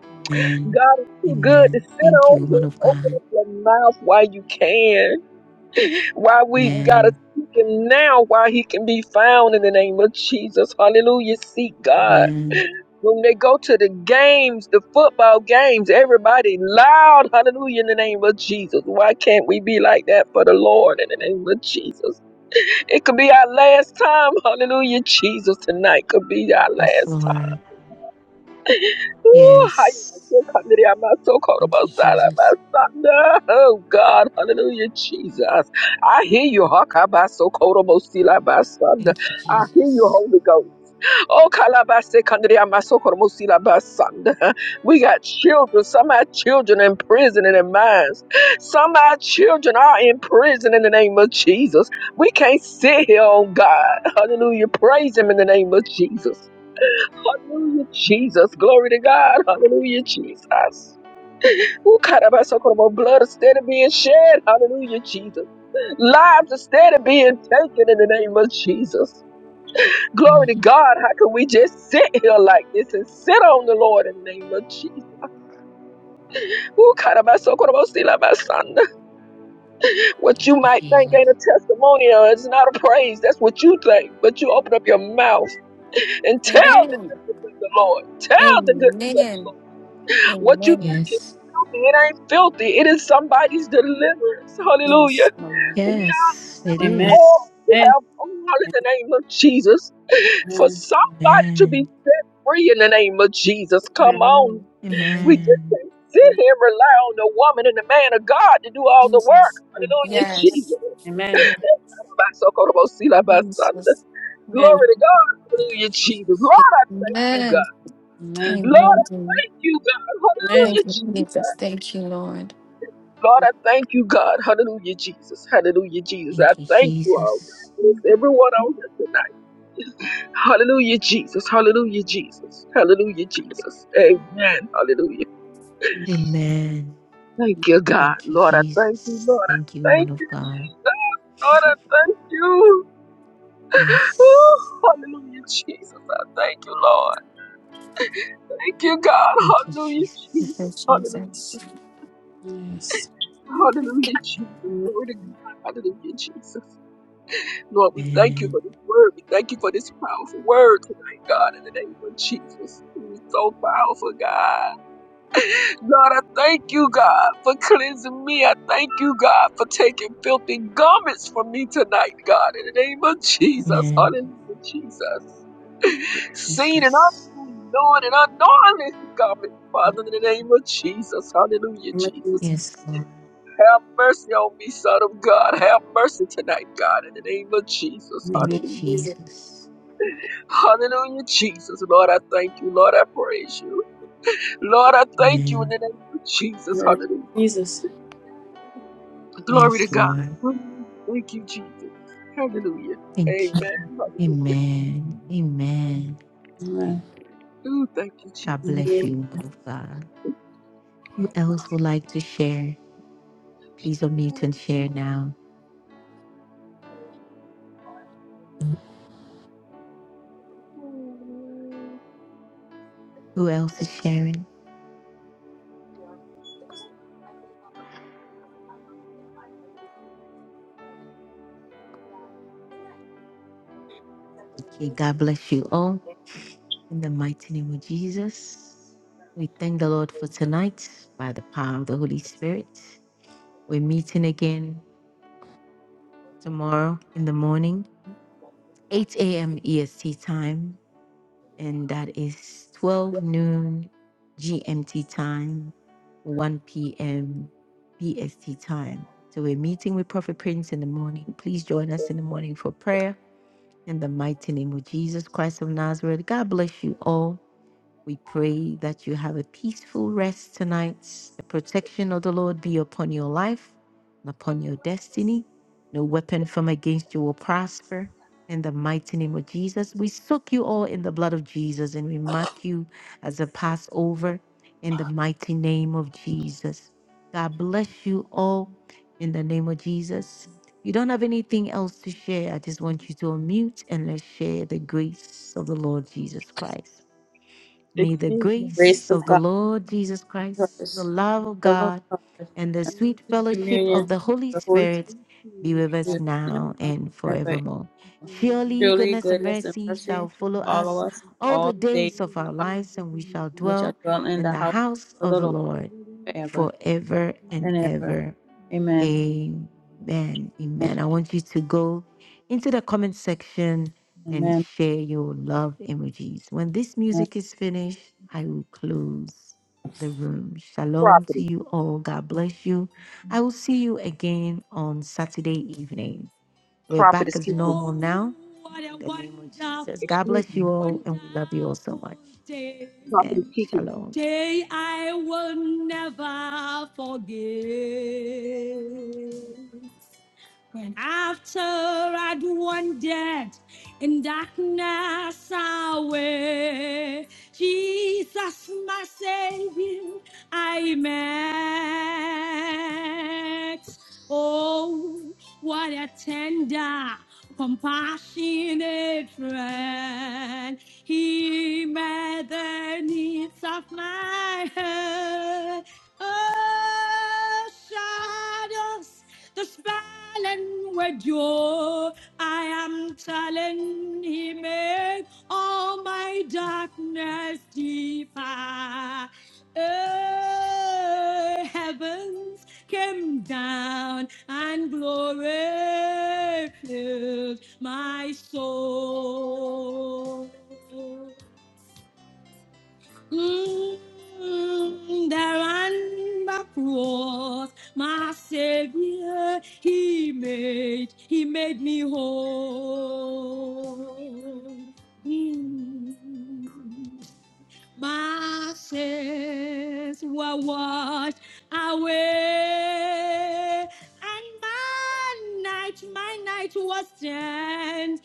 A: Amen.
T: God is too good to
A: Amen.
T: sit
A: Thank you,
T: on
A: woman
T: him.
A: of
T: Open
A: God.
T: up your mouth while you can. While we gotta
A: Amen.
T: seek him now, while he can be found in the name of Jesus. Hallelujah. Seek
A: Amen.
T: God. When they go to the games, the football games, everybody loud, hallelujah, in the name of Jesus. Why can't we be like that for the Lord in the name of Jesus? It could be our last time, hallelujah, Jesus, tonight could be our last
A: Yes, Lord.
T: Ooh, hi,
A: Yes.
T: Michael, come to the Amato,
A: Thank
T: Korobo,
A: you,
T: Sala,
A: Jesus.
T: Oh God, hallelujah, Jesus. I hear you, Hakabaso Korobo
A: Thank you,
T: I hear you,
A: Jesus.
T: Holy Ghost. Oh Kalabase Kandria Maso Korobo We got children. Some of our children in prison in their minds. Some of our children are in prison in the name of Jesus. We can't sit here, oh God. Hallelujah. Praise him in the name of Jesus. Hallelujah, Jesus. Glory to God. Hallelujah, Jesus. Who kind of us talking about blood instead of being shed? Hallelujah, Jesus. Lives instead of being taken in the name of Jesus. Glory
A: Mm,
T: to God. How can we just sit here like this and sit on the Lord in the name of Jesus? Who kind of us talking about still about son? What
A: Thank
T: you
A: you,
T: might think
A: Jesus.
T: ain't a testimonial. It's not a praise. That's what you think. But you open up your mouth and tell them
J: Amen.
T: the Lord. Tell the good
J: Amen.
T: what you
J: Amen.
T: think.
A: Yes.
T: It ain't filthy. It is somebody's deliverance. Hallelujah.
J: Yes, my Lord.
T: We are
J: Yes.
A: Yes, it
N: Amen.
T: all
A: is.
T: we
N: Amen.
T: have all in the name of Jesus. For somebody to be
A: Amen.
T: set free in the name of Jesus. Come on.
J: Amen.
T: We
J: Amen.
T: just
A: Amen.
T: can't sit here and rely on the woman and the man of God to do all the work.
J: Jesus.
T: Hallelujah, Jesus.
J: Yes.
N: Amen.
J: Jesus.
N: Amen.
T: Glory
J: Amen.
T: to God.
A: Thank you,
T: Hallelujah, Jesus.
A: Jesus.
T: Lord, thank you,
J: Amen.
T: God.
N: Amen.
T: Lord,
J: Amen.
T: thank you, God.
N: Amen.
T: Hallelujah,
J: Thank you,
T: Jesus.
J: Jesus. Thank you, Lord.
T: Lord, I thank you, God. Hallelujah, Jesus. Hallelujah, Jesus. I
A: Thank you,
T: thank you all.
A: Jesus.
J: Thank
T: Bless everyone on here tonight. Hallelujah, Jesus. Hallelujah, Jesus. Hallelujah, Jesus. Amen. Hallelujah.
A: Amen.
T: Thank you, God.
A: Thank you,
T: Lord, I thank you. Lord,
A: Jesus. Thank you,
T: I
A: woman
T: thank
A: of
T: you.
A: God.
T: Lord, I thank you. Ooh,
A: Yes.
T: hallelujah, Jesus. I thank you, Lord. Thank you, God.
A: Thank you,
T: Hallelujah, Jesus.
A: Jesus.
J: you,
T: Hallelujah, Jesus.
N: Yes.
J: Jesus.
T: Hallelujah, Jesus.
N: Amen.
T: Glory to God. Hallelujah, Jesus. Lord, we thank you
A: Amen.
T: for this word. We thank you for this powerful word tonight, God, in the name of Jesus. It was so powerful, God. Lord, I thank you, God, for cleansing me. I thank you, God, for taking filthy garments from me tonight, God, in the name of Jesus.
A: Amen.
T: Hallelujah, Jesus. Seen and
A: Jesus.
T: unseen, knowing and unknowingly, garments, Father, in the name of Jesus. Hallelujah,
N: Amen.
T: Jesus.
N: Jesus.
A: Yes, Lord.
T: Have mercy on me, Son of God. Have mercy tonight, God, in the name of Jesus.
A: Thank
N: Amen.
A: you,
T: Hallelujah.
N: Jesus.
A: Jesus.
T: Hallelujah, Jesus. Lord, I thank you. Lord, I praise you. Lord, I thank you in
A: Amen.
T: the name of Jesus.
N: In the name of
T: Hallelujah.
N: Jesus.
T: Glory to
A: Yes,
T: God.
A: Lord.
T: Thank you, Jesus. Hallelujah.
A: Thank you.
T: Amen. Hallelujah.
A: Amen. Amen.
N: Amen.
T: Ooh, thank you,
A: God
N: In
T: Jesus.
N: the
A: bless
N: name
T: Lord.
N: of the
A: you, woman of God. Who else would like to share? Please unmute and share now.
B: that
A: Who else is sharing?
B: there, was a type of um, what happened in Idaho they accepted a
A: Okay,
B: guilty
A: God bless you all. In the mighty name of Jesus,
B: plea
A: we thank the Lord for tonight by the power of the Holy Spirit. We're meeting again tomorrow in the morning, 8 a.m. EST time, and that is 12 noon GMT time, 1 p.m. PST time. So we're meeting with Prophet Prince in the morning. Please join us in the morning for prayer In the mighty name of Jesus Christ of Nazareth, God bless you all. We pray that you have a peaceful rest tonight. The protection of the Lord be upon your life and upon your destiny. No weapon from against you will prosper. In the mighty name of Jesus, we soak you all in the blood of Jesus and we mark you as a Passover in the mighty name of Jesus. God bless you all in the name of Jesus. You don't have anything else to share. I just want you to unmute and let's share the grace of the Lord Jesus Christ. May the
T: Excuse me,
N: grace
A: grace of
N: of
A: the
N: God,
A: Lord Jesus
N: the
A: Christ, the
N: Christ,
H: Bless
A: love
H: my
A: of
N: love of
A: God,
N: God, and
A: and the
N: the
A: sweet
H: Lord,
N: sweet
H: and the
A: fellowship
N: communion
A: of
N: of
A: the Holy
N: the Holy
A: Spirit
H: Holy
A: be with
H: Spirit.
A: us
N: Spirit,
A: now
N: now
A: and
N: and for
A: forevermore.
H: Bless
A: Surely
N: surely
A: goodness and
H: Lord,
N: goodness and
H: we
A: mercy
H: need
N: mercy
A: shall
H: the
N: shall
A: follow
H: light
N: follow
A: us
H: which
N: us
A: all the
N: all
H: us
N: the days
A: days
H: all
A: of
H: the
N: of
A: our
N: our
H: days
A: lives,
H: of
A: and
H: our
A: we shall
H: lives,
N: life. We
H: and
A: dwell
N: shall dwell in
H: God.
A: in
N: the
H: we
A: the
N: house
H: shall
A: house
N: of
A: of
N: the
A: the
N: Lord
A: Lord
H: cover them
N: forever
A: forever
H: forever
A: and
N: and
H: and
N: ever.
H: ever.
A: ever.
N: Amen.
H: Amen.
A: Amen.
N: Amen.
A: Amen. I want you to go into the comment section and
N: Amen.
A: share your love emojis. When this music is finished, I will close the room. Shalom to
T: property.
A: you all. God bless you. I will see you again on Saturday evening. We're
T: Prophet
A: back
T: is
A: as
T: kicking.
A: normal now. What In the name of Jesus. God
T: Excuse
A: bless
T: me,
A: you all, and we love you all so much. wonderful
T: prophet is
A: Amen.
T: kicking.
A: Shalom. Day I will never forget. When after I'd wandered in darkness away, Jesus, my Savior, I met. Oh, what a tender, compassionate friend. He met the needs of my heart. Oh, shadows the spell and with you. I am telling he made all my darkness deeper. Oh, heavens came down and glory filled my soul. Mm, There on the one that cross, my Savior, He made, He made me whole. Mm. My sins were washed away, and my night, my night was changed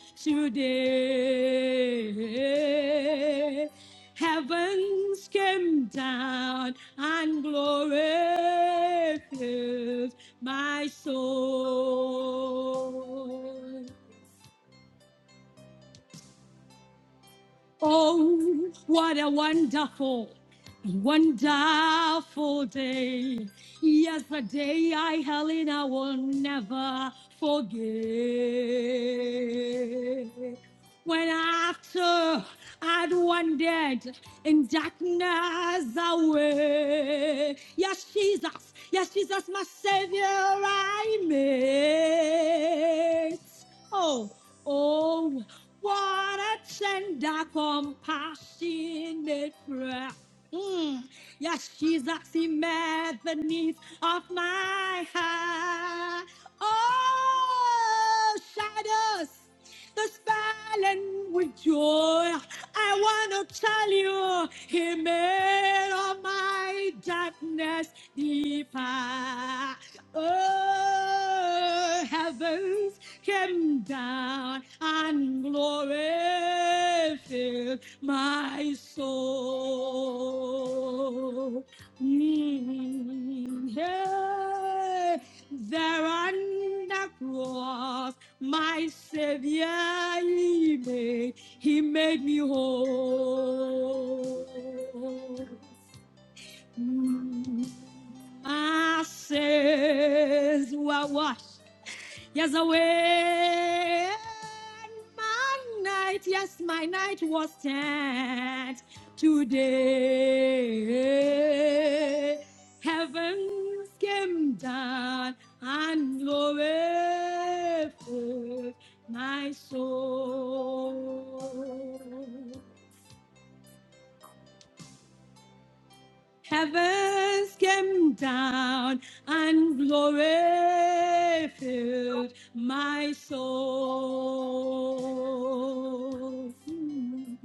A: day. Heavens came down and glory filled my soul. Oh, what a wonderful, wonderful day. Yes, a day I, Helena, will never forget. When after I'd wandered in darkness away. Yes, Jesus, yes, Jesus, my Savior, I met. Oh, oh. What a tender compassionate prayer. Mm. Yes, Jesus, He met the needs of my heart. Oh, shadows, the spelling with joy. I want to tell you, He made all my darkness deeper. Oh, heavens came down and glory filled my soul. Mm, yeah. There on the cross, my Savior, he made, he made me whole. Mm, My sins were washed Yes, away. My night, yes, my night was spent today. Heavens came down and glorified my soul. Heavens came down and glory filled my soul. Mm.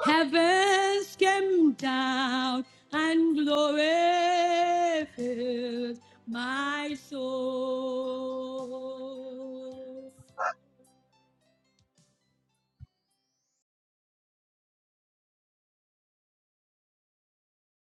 A: Heavens came down and glory filled my soul.